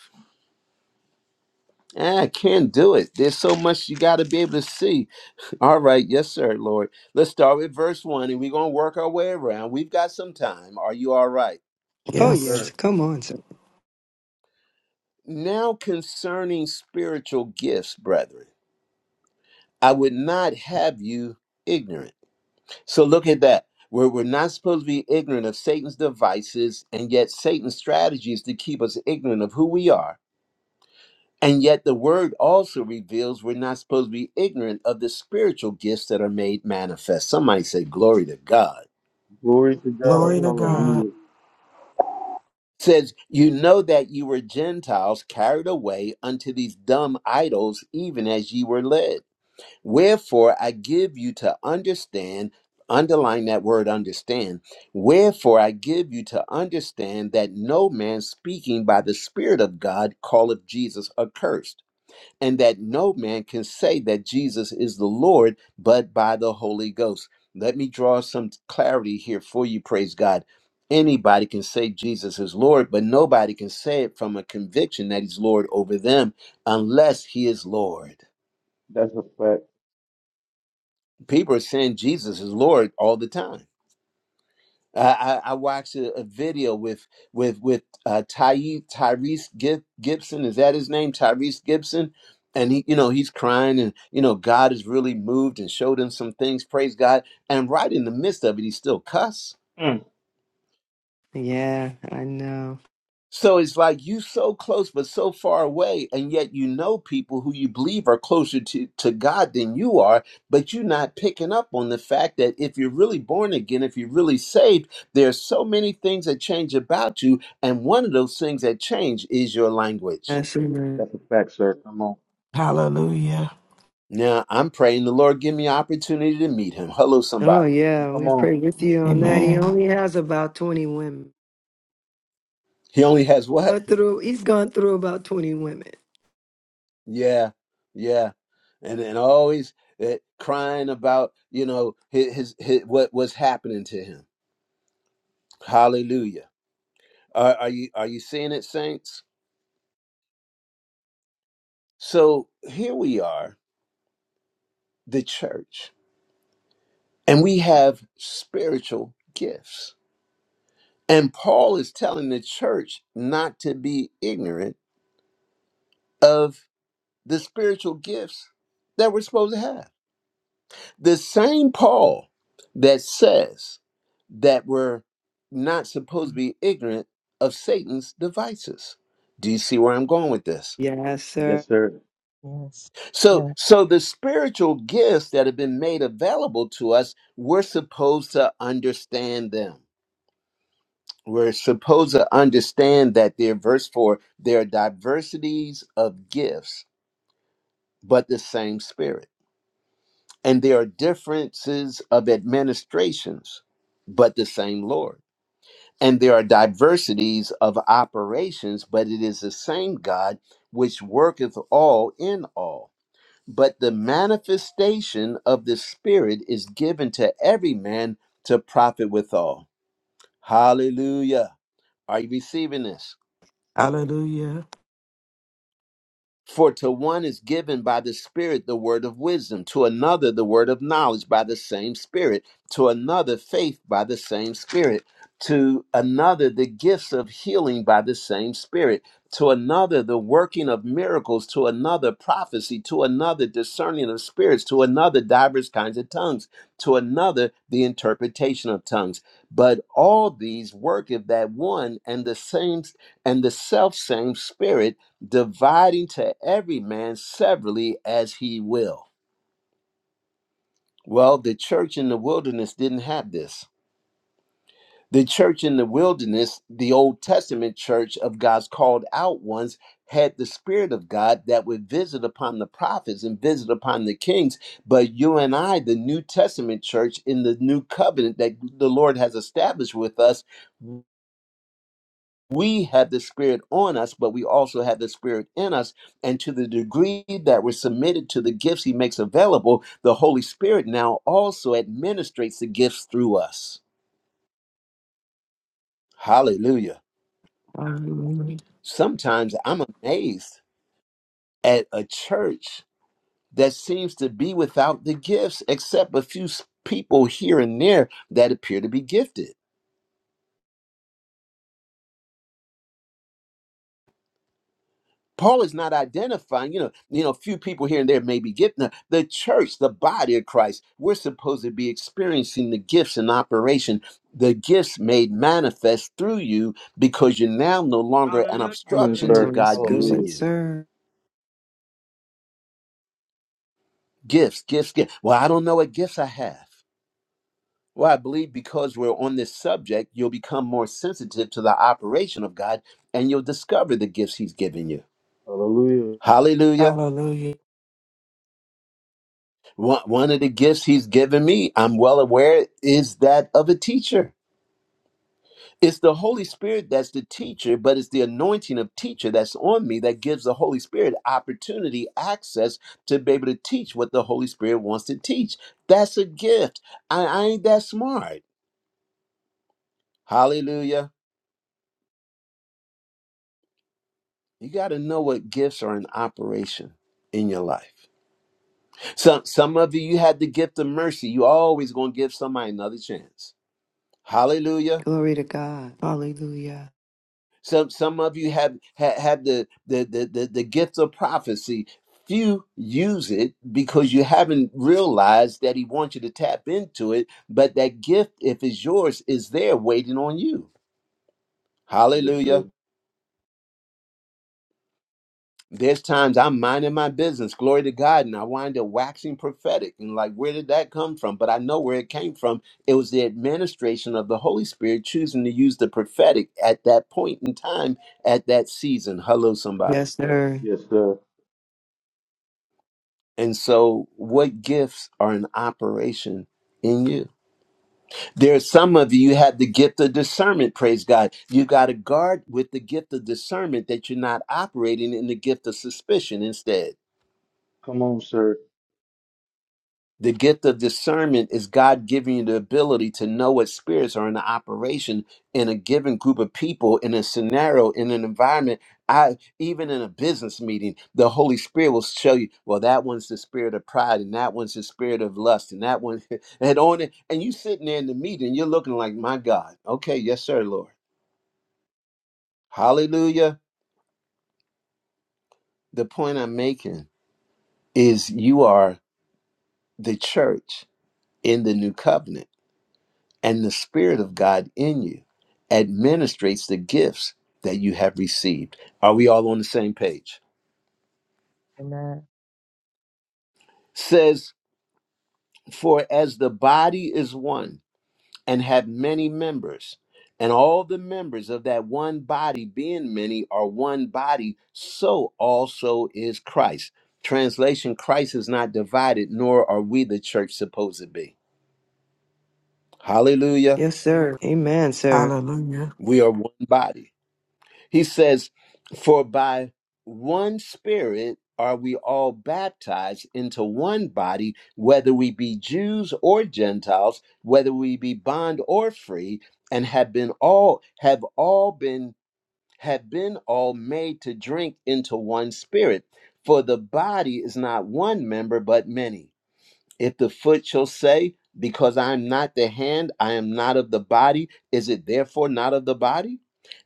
[SPEAKER 1] Eh, I can't do it. There's so much you got to be able to see. All right. Yes, sir, Lord. Let's start with verse 1 and we're going to work our way around. We've got some time. Are you all right?
[SPEAKER 5] Oh,
[SPEAKER 4] Yes,
[SPEAKER 5] yes.
[SPEAKER 8] Yes.
[SPEAKER 4] sir.
[SPEAKER 5] Come on, sir.
[SPEAKER 1] Now concerning spiritual gifts, brethren, I would not have you ignorant. So look at that. we're we're not supposed to be ignorant of Satan's devices, and yet Satan's strategy is to keep us ignorant of who we are. And yet the word also reveals we're not supposed to be ignorant of the spiritual gifts that are made manifest. Somebody say, Glory to God.
[SPEAKER 4] Glory to
[SPEAKER 3] Glory
[SPEAKER 4] God.
[SPEAKER 8] Glory
[SPEAKER 3] to
[SPEAKER 8] to
[SPEAKER 3] God.
[SPEAKER 8] God.
[SPEAKER 4] Hallelujah.
[SPEAKER 1] says, You know that you were Gentiles carried away unto these dumb idols, even as ye were led. Wherefore I give you to understand, underline that word understand. Wherefore I give you to understand that no man speaking by the Spirit of God calleth Jesus accursed, and that no man can say that Jesus is the Lord but by the Holy Ghost. Let me draw some clarity here for you, praise God. Anybody can say Jesus is Lord, but nobody can say it from a conviction that he's Lord over them unless he is Lord.
[SPEAKER 4] That's a fact.
[SPEAKER 1] people are saying Jesus is Lord all the time. I, I, I watched a, a video with with with uh, Ty, Tyrese Gib, Gibson. Is that his name, Tyrese Gibson? And he, you know, he's crying, and you know, God is really moved and showed him some things. Praise God! And right in the midst of it, he still cuss.
[SPEAKER 4] Mm.
[SPEAKER 5] Yeah, I know.
[SPEAKER 1] So it's like you so close but so far away, and yet you know people who you believe are closer to, to God than you are, but you're not picking up on the fact that if you're really born again, if you're really saved, there are so many things that change about you, and one of those things that change is your language.
[SPEAKER 5] Yes, amen.
[SPEAKER 4] That's a fact, sir. Come on.
[SPEAKER 8] Hallelujah.
[SPEAKER 1] Now I'm praying the Lord give me opportunity to meet him. Hello,
[SPEAKER 5] Oh,
[SPEAKER 1] somebody.
[SPEAKER 5] yeah.
[SPEAKER 4] Come
[SPEAKER 5] We pray
[SPEAKER 4] on.
[SPEAKER 5] with you on that. He
[SPEAKER 8] Amen.
[SPEAKER 5] only has about 20 women.
[SPEAKER 1] He only has what?
[SPEAKER 5] But through, he's gone through about 20 women.
[SPEAKER 1] Yeah, yeah. And and always eh, crying about, you know, his, his, his what was happening to him Hallelujah. Are, are you are you seeing it, saints? So here we are, the church, and we have spiritual gifts. And Paul is telling the church not to be ignorant of the spiritual gifts that we're supposed to have. The same Paul that says that we're not supposed to be ignorant of Satan's devices. Do you see where I'm going with this?
[SPEAKER 5] Yes,
[SPEAKER 4] Yes,
[SPEAKER 5] sir.
[SPEAKER 4] sir.
[SPEAKER 3] Yes.
[SPEAKER 1] So,
[SPEAKER 3] Yes.
[SPEAKER 1] so the spiritual gifts that have been made available to us, we're supposed to understand them. We're supposed to understand that they're verse four. There are diversities of gifts, but the same Spirit, and there are differences of administrations, but the same Lord. And there are diversities of operations, but it is the same God which worketh all in all. but the manifestation of the Spirit is given to every man to profit withal. Hallelujah. Are you receiving this?
[SPEAKER 8] Hallelujah.
[SPEAKER 1] For to one is given by the Spirit the word of wisdom, to another the word of knowledge by the same Spirit, to another faith by the same Spirit, to another the gifts of healing by the same Spirit, to another the working of miracles, to another prophecy, to another discerning of spirits, to another divers kinds of tongues, to another the interpretation of tongues. But all these worketh that one and the same and the self same Spirit dividing to every man severally as he will. Well, the church in the wilderness didn't have this. The church in the wilderness, the Old Testament church of God's called out ones, had the Spirit of God that would visit upon the prophets and visit upon the kings. But you and I, the New Testament church in the new covenant that the Lord has established with us, we have the spirit on us but we also have the spirit in us and to the degree that we're submitted to the gifts he makes available the holy spirit now also administrates the gifts through us hallelujah
[SPEAKER 8] Hallelujah.
[SPEAKER 1] sometimes i'm amazed at a church that seems to be without the gifts except a few s- people here and there that appear to be gifted Paul is not identifying, you know, you know, a few people here and there may be getting the, the church, the body of Christ. We're supposed to be experiencing the gifts in operation, the gifts made manifest through you because you're now no longer an
[SPEAKER 7] Hallelujah.
[SPEAKER 4] Come on,
[SPEAKER 1] obstruction
[SPEAKER 7] Hallelujah.
[SPEAKER 1] to
[SPEAKER 4] sir.
[SPEAKER 5] Mm, that's
[SPEAKER 1] God using
[SPEAKER 4] Hallelujah.
[SPEAKER 5] good,
[SPEAKER 1] you.
[SPEAKER 5] sir.
[SPEAKER 1] Gifts, gifts, gifts. Well, I don't know what gifts I have. Well, I believe because we're on this subject, you'll become more sensitive to the operation of God and you'll discover the gifts He's given you.
[SPEAKER 4] Hallelujah.
[SPEAKER 1] Hallelujah.
[SPEAKER 8] Hallelujah.
[SPEAKER 1] One, one of the gifts he's given me, I'm well aware, is that of a teacher. It's the Holy Spirit that's the teacher, but it's the anointing of teacher that's on me that gives the Holy Spirit opportunity, access to be able to teach what the Holy Spirit wants to teach. That's a gift. I, I ain't that smart. Hallelujah. You got to know what gifts are in operation in your life. Some, some of you, you had the gift of mercy. You always going to give somebody another chance. Hallelujah.
[SPEAKER 5] Glory to God. Hallelujah.
[SPEAKER 1] Some some of you have have, have the, the the the the gift of prophecy. Few use it because you haven't realized that he wants you to tap into it. But that gift, if it's yours, is there waiting on you.
[SPEAKER 4] Yes, sir.
[SPEAKER 1] Hallelujah. There's times I'm minding my business, glory to God, and I wind up waxing prophetic and like, where did that come from? But I know where it came from. It was the administration of the Holy Spirit choosing to use the prophetic at that point in time, at that season. Hello, somebody.
[SPEAKER 5] Yes, sir.
[SPEAKER 4] Yes, sir.
[SPEAKER 1] And so, what gifts are in operation in you? There are some of you, you have the gift of discernment, praise God. you got to guard with the gift of discernment that you're not operating in the gift of suspicion instead.
[SPEAKER 4] Come on, sir.
[SPEAKER 1] The gift of discernment is God giving you the ability to know what spirits are in operation in a given group of people, in a scenario, in an environment. I even in a business meeting, the Holy Spirit will show you, well, that one's the spirit of pride, and that one's the spirit of lust, and that one and on it. And you sitting there in the meeting, you're looking like, my God, okay, yes, sir, Lord. Hallelujah. The point I'm making is you are the church in the new covenant and the Spirit of God in you administrates the gifts that you have received. Are we all on the same page?
[SPEAKER 3] Amen.
[SPEAKER 1] Says, For as the body is one and have many members, and all the members of that one body, being many, are one body, so also is Christ. Translation Christ is not divided, nor are we the church supposed to be. Hallelujah.
[SPEAKER 5] Yes, sir. Amen, sir.
[SPEAKER 8] Hallelujah.
[SPEAKER 1] We are one body. He says, For by one Spirit are we all baptized into one body, whether we be Jews or Gentiles, whether we be bond or free, and have been all have all been have been all made to drink into one spirit. For the body is not one member but many. If the foot shall say, Because I am not the hand, I am not of the body, is it therefore not of the body?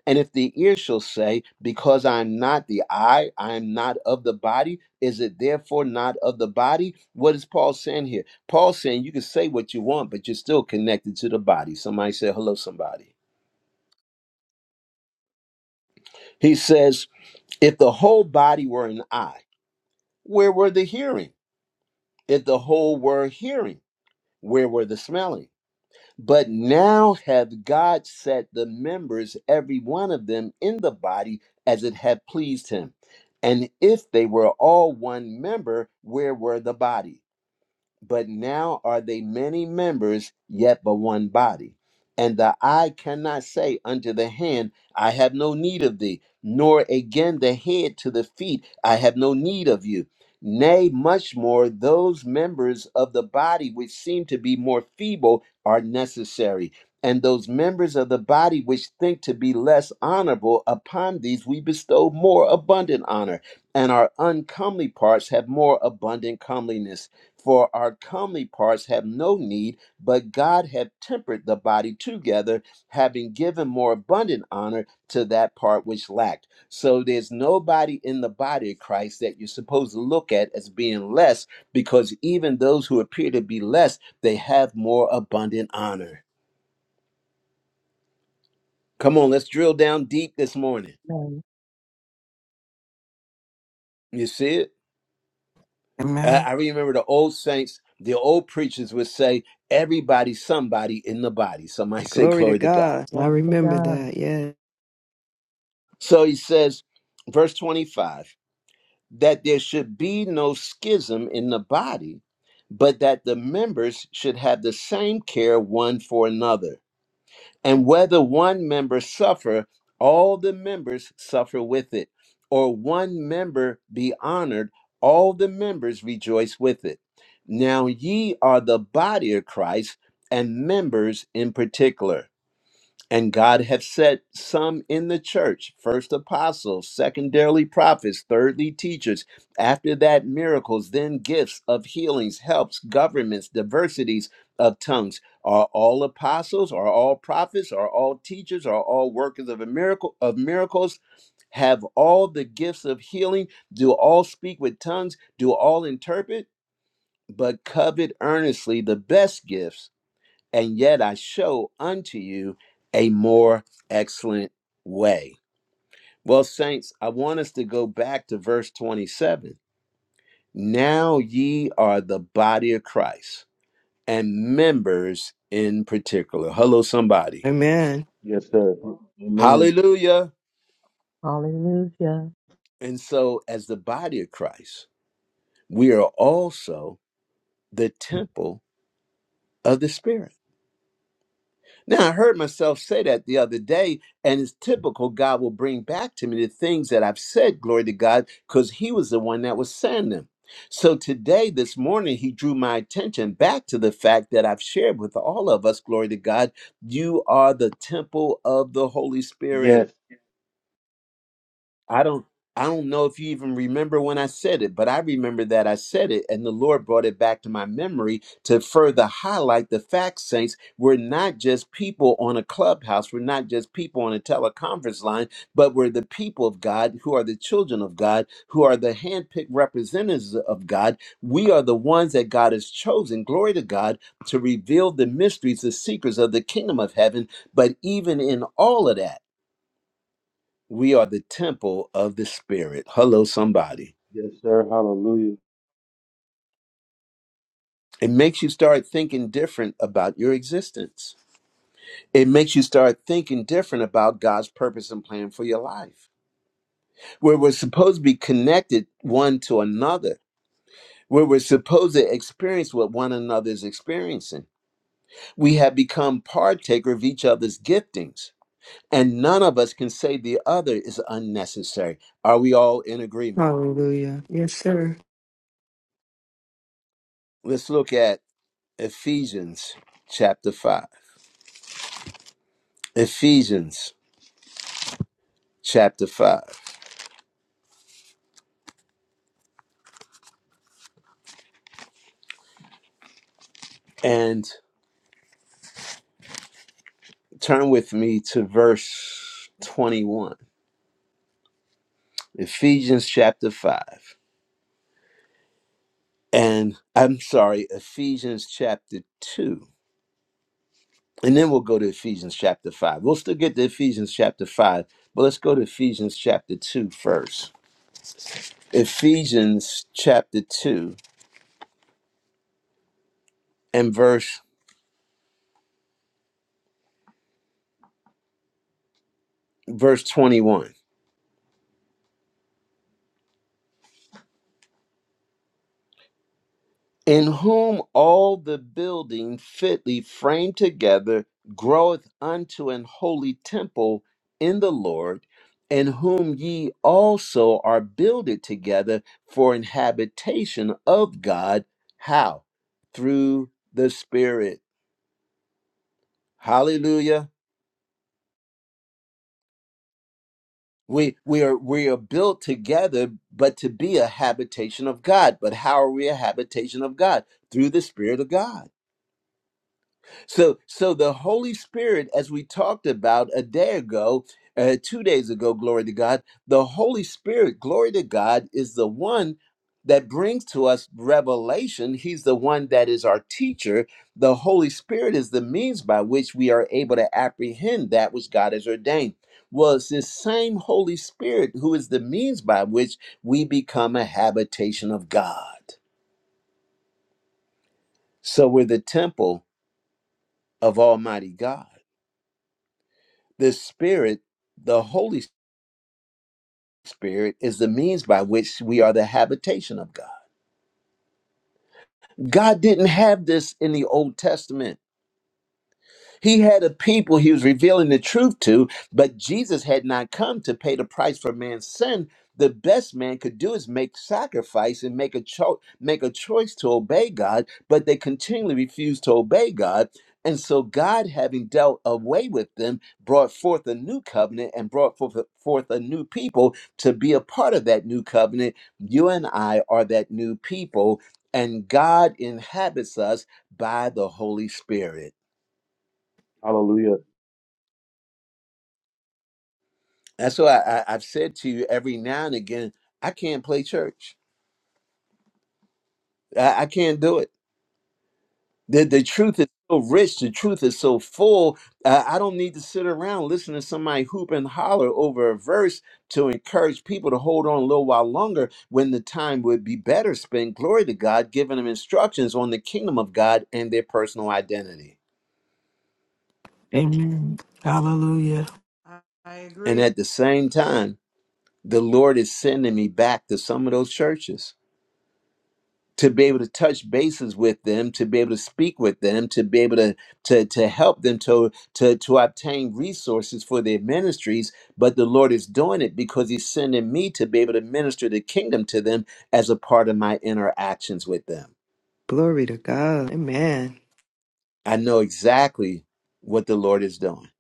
[SPEAKER 1] And if the ear shall say, Because I am not the eye, I am not of the body, is it therefore not of the body? What is Paul saying here? Paul saying you can say what you want, but you're still connected to the body. Somebody say hello, somebody. He says, If the whole body were an eye, where were the hearing? If the whole were hearing, where were the smelling? But now have God set the members, every one of them, in the body as it had pleased him. And if they were all one member, where were the body? but now are they many members, yet but one body. And the eye cannot say unto the hand, I have no need of thee, nor again the head to the feet, I have no need of you. Nay, much more, those members of the body which seem to be more feeble are necessary. And those members of the body which think to be less honorable, upon these we bestow more abundant honor, and our uncomely parts have more abundant comeliness for our comely parts have no need, but God hath tempered the body together, having given more abundant honor to that part which lacked. So there's nobody in the body of Christ that you're supposed to look at as being less, because even those who appear to be less, they have more abundant honor. Come on, let's drill down deep this morning.
[SPEAKER 3] Amen.
[SPEAKER 1] You see it? I
[SPEAKER 8] Amen.
[SPEAKER 1] I remember the old saints, the old preachers would say, everybody, somebody in the body. Somebody say,
[SPEAKER 5] Glory to
[SPEAKER 1] Glory to God
[SPEAKER 5] God. I
[SPEAKER 3] Glory to
[SPEAKER 5] remember
[SPEAKER 3] God.
[SPEAKER 5] that. Yeah.
[SPEAKER 1] So he says, verse 25, that there should be no schism in the body, but that the members should have the same care one for another. And whether one member suffer, all the members suffer with it, or one member be honored, all the members rejoice with it. Now ye are the body of Christ and members in particular. And God hath set some in the church, first apostles, secondarily prophets, thirdly teachers, after that miracles, then gifts of healings, helps, governments, diversities of tongues. Are all apostles, are all prophets, are all teachers, are all workers of a miracle of miracles? Have all the gifts of healing? Do all speak with tongues? Do all interpret? But covet earnestly the best gifts and yet I show unto you a more excellent way. Well, saints, I want us to go back to verse 27. Now ye are the body of Christ and members in particular. Hello, somebody.
[SPEAKER 5] Amen.
[SPEAKER 4] Yes, sir. Amen.
[SPEAKER 1] Hallelujah.
[SPEAKER 3] Hallelujah.
[SPEAKER 1] And so, as the body of Christ, we are also the temple of the Spirit Now, I heard myself say that the other day, and it's typical. God will bring back to me the things that I've said, glory to God, because He was the one that was saying them. So today, this morning, He drew my attention back to the fact that I've shared with all of us, glory to God, you are the temple of the Holy Spirit.
[SPEAKER 4] Yes.
[SPEAKER 1] I don't I don't know if you even remember when I said it, but I remember that I said it and the Lord brought it back to my memory to further highlight the fact saints, we're not just people on a clubhouse, we're not just people on a teleconference line, but we're the people of God who are the children of God, who are the handpicked representatives of God. We are the ones that God has chosen, glory to God, to reveal the mysteries, the secrets of the kingdom of heaven. But even in all of that. We are the temple of the Spirit. Hello, somebody.
[SPEAKER 4] Yes, sir. Hallelujah.
[SPEAKER 1] It makes you start thinking different about your existence. It makes you start thinking different about God's purpose and plan for your life, where we're supposed to be connected one to another, where we're supposed to experience what one another is experiencing. We have become partaker of each other's giftings, and none of us can say the other is unnecessary. Are we all in agreement?
[SPEAKER 5] Hallelujah. Yes, sir.
[SPEAKER 1] Let's look at Ephesians chapter 5. Ephesians chapter 5 and turn with me to verse 21. Ephesians chapter 5 and I'm sorry, Ephesians chapter 2. And then we'll go to Ephesians chapter 5. We'll still get to Ephesians chapter 5, but let's go to Ephesians chapter 2 first. Ephesians chapter 2 and verse verse 21. in whom all the building fitly framed together groweth unto an holy temple in the Lord, in whom ye also are builded together for an habitation of God. How? Through the Spirit. Hallelujah. We, we are we are built together, but to be a habitation of God. But how are we a habitation of God? Through the Spirit of God. So, so the Holy Spirit, as we talked about a day ago, uh, two days ago, glory to God, the Holy Spirit, glory to God, is the one that brings to us revelation. He's the one that is our teacher. The Holy Spirit is the means by which we are able to apprehend that which God has ordained. Well, it's this same Holy Spirit who is the means by which we become a habitation of God. So we're the temple of Almighty God. the spirit the holy spirit is the means by which we are the habitation of god god didn't have this in the old testament He had a people he was revealing the truth to, but Jesus had not come to pay the price for man's sin. The best man could do is make sacrifice and make a cho- make a choice to obey God, but they continually refused to obey God. And so God, having dealt away with them, brought forth a new covenant and brought forth, forth a new people to be a part of that new covenant. You and I are that new people, and God inhabits us by the Holy Spirit.
[SPEAKER 4] Hallelujah.
[SPEAKER 1] That's why I, I, have said to you every now and again, I can't play church. I, I can't do it. The, the truth is so rich. The truth is so full. Uh, I don't need to sit around listening to somebody hoop and holler over a verse to encourage people to hold on a little while longer when the time would be better spent, glory to God, giving them instructions on the kingdom of God and their personal identity.
[SPEAKER 8] Amen. Hallelujah.
[SPEAKER 7] I, I
[SPEAKER 1] And
[SPEAKER 7] agree.
[SPEAKER 1] at the same time, the Lord is sending me back to some of those churches to be able to touch bases with them, to be able to speak with them, to be able to to to help them to to to obtain resources for their ministries. But the Lord is doing it because He's sending me to be able to minister the kingdom to them as a part of my interactions with them.
[SPEAKER 5] Glory to God. Amen.
[SPEAKER 1] I know exactly what the Lord is doing.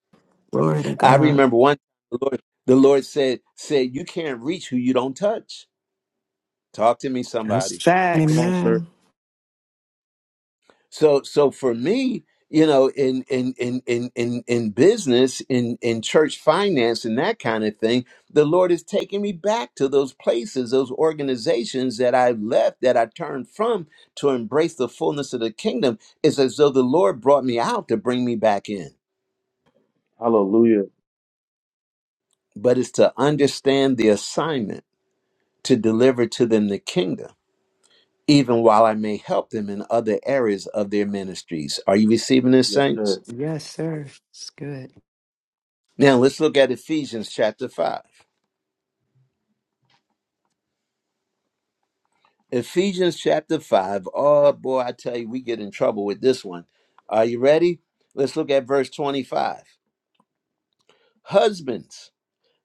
[SPEAKER 8] Glory to
[SPEAKER 1] I
[SPEAKER 8] God.
[SPEAKER 1] remember one the Lord the Lord said said you can't reach who you don't touch. Talk to me,
[SPEAKER 5] That's
[SPEAKER 1] somebody
[SPEAKER 4] Come
[SPEAKER 5] facts.
[SPEAKER 4] on, sir.
[SPEAKER 8] Amen.
[SPEAKER 1] So so for me, you know, in in in in in, in business, in in church finance, and that kind of thing, the Lord is taking me back to those places, those organizations that I left, that I turned from to embrace the fullness of the kingdom. It's as though the Lord brought me out to bring me back in.
[SPEAKER 4] Hallelujah.
[SPEAKER 1] But it's to understand the assignment to deliver to them the kingdom, even while I may help them in other areas of their ministries. Are you receiving this,
[SPEAKER 4] Yes,
[SPEAKER 1] saints?
[SPEAKER 4] sir.
[SPEAKER 5] Yes, sir. It's good.
[SPEAKER 1] Now let's look at Ephesians chapter 5. Ephesians chapter 5. Oh boy, I tell you, we get in trouble with this one. Are you ready? Let's look at verse 25. Husbands,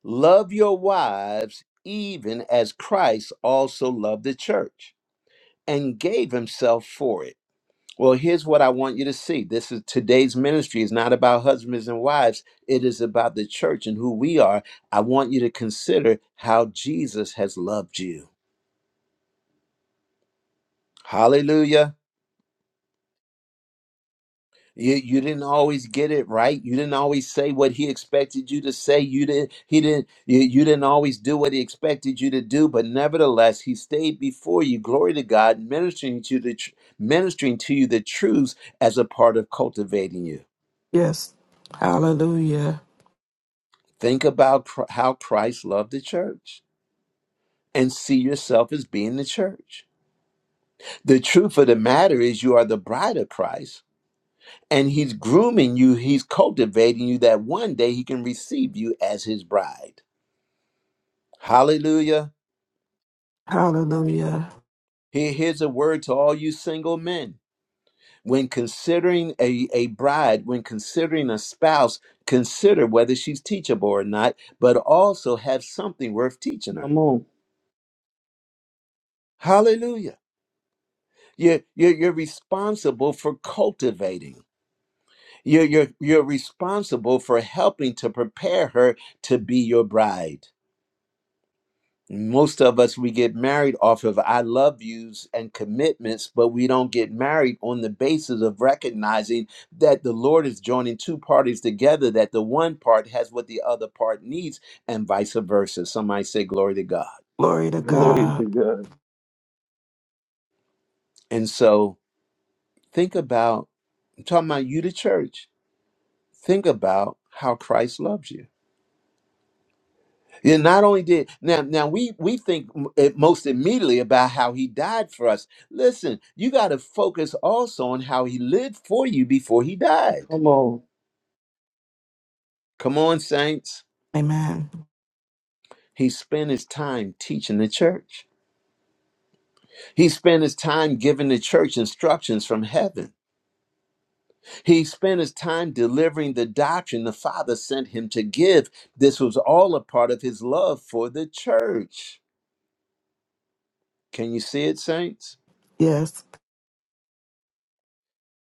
[SPEAKER 1] love your wives even as Christ also loved the church and gave himself for it. Well, here's what I want you to see. This is today's ministry is not about husbands and wives. It is about the church and who we are. I want you to consider how Jesus has loved you. Hallelujah. You you didn't always get it right. You didn't always say what he expected you to say. You didn't he didn't you, you didn't always do what he expected you to do, but nevertheless he stayed before you. Glory to God, ministering to the tr- ministering to you the truths as a part of cultivating you.
[SPEAKER 8] Yes. Hallelujah.
[SPEAKER 1] Think about cr- how Christ loved the church and see yourself as being the church. The truth of the matter is you are the bride of Christ and he's grooming you, he's cultivating you that one day he can receive you as his bride. Hallelujah.
[SPEAKER 8] Hallelujah.
[SPEAKER 1] Here- here's a word to all you single men. When considering a, a bride, when considering a spouse, consider whether she's teachable or not, but also have something worth teaching her.
[SPEAKER 4] Come on.
[SPEAKER 1] Hallelujah. You're, you're, you're responsible for cultivating, you're, you're, you're responsible for helping to prepare her to be your bride. most of us we get married off of i love yous and commitments but we don't get married on the basis of recognizing that the lord is joining two parties together that the one part has what the other part needs and vice versa somebody say glory to god
[SPEAKER 8] Glory to
[SPEAKER 4] Glory to
[SPEAKER 8] God.
[SPEAKER 4] God.
[SPEAKER 1] and so think about i'm talking about you the church think about how christ loves you And not only did now now we we think m- it most immediately about how he died for us. Listen, you got to focus also on how he lived for you before he died.
[SPEAKER 4] Come on.
[SPEAKER 1] Come on, saints.
[SPEAKER 8] Amen.
[SPEAKER 1] He spent his time teaching the church. He spent his time giving the church instructions from heaven. He spent his time delivering the doctrine the Father sent him to give. This was all a part of his love for the church. Can you see it, saints?
[SPEAKER 8] Yes.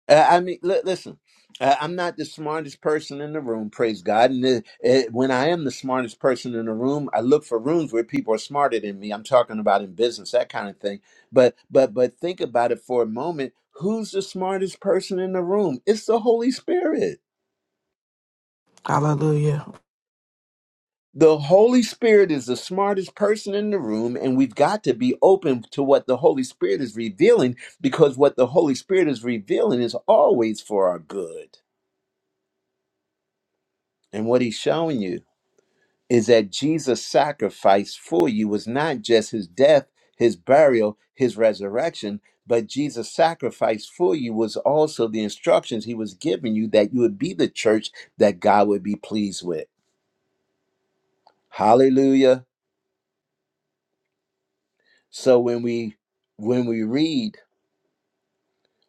[SPEAKER 1] Uh, I mean, li- listen, uh, I'm not the smartest person in the room, praise God. And uh uh when I am the smartest person in the room, I look for rooms where people are smarter than me. I'm talking about in business, that kind of thing. But but but think about it for a moment. Who's the smartest person in the room? It's the Holy Spirit.
[SPEAKER 8] Hallelujah.
[SPEAKER 1] The Holy Spirit is the smartest person in the room, and we've got to be open to what the Holy Spirit is revealing because what the Holy Spirit is revealing is always for our good. And what he's showing you is that Jesus' sacrifice for you was not just his death, his burial, his resurrection, but Jesus' sacrifice for you was also the instructions he was giving you that you would be the church that God would be pleased with. Hallelujah. So when we when we read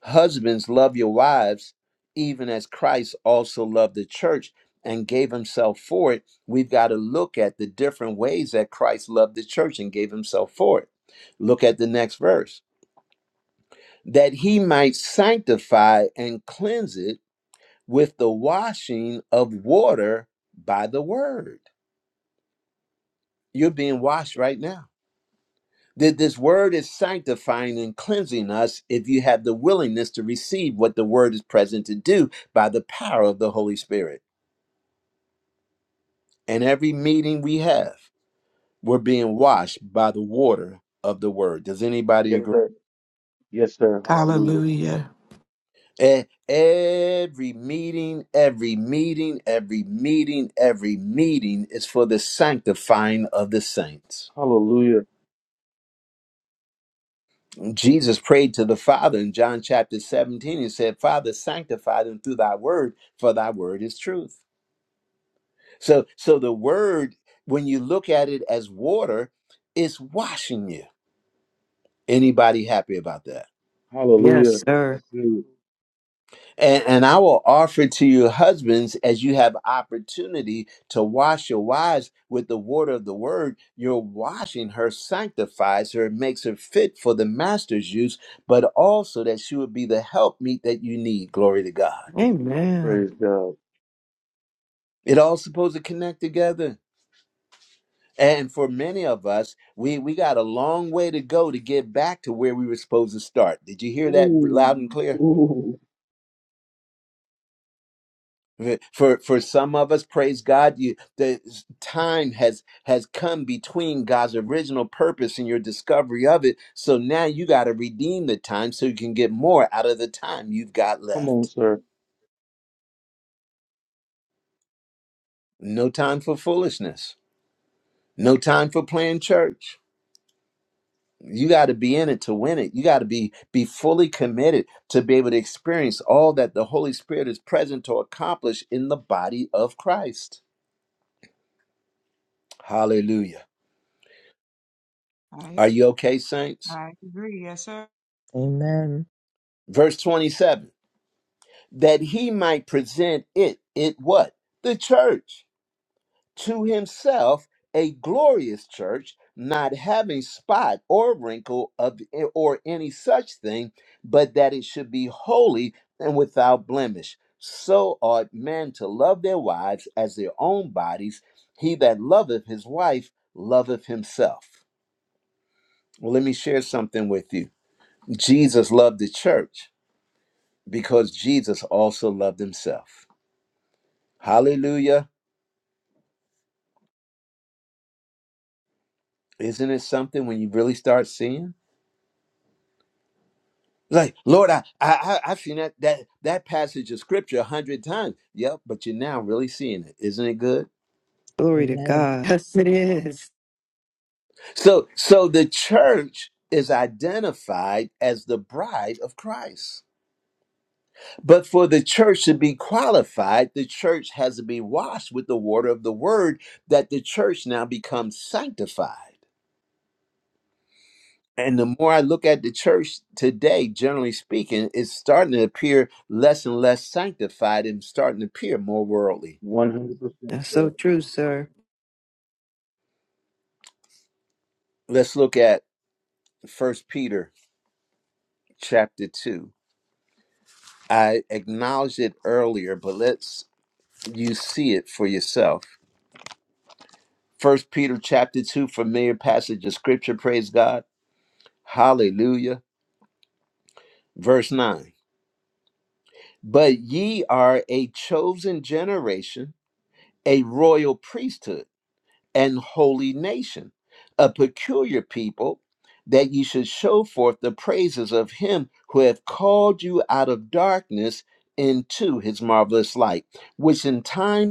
[SPEAKER 1] Husbands, love your wives, even as Christ also loved the church and gave himself for it. We've got to look at the different ways that Christ loved the church and gave himself for it. Look at the next verse that he might sanctify and cleanse it with the washing of water by the word. You're being washed right now. That this word is sanctifying and cleansing us if you have the willingness to receive what the word is present to do by the power of the Holy Spirit. And every meeting we have, we're being washed by the water of the word. Does anybody
[SPEAKER 4] Yes,
[SPEAKER 1] agree?
[SPEAKER 4] sir. Yes, sir. Hallelujah.
[SPEAKER 8] Hallelujah.
[SPEAKER 1] E- Every meeting, every meeting, every meeting, every meeting is for the sanctifying of the saints.
[SPEAKER 4] Hallelujah.
[SPEAKER 1] Jesus prayed to the Father in John chapter 17 and said, Father, sanctify them through thy word, for thy word is truth. So so the word, when you look at it as water, is washing you. Anybody happy about that?
[SPEAKER 4] Hallelujah.
[SPEAKER 5] Yes, sir.
[SPEAKER 4] That's good.
[SPEAKER 1] And, and I will offer to you, husbands, as you have opportunity to wash your wives with the water of the word, your washing her sanctifies her, makes her fit for the master's use, but also that she would be the helpmeet that you need. Glory to God.
[SPEAKER 5] Amen.
[SPEAKER 4] Praise God.
[SPEAKER 1] It all supposed to connect together. And for many of us, we, we got a long way to go to get back to where we were supposed to start. Did you hear that
[SPEAKER 4] Ooh.
[SPEAKER 1] loud and clear?
[SPEAKER 4] Ooh.
[SPEAKER 1] For for some of us, praise God, you the time has has come between God's original purpose and your discovery of it. So now you got to redeem the time so you can get more out of the time you've got
[SPEAKER 4] Come on,
[SPEAKER 1] left.
[SPEAKER 4] sir.
[SPEAKER 1] No time for foolishness. No time for playing church. you got to be in it to win it you got to be be fully committed to be able to experience all that the holy spirit is present to accomplish in the body of christ hallelujah
[SPEAKER 7] I,
[SPEAKER 1] are you okay saints
[SPEAKER 7] I agree. Yes, sir.
[SPEAKER 3] Amen.
[SPEAKER 1] verse 27 that he might present it it what the church to himself a glorious church, not having spot or wrinkle of eh, or any such thing, but that it should be holy and without blemish. So ought men to love their wives as their own bodies. He that loveth his wife loveth himself. Well, let me share something with you. Jesus loved the church because Jesus also loved himself. Hallelujah. Isn't it something when you really start seeing? Like, Lord, I, I, I- I've seen that, that, that passage of scripture a hundred times. Yep, but you're now really seeing it. Isn't it good?
[SPEAKER 5] Glory to
[SPEAKER 3] Amen.
[SPEAKER 5] God. Yes, it is.
[SPEAKER 1] So, so the church is identified as the bride of Christ. But for the church to be qualified, the church has to be washed with the water of the word, that the church now becomes sanctified. And the more I look at the church today, generally speaking, it's starting to appear less and less sanctified and starting to appear more worldly.
[SPEAKER 4] 100%,
[SPEAKER 5] That's so
[SPEAKER 4] sir.
[SPEAKER 5] true, sir.
[SPEAKER 1] Let's look at First Peter chapter 2. I acknowledged it earlier, but let's you see it for yourself. First Peter chapter 2, familiar passage of scripture, praise God. Hallelujah. Verse 9. But ye are a chosen generation, a royal priesthood. and holy nation, a peculiar people, that ye should show forth the praises of him who hath called you out of darkness into his marvelous light, which in time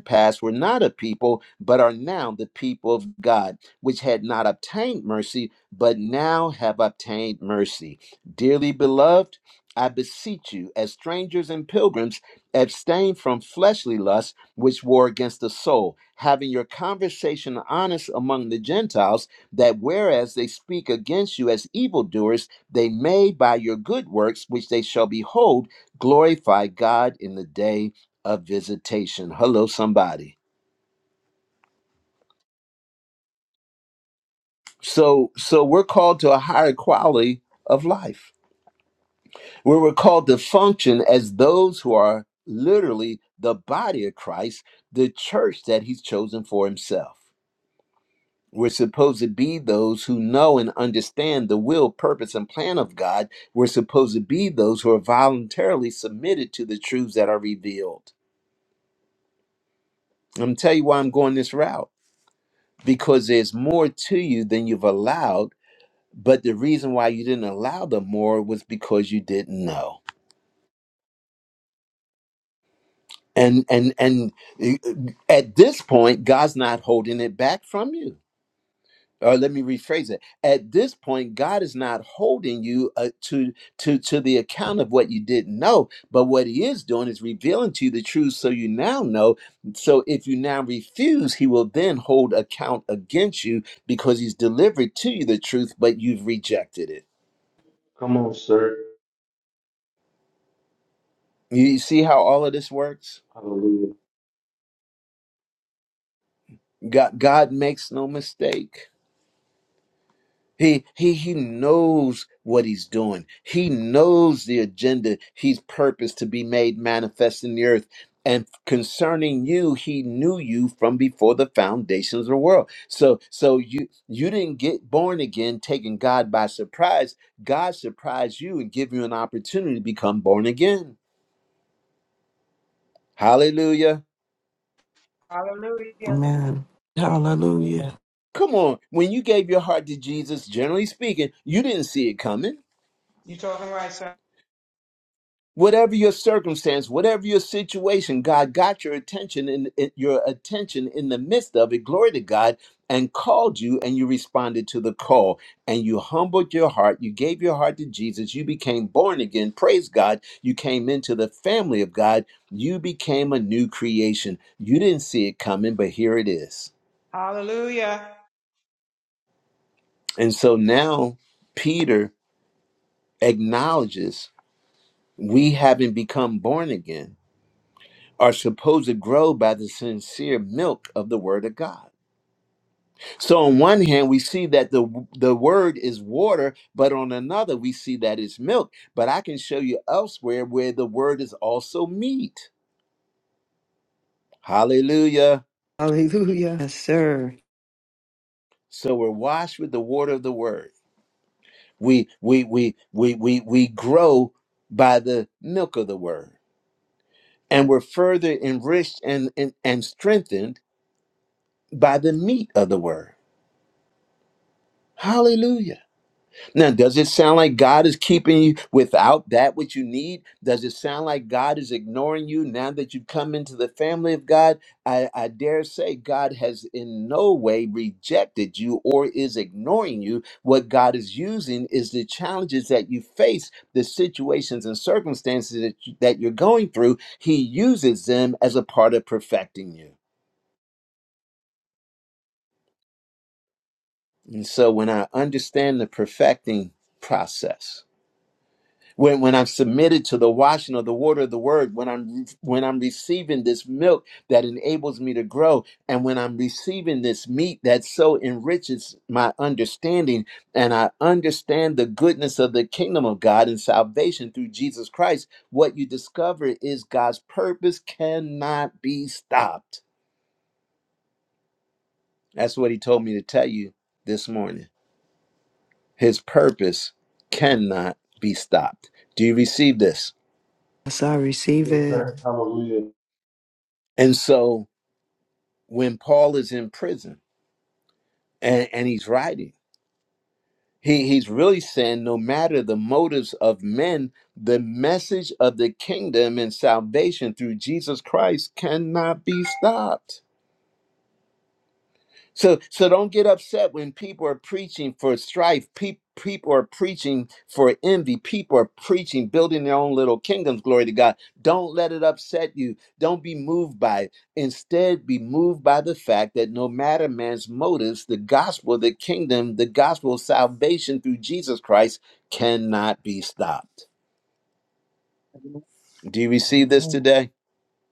[SPEAKER 1] past were not a people, but are now the people of God, which had not obtained mercy, but now have obtained mercy. Dearly beloved, I beseech you, as strangers and pilgrims, abstain from fleshly lusts which war against the soul, having your conversation honest among the Gentiles, that whereas they speak against you as evildoers, they may by your good works, which they shall behold, glorify God in the day a visitation. Hello, somebody. So, so we're called to a higher quality of life, where we're called to function as those who are literally the body of Christ, the church that He's chosen for Himself. We're supposed to be those who know and understand the will, purpose, and plan of God. We're supposed to be those who are voluntarily submitted to the truths that are revealed. I'm gonna tell you why I'm going this route because there's more to you than you've allowed but the reason why you didn't allow them more was because you didn't know and and and uh, at this point god's not holding it back from you or let me rephrase it at this point god is not holding you uh, to to to the account of what you didn't know but what he is doing is revealing to you the truth so you now know so if you now refuse he will then hold account against you because he's delivered to you the truth but you've rejected it
[SPEAKER 4] Come on, sir.
[SPEAKER 1] you see how all of this works
[SPEAKER 4] Hallelujah.
[SPEAKER 1] God, God makes no mistake. He, he, he knows what he's doing. He knows the agenda he's purposed to be made manifest in the earth. And concerning you, he knew you from before the foundations of the world. So, so you you didn't get born again, taking God by surprise. God surprised you and give you an opportunity to become born again. Hallelujah.
[SPEAKER 7] Hallelujah.
[SPEAKER 8] Amen. Hallelujah.
[SPEAKER 1] Come on. When you gave your heart to Jesus, generally speaking, you didn't see it coming.
[SPEAKER 7] You talking right, sir.
[SPEAKER 1] Whatever your circumstance, whatever your situation, God got your attention in, in- your attention in the midst of it. Glory to God, and called you, and you responded to the call, and you humbled your heart. You gave your heart to Jesus. You became born again. Praise God. You came into the family of God. You became a new creation. You didn't see it coming, but here it is.
[SPEAKER 7] Hallelujah.
[SPEAKER 1] And so now Peter acknowledges we haven't become born again are supposed to grow by the sincere milk of the word of God. So on one hand we see that the the word is water, but on another we see that it's milk. But I can show you elsewhere where the word is also meat. Hallelujah.
[SPEAKER 5] Hallelujah. Yes, sir.
[SPEAKER 1] So we're washed with the water of the word. We we we we we we grow by the milk of the word. And we're further enriched and and, and strengthened by the meat of the word. Hallelujah. Now, does it sound like God is keeping you without that which you need? Does it sound like God is ignoring you now that you've come into the family of God? I, I dare say God has in no way rejected you or is ignoring you. What God is using is the challenges that you face, the situations and circumstances that, you, that you're going through. He uses them as a part of perfecting you. And so when I understand the perfecting process, when when I'm submitted to the washing of the water of the word, when I'm when I'm receiving this milk that enables me to grow, and when I'm receiving this meat that so enriches my understanding, and I understand the goodness of the kingdom of God and salvation through Jesus Christ, what you discover is God's purpose cannot be stopped. That's what he told me to tell you this morning. His purpose cannot be stopped. Do you receive this?
[SPEAKER 5] Yes, I receive
[SPEAKER 4] Yes,
[SPEAKER 5] it.
[SPEAKER 4] sir. Hallelujah.
[SPEAKER 1] And so when Paul is in prison and, and he's writing. He, he's really saying no matter the motives of men, the message of the kingdom and salvation through Jesus Christ cannot be stopped. So so don't get upset when people are preaching for strife. Pe- people are preaching for envy. People are preaching building their own little kingdoms. Glory to God. Don't let it upset you. Don't be moved by it. Instead, be moved by the fact that no matter man's motives, the gospel, the kingdom, the gospel of salvation through Jesus Christ cannot be stopped.
[SPEAKER 3] Amen.
[SPEAKER 1] Do you receive this
[SPEAKER 3] Amen.
[SPEAKER 1] today?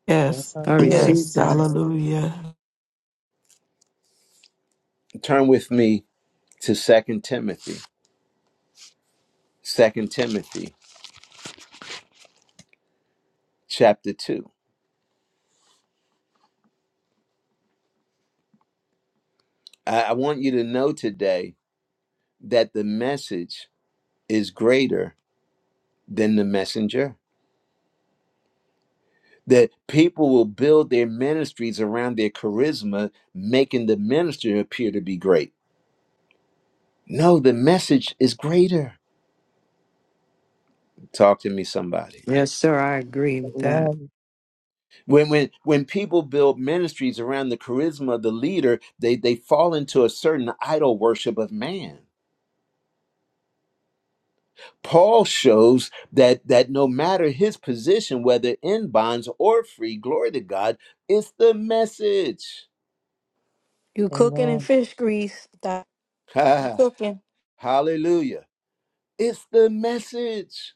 [SPEAKER 8] Yes.
[SPEAKER 3] Yes, I
[SPEAKER 5] I
[SPEAKER 3] do.
[SPEAKER 8] Yes.
[SPEAKER 5] receive that.
[SPEAKER 8] Hallelujah.
[SPEAKER 1] Turn with me to Second Timothy. Second Timothy chapter 2. I, I want you to know today that the message is greater than the messenger. That people will build their ministries around their charisma, making the minister appear to be great. No, the message is greater. Talk to me, somebody.
[SPEAKER 5] Yes, sir. I agree with that.
[SPEAKER 3] Amen.
[SPEAKER 1] When when when people build ministries around the charisma of the leader, they they fall into a certain idol worship of man. Paul shows that that no matter his position, whether in bonds or free, glory to God, it's the message.
[SPEAKER 10] You cooking in
[SPEAKER 3] Amen.
[SPEAKER 10] fish grease. Doc. You cooking.
[SPEAKER 1] Hallelujah. It's the message.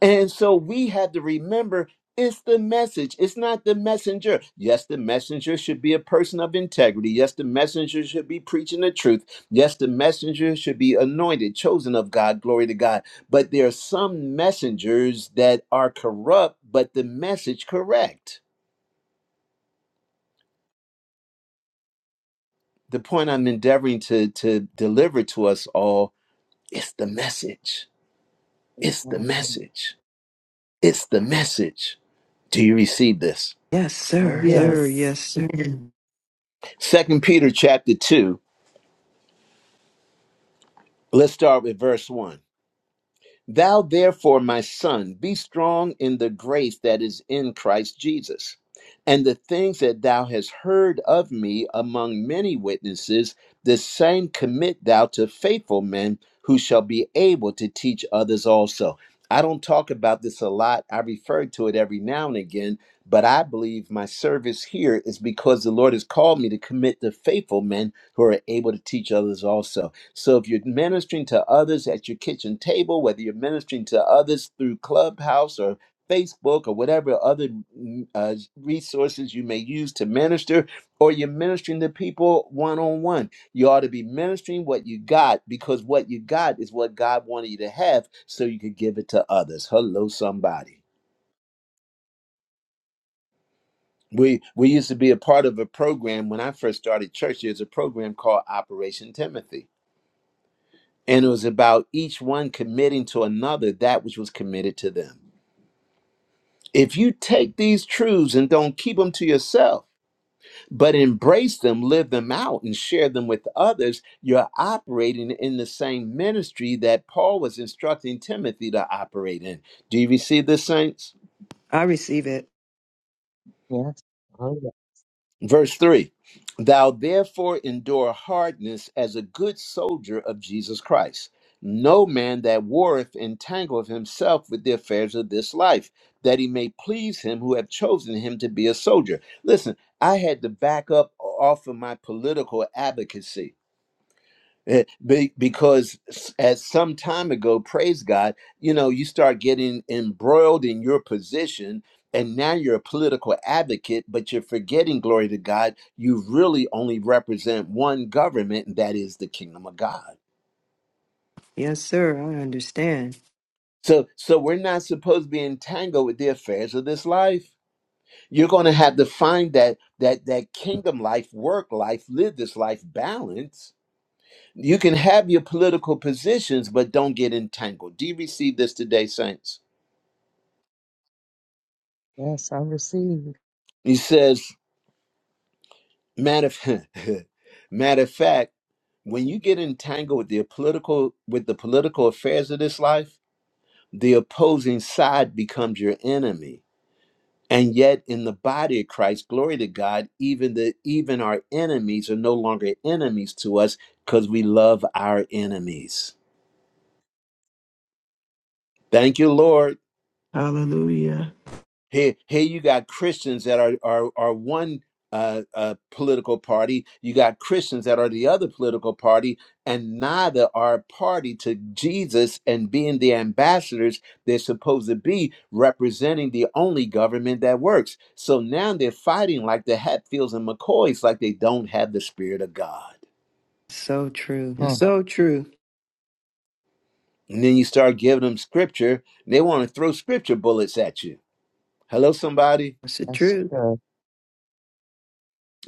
[SPEAKER 1] And so we have to remember it's the message, it's not the messenger. Yes, the messenger should be a person of integrity. Yes, the messenger should be preaching the truth. Yes, the messenger should be anointed, chosen of God, glory to God. But there are some messengers that are corrupt, but the message correct. The point I'm endeavoring to, to deliver to us all is the message. It's the
[SPEAKER 3] Amen.
[SPEAKER 1] message. It's the message. Do you receive this?
[SPEAKER 5] Yes, sir.
[SPEAKER 3] Oh,
[SPEAKER 5] Sir,
[SPEAKER 8] Yes.
[SPEAKER 5] yes, sir.
[SPEAKER 1] Second Peter chapter 2 Let's start with verse 1. Thou therefore, my son, be strong in the grace that is in Christ Jesus. And the things that thou hast heard of me among many witnesses, the same commit thou to faithful men who shall be able to teach others also. I don't talk about this a lot. I refer to it every now and again, but I believe my service here is because the Lord has called me to commit to faithful men who are able to teach others also. So if you're ministering to others at your kitchen table, whether you're ministering to others through Clubhouse or Facebook or whatever other mm, uh, resources you may use to minister, or you're ministering to people one on one, you ought to be ministering what you got because what you got is what God wanted you to have so you could give it to others. Hello, somebody. We, we used to be a part of a program when I first started church. There's a program called Operation Timothy And it was about each one committing to another that which was committed to them. If you take these truths and don't keep them to yourself, but embrace them, live them out, and share them with others, you're operating in the same ministry that Paul was instructing Timothy to operate in. Do you receive this, Saints?
[SPEAKER 5] I receive it.
[SPEAKER 3] yeah. Yes. Oh, yeah.
[SPEAKER 1] Verse 3 Thou therefore endure hardness as a good soldier of Jesus Christ. No man that warreth entangleth himself with the affairs of this life, that he may please him who have chosen him to be a soldier. Listen, I had to back up off of my political advocacy Eh, be- because s- at some time ago praise god you know you start getting embroiled in your position and now you're a political advocate but you're forgetting glory to god you really only represent one government and that is the kingdom of god
[SPEAKER 5] Yes, sir. I understand.
[SPEAKER 1] so so we're not supposed to be entangled with the affairs of this life you're going to have to find that that that kingdom life work life live this life balance You can have your political positions, but don't get entangled. Do you receive this today, saints?
[SPEAKER 3] Yes, I receive.
[SPEAKER 1] He says, matter of, matter of fact, when you get entangled with the political with the political affairs of this life, the opposing side becomes your enemy. And yet in the body of Christ, glory to God, even the even our enemies are no longer enemies to us because we love our enemies. Thank you, Lord.
[SPEAKER 8] Hallelujah.
[SPEAKER 1] Here, here you got Christians that are are are one uh, uh, political party. You got Christians that are the other political party, and neither are party to Jesus and being the ambassadors they're supposed to be, representing the only government that works. So now they're fighting like the Hatfields and McCoys, like they don't have the spirit of God.
[SPEAKER 5] So true.
[SPEAKER 3] Hmm.
[SPEAKER 5] That's so true.
[SPEAKER 1] And then you start giving them scripture, and they want to throw scripture bullets at you. Hello, somebody.
[SPEAKER 5] That's the
[SPEAKER 3] Yes,
[SPEAKER 5] truth.
[SPEAKER 3] sir.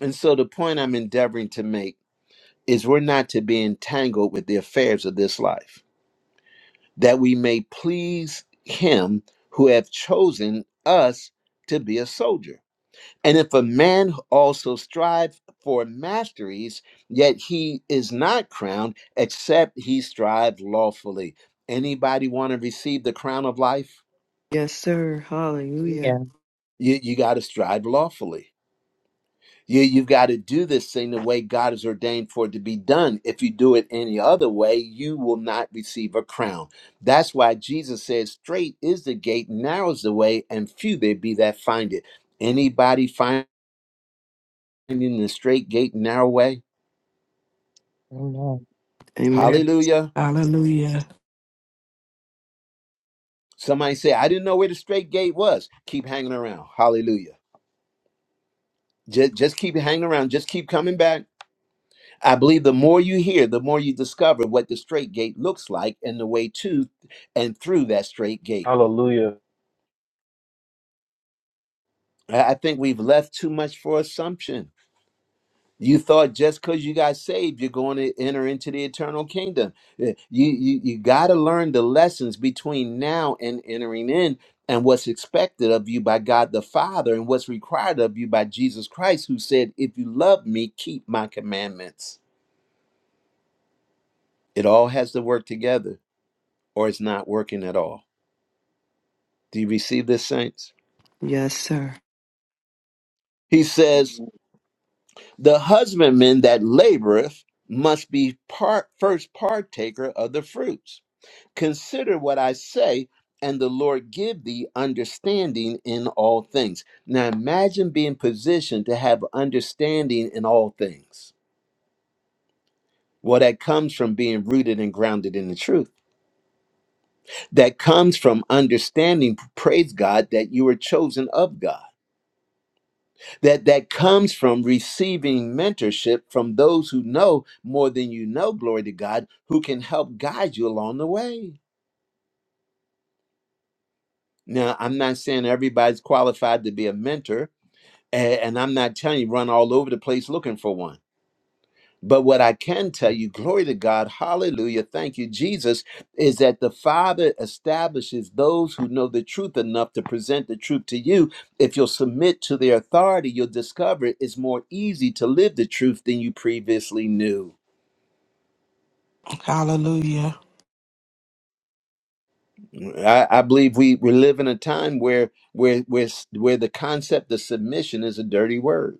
[SPEAKER 1] And so the point I'm endeavoring to make is we're not to be entangled with the affairs of this life, that we may please him who have chosen us to be a soldier. And if a man also strive for masteries, yet he is not crowned, except he strive lawfully. Anybody want to receive the crown of life?
[SPEAKER 5] Yes, sir. Hallelujah.
[SPEAKER 3] Yeah.
[SPEAKER 1] You, you got to strive lawfully You, you've got to do this thing the way God has ordained for it to be done. If you do it any other way, you will not receive a crown. That's why Jesus says, Straight is the gate, narrow is the way, and few there be that find it. Anybody finding the straight gate, narrow way?
[SPEAKER 3] Amen. Yeah.
[SPEAKER 5] Amen.
[SPEAKER 1] Hallelujah.
[SPEAKER 8] Hallelujah.
[SPEAKER 1] Somebody say, I didn't know where the straight gate was. Keep hanging around. Hallelujah. Just, just keep hanging around. Just keep coming back. I believe the more you hear, the more you discover what the straight gate looks like and the way to and through that straight gate.
[SPEAKER 4] Hallelujah.
[SPEAKER 1] I I think we've left too much for assumption. You thought just because you got saved, you're going to enter into the eternal kingdom. Eh, You, you, you got to learn the lessons between now and entering in and what's expected of you by God the Father and what's required of you by Jesus Christ, who said, If you love me, keep my commandments. It all has to work together or it's not working at all. Do you receive this, saints?
[SPEAKER 5] Yes, sir.
[SPEAKER 1] He says, The husbandman that laboreth must be part, first partaker of the fruits. Consider what I say, and the Lord give thee understanding in all things. Now imagine being positioned to have understanding in all things. Well, that comes from being rooted and grounded in the truth. That comes from understanding, praise God, that you were chosen of God that that comes from receiving mentorship from those who know more than you know glory to god who can help guide you along the way now i'm not saying everybody's qualified to be a mentor a- and i'm not telling you run all over the place looking for one But what I can tell you, glory to God, hallelujah, thank you, Jesus, is that the Father establishes those who know the truth enough to present the truth to you. If you'll submit to their authority, you'll discover it's more easy to live the truth than you previously knew.
[SPEAKER 8] Hallelujah.
[SPEAKER 1] I, I believe we, we live in a time where, where, where, where the concept of submission is a dirty word.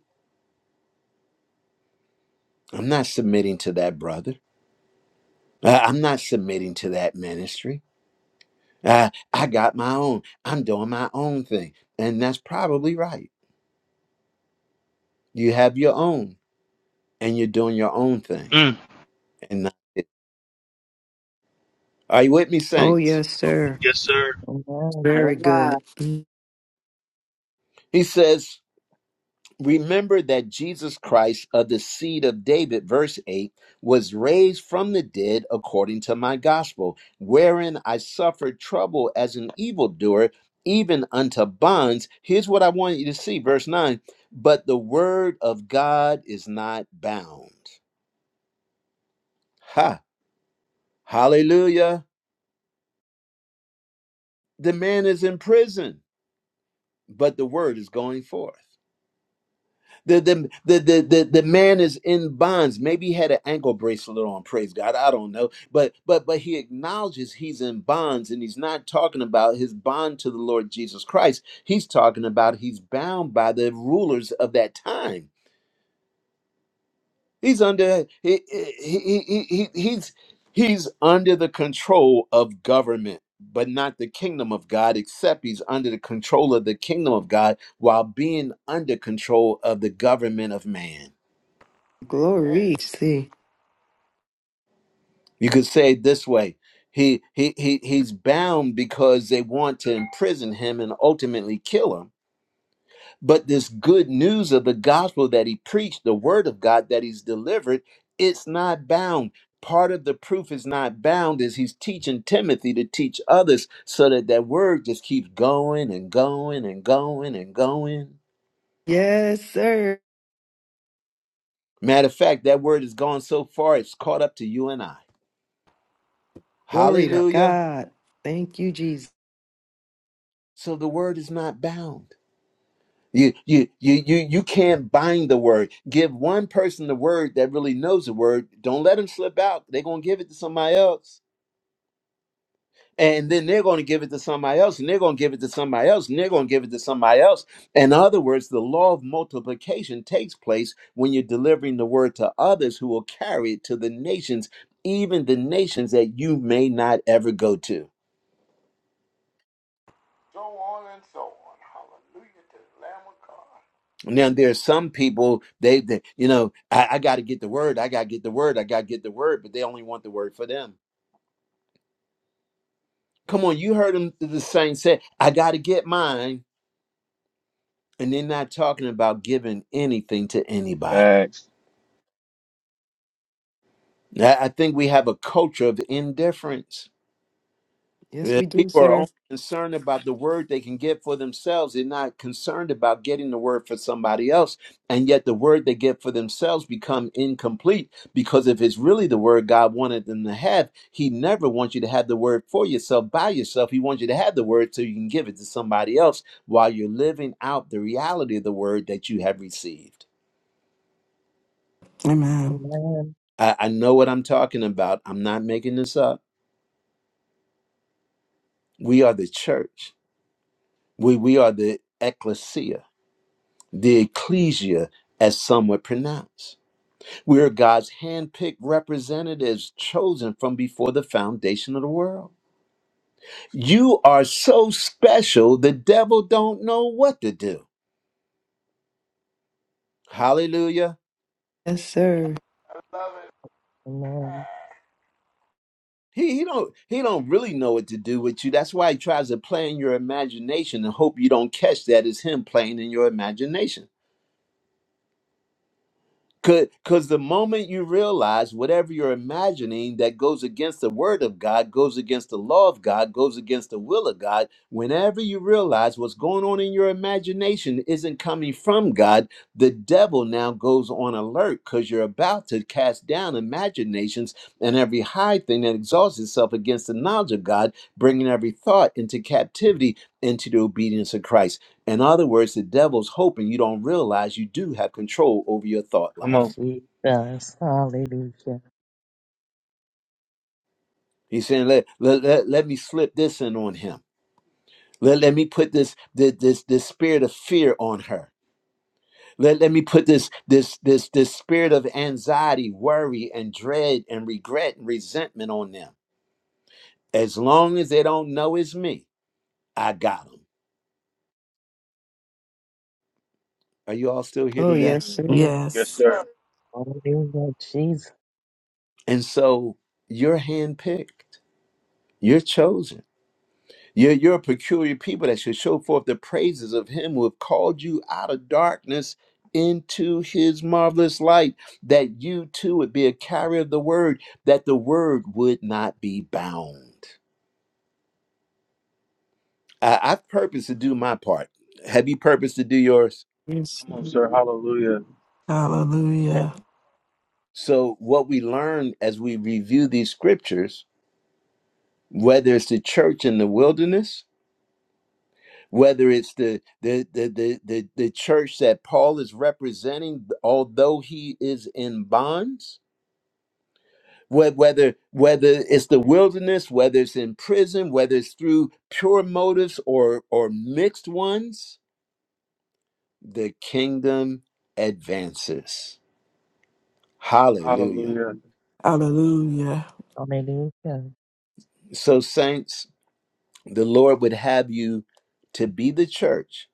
[SPEAKER 1] I'm not submitting to that brother, I- I'm not submitting to that ministry. Uh, I got my own. I'm doing my own thing. And that's probably right. You have your own and you're doing your own thing.
[SPEAKER 4] Mm.
[SPEAKER 1] And not it. are you with me,
[SPEAKER 5] Oh,
[SPEAKER 1] saints?
[SPEAKER 5] yes, sir.
[SPEAKER 4] Yes, sir.
[SPEAKER 3] Amen.
[SPEAKER 11] Oh
[SPEAKER 5] Very
[SPEAKER 11] my,
[SPEAKER 5] good. Mm.
[SPEAKER 1] He says, Remember that Jesus Christ of the seed of David, verse 8, was raised from the dead according to my gospel, wherein I suffered trouble as an evildoer, even unto bonds. Here's what I want you to see, verse 9. But the word of God is not bound. Ha. Hallelujah. The man is in prison, but the word is going forth. The, the, the, the, the, the man is in bonds. Maybe he had an ankle bracelet on, praise God. I don't know. But but but he acknowledges he's in bonds and he's not talking about his bond to the Lord Jesus Christ. He's talking about he's bound by the rulers of that time. He's under he he, he, he he's he's under the control of government, but not the kingdom of God, except he's under the control of the kingdom of God while being under control of the government of man.
[SPEAKER 2] Amen.
[SPEAKER 5] Glory. See.
[SPEAKER 1] You could say it this way. He, he he he's bound because they want to imprison him and ultimately kill him But this good news of the gospel that he preached, the word of God that he's delivered, it's not bound. Part of the proof is not bound is he's teaching Timothy to teach others so that that word just keeps going and going and going and going.
[SPEAKER 5] Yes, sir.
[SPEAKER 1] Matter of fact, that word has gone so far it's caught up to you and I.
[SPEAKER 5] Glory to
[SPEAKER 2] Hallelujah
[SPEAKER 1] Hallelujah.
[SPEAKER 5] God. Thank you, Jesus.
[SPEAKER 1] So the word is not bound. You you you you you can't bind the word. Give one person the word that really knows the word. Don't let them slip out. They're gonna give it to somebody else. and then they're going to give it to somebody else and they're going to give it to somebody else and they're going to give it to somebody else in other words the law of multiplication takes place when you're delivering the word to others who will carry it to the nations even the nations that you may not ever go to
[SPEAKER 2] to the Lamb of God.
[SPEAKER 1] now there are some people they, they you know i, I got to get the word i got to get the word i got to get the word but they only want the word for them come on you heard them the saint say i got to get mine and they're not talking about giving anything to anybody
[SPEAKER 4] Facts.
[SPEAKER 1] I I think we have a culture of indifference.
[SPEAKER 5] Yes,
[SPEAKER 1] Uh,
[SPEAKER 5] we do,
[SPEAKER 1] People are
[SPEAKER 5] sir.
[SPEAKER 1] only concerned about the word they can get for themselves. They're not concerned about getting the word for somebody else. And yet the word they get for themselves become incomplete because if it's really the word God wanted them to have, he never wants you to have the word for yourself by yourself. He wants you to have the word so you can give it to somebody else while you're living out the reality of the word that you have received.
[SPEAKER 8] Amen.
[SPEAKER 3] Amen.
[SPEAKER 1] I, I know what I'm talking about. I'm not making this up. We are the church We, we are the ecclesia, the ecclesia, as some would pronounce. We are God's handpicked representatives chosen from before the foundation of the world. You are so special, the devil don't know what to do. Hallelujah.
[SPEAKER 5] Yes, sir.
[SPEAKER 2] I love
[SPEAKER 3] Amen.
[SPEAKER 1] He, he don't he don't really know what to do with you. That's why he tries to play in your imagination and hope you don't catch that is him playing in your imagination. Because the moment you realize whatever you're imagining that goes against the word of God, goes against the law of God, goes against the will of God, whenever you realize what's going on in your imagination isn't coming from God, the devil now goes on alert because you're about to cast down imaginations and every high thing that exalts itself against the knowledge of God, bringing every thought into captivity into the obedience of Christ. In other words, the devil's hoping you don't realize you do have control over your thought
[SPEAKER 4] Come on.
[SPEAKER 1] life.
[SPEAKER 3] Jesus. Hallelujah.
[SPEAKER 1] He's saying, let, let, let, let me slip this in on him. Let, let me put this, this, this, this spirit of fear on her. Let, let me put this, this, this, this spirit of anxiety, worry, and dread, and regret, and resentment on them. As long as they don't know it's me, I got them. Are you all still here
[SPEAKER 5] Oh,
[SPEAKER 4] Mm.
[SPEAKER 1] today?
[SPEAKER 5] yes, sir.
[SPEAKER 4] Yes,
[SPEAKER 8] Yes.
[SPEAKER 4] sir.
[SPEAKER 3] Hallelujah, Jesus.
[SPEAKER 1] And so you're handpicked, you're chosen You're, you're a peculiar people that should show forth the praises of him who have called you out of darkness into his marvelous light, that you too would be a carrier of the word, that the word would not be bound. I, I've purposed to do my part. Have you purposed to do yours?
[SPEAKER 5] Yes.
[SPEAKER 4] Come on,
[SPEAKER 5] sir.
[SPEAKER 4] sir. Hallelujah.
[SPEAKER 8] Hallelujah.
[SPEAKER 1] So, what we learn as we review these scriptures, whether it's the church in the wilderness, whether it's the the the the the, the church that Paul is representing, although he is in bonds, whe- whether whether it's the wilderness, whether it's in prison, whether it's through pure motives or or mixed ones, the kingdom advances. Hallelujah.
[SPEAKER 4] Hallelujah.
[SPEAKER 8] Hallelujah.
[SPEAKER 3] Hallelujah.
[SPEAKER 1] So saints, the Lord would have you to be the church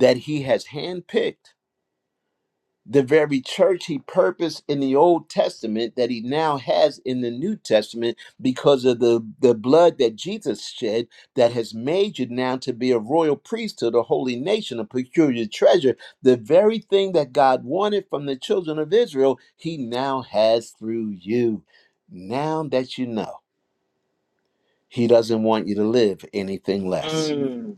[SPEAKER 1] that he has handpicked the very church he purposed in the Old Testament that he now has in the New Testament because of the, the blood that Jesus shed that has made you now to be a royal priesthood, a holy nation, a peculiar treasure. The very thing that God wanted from the children of Israel, he now has through you. Now that you know, he doesn't want you to live anything less.
[SPEAKER 4] Mm.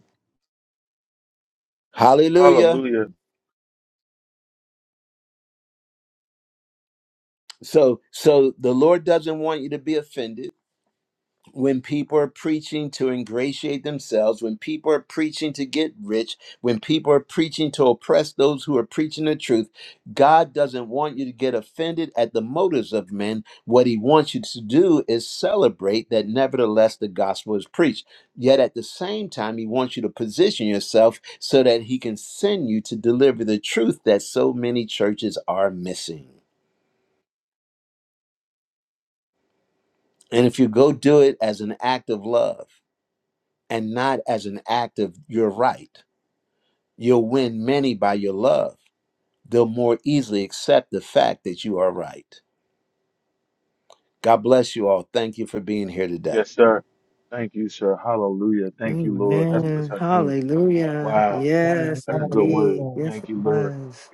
[SPEAKER 1] Hallelujah.
[SPEAKER 4] Hallelujah.
[SPEAKER 1] So so the Lord doesn't want you to be offended. when people are preaching to ingratiate themselves, when people are preaching to get rich, when people are preaching to oppress those who are preaching the truth, God doesn't want you to get offended at the motives of men. What he wants you to do is celebrate that nevertheless the gospel is preached. Yet at the same time, he wants you to position yourself so that he can send you to deliver the truth that so many churches are missing. And if you go do it as an act of love, and not as an act of your right. You'll win many by your love. They'll more easily accept the fact that you are right. God bless you all. Thank you for being here today.
[SPEAKER 4] Yes, sir. Thank you, sir. Hallelujah. Thank you, Lord. That's that's
[SPEAKER 5] Amen.
[SPEAKER 4] our King.
[SPEAKER 5] Hallelujah.
[SPEAKER 4] Wow.
[SPEAKER 5] Yes,
[SPEAKER 4] That's a good
[SPEAKER 3] Hallelujah.
[SPEAKER 4] word.
[SPEAKER 5] indeed. Yes,
[SPEAKER 4] Thank
[SPEAKER 5] it
[SPEAKER 4] you, Lord.
[SPEAKER 5] was.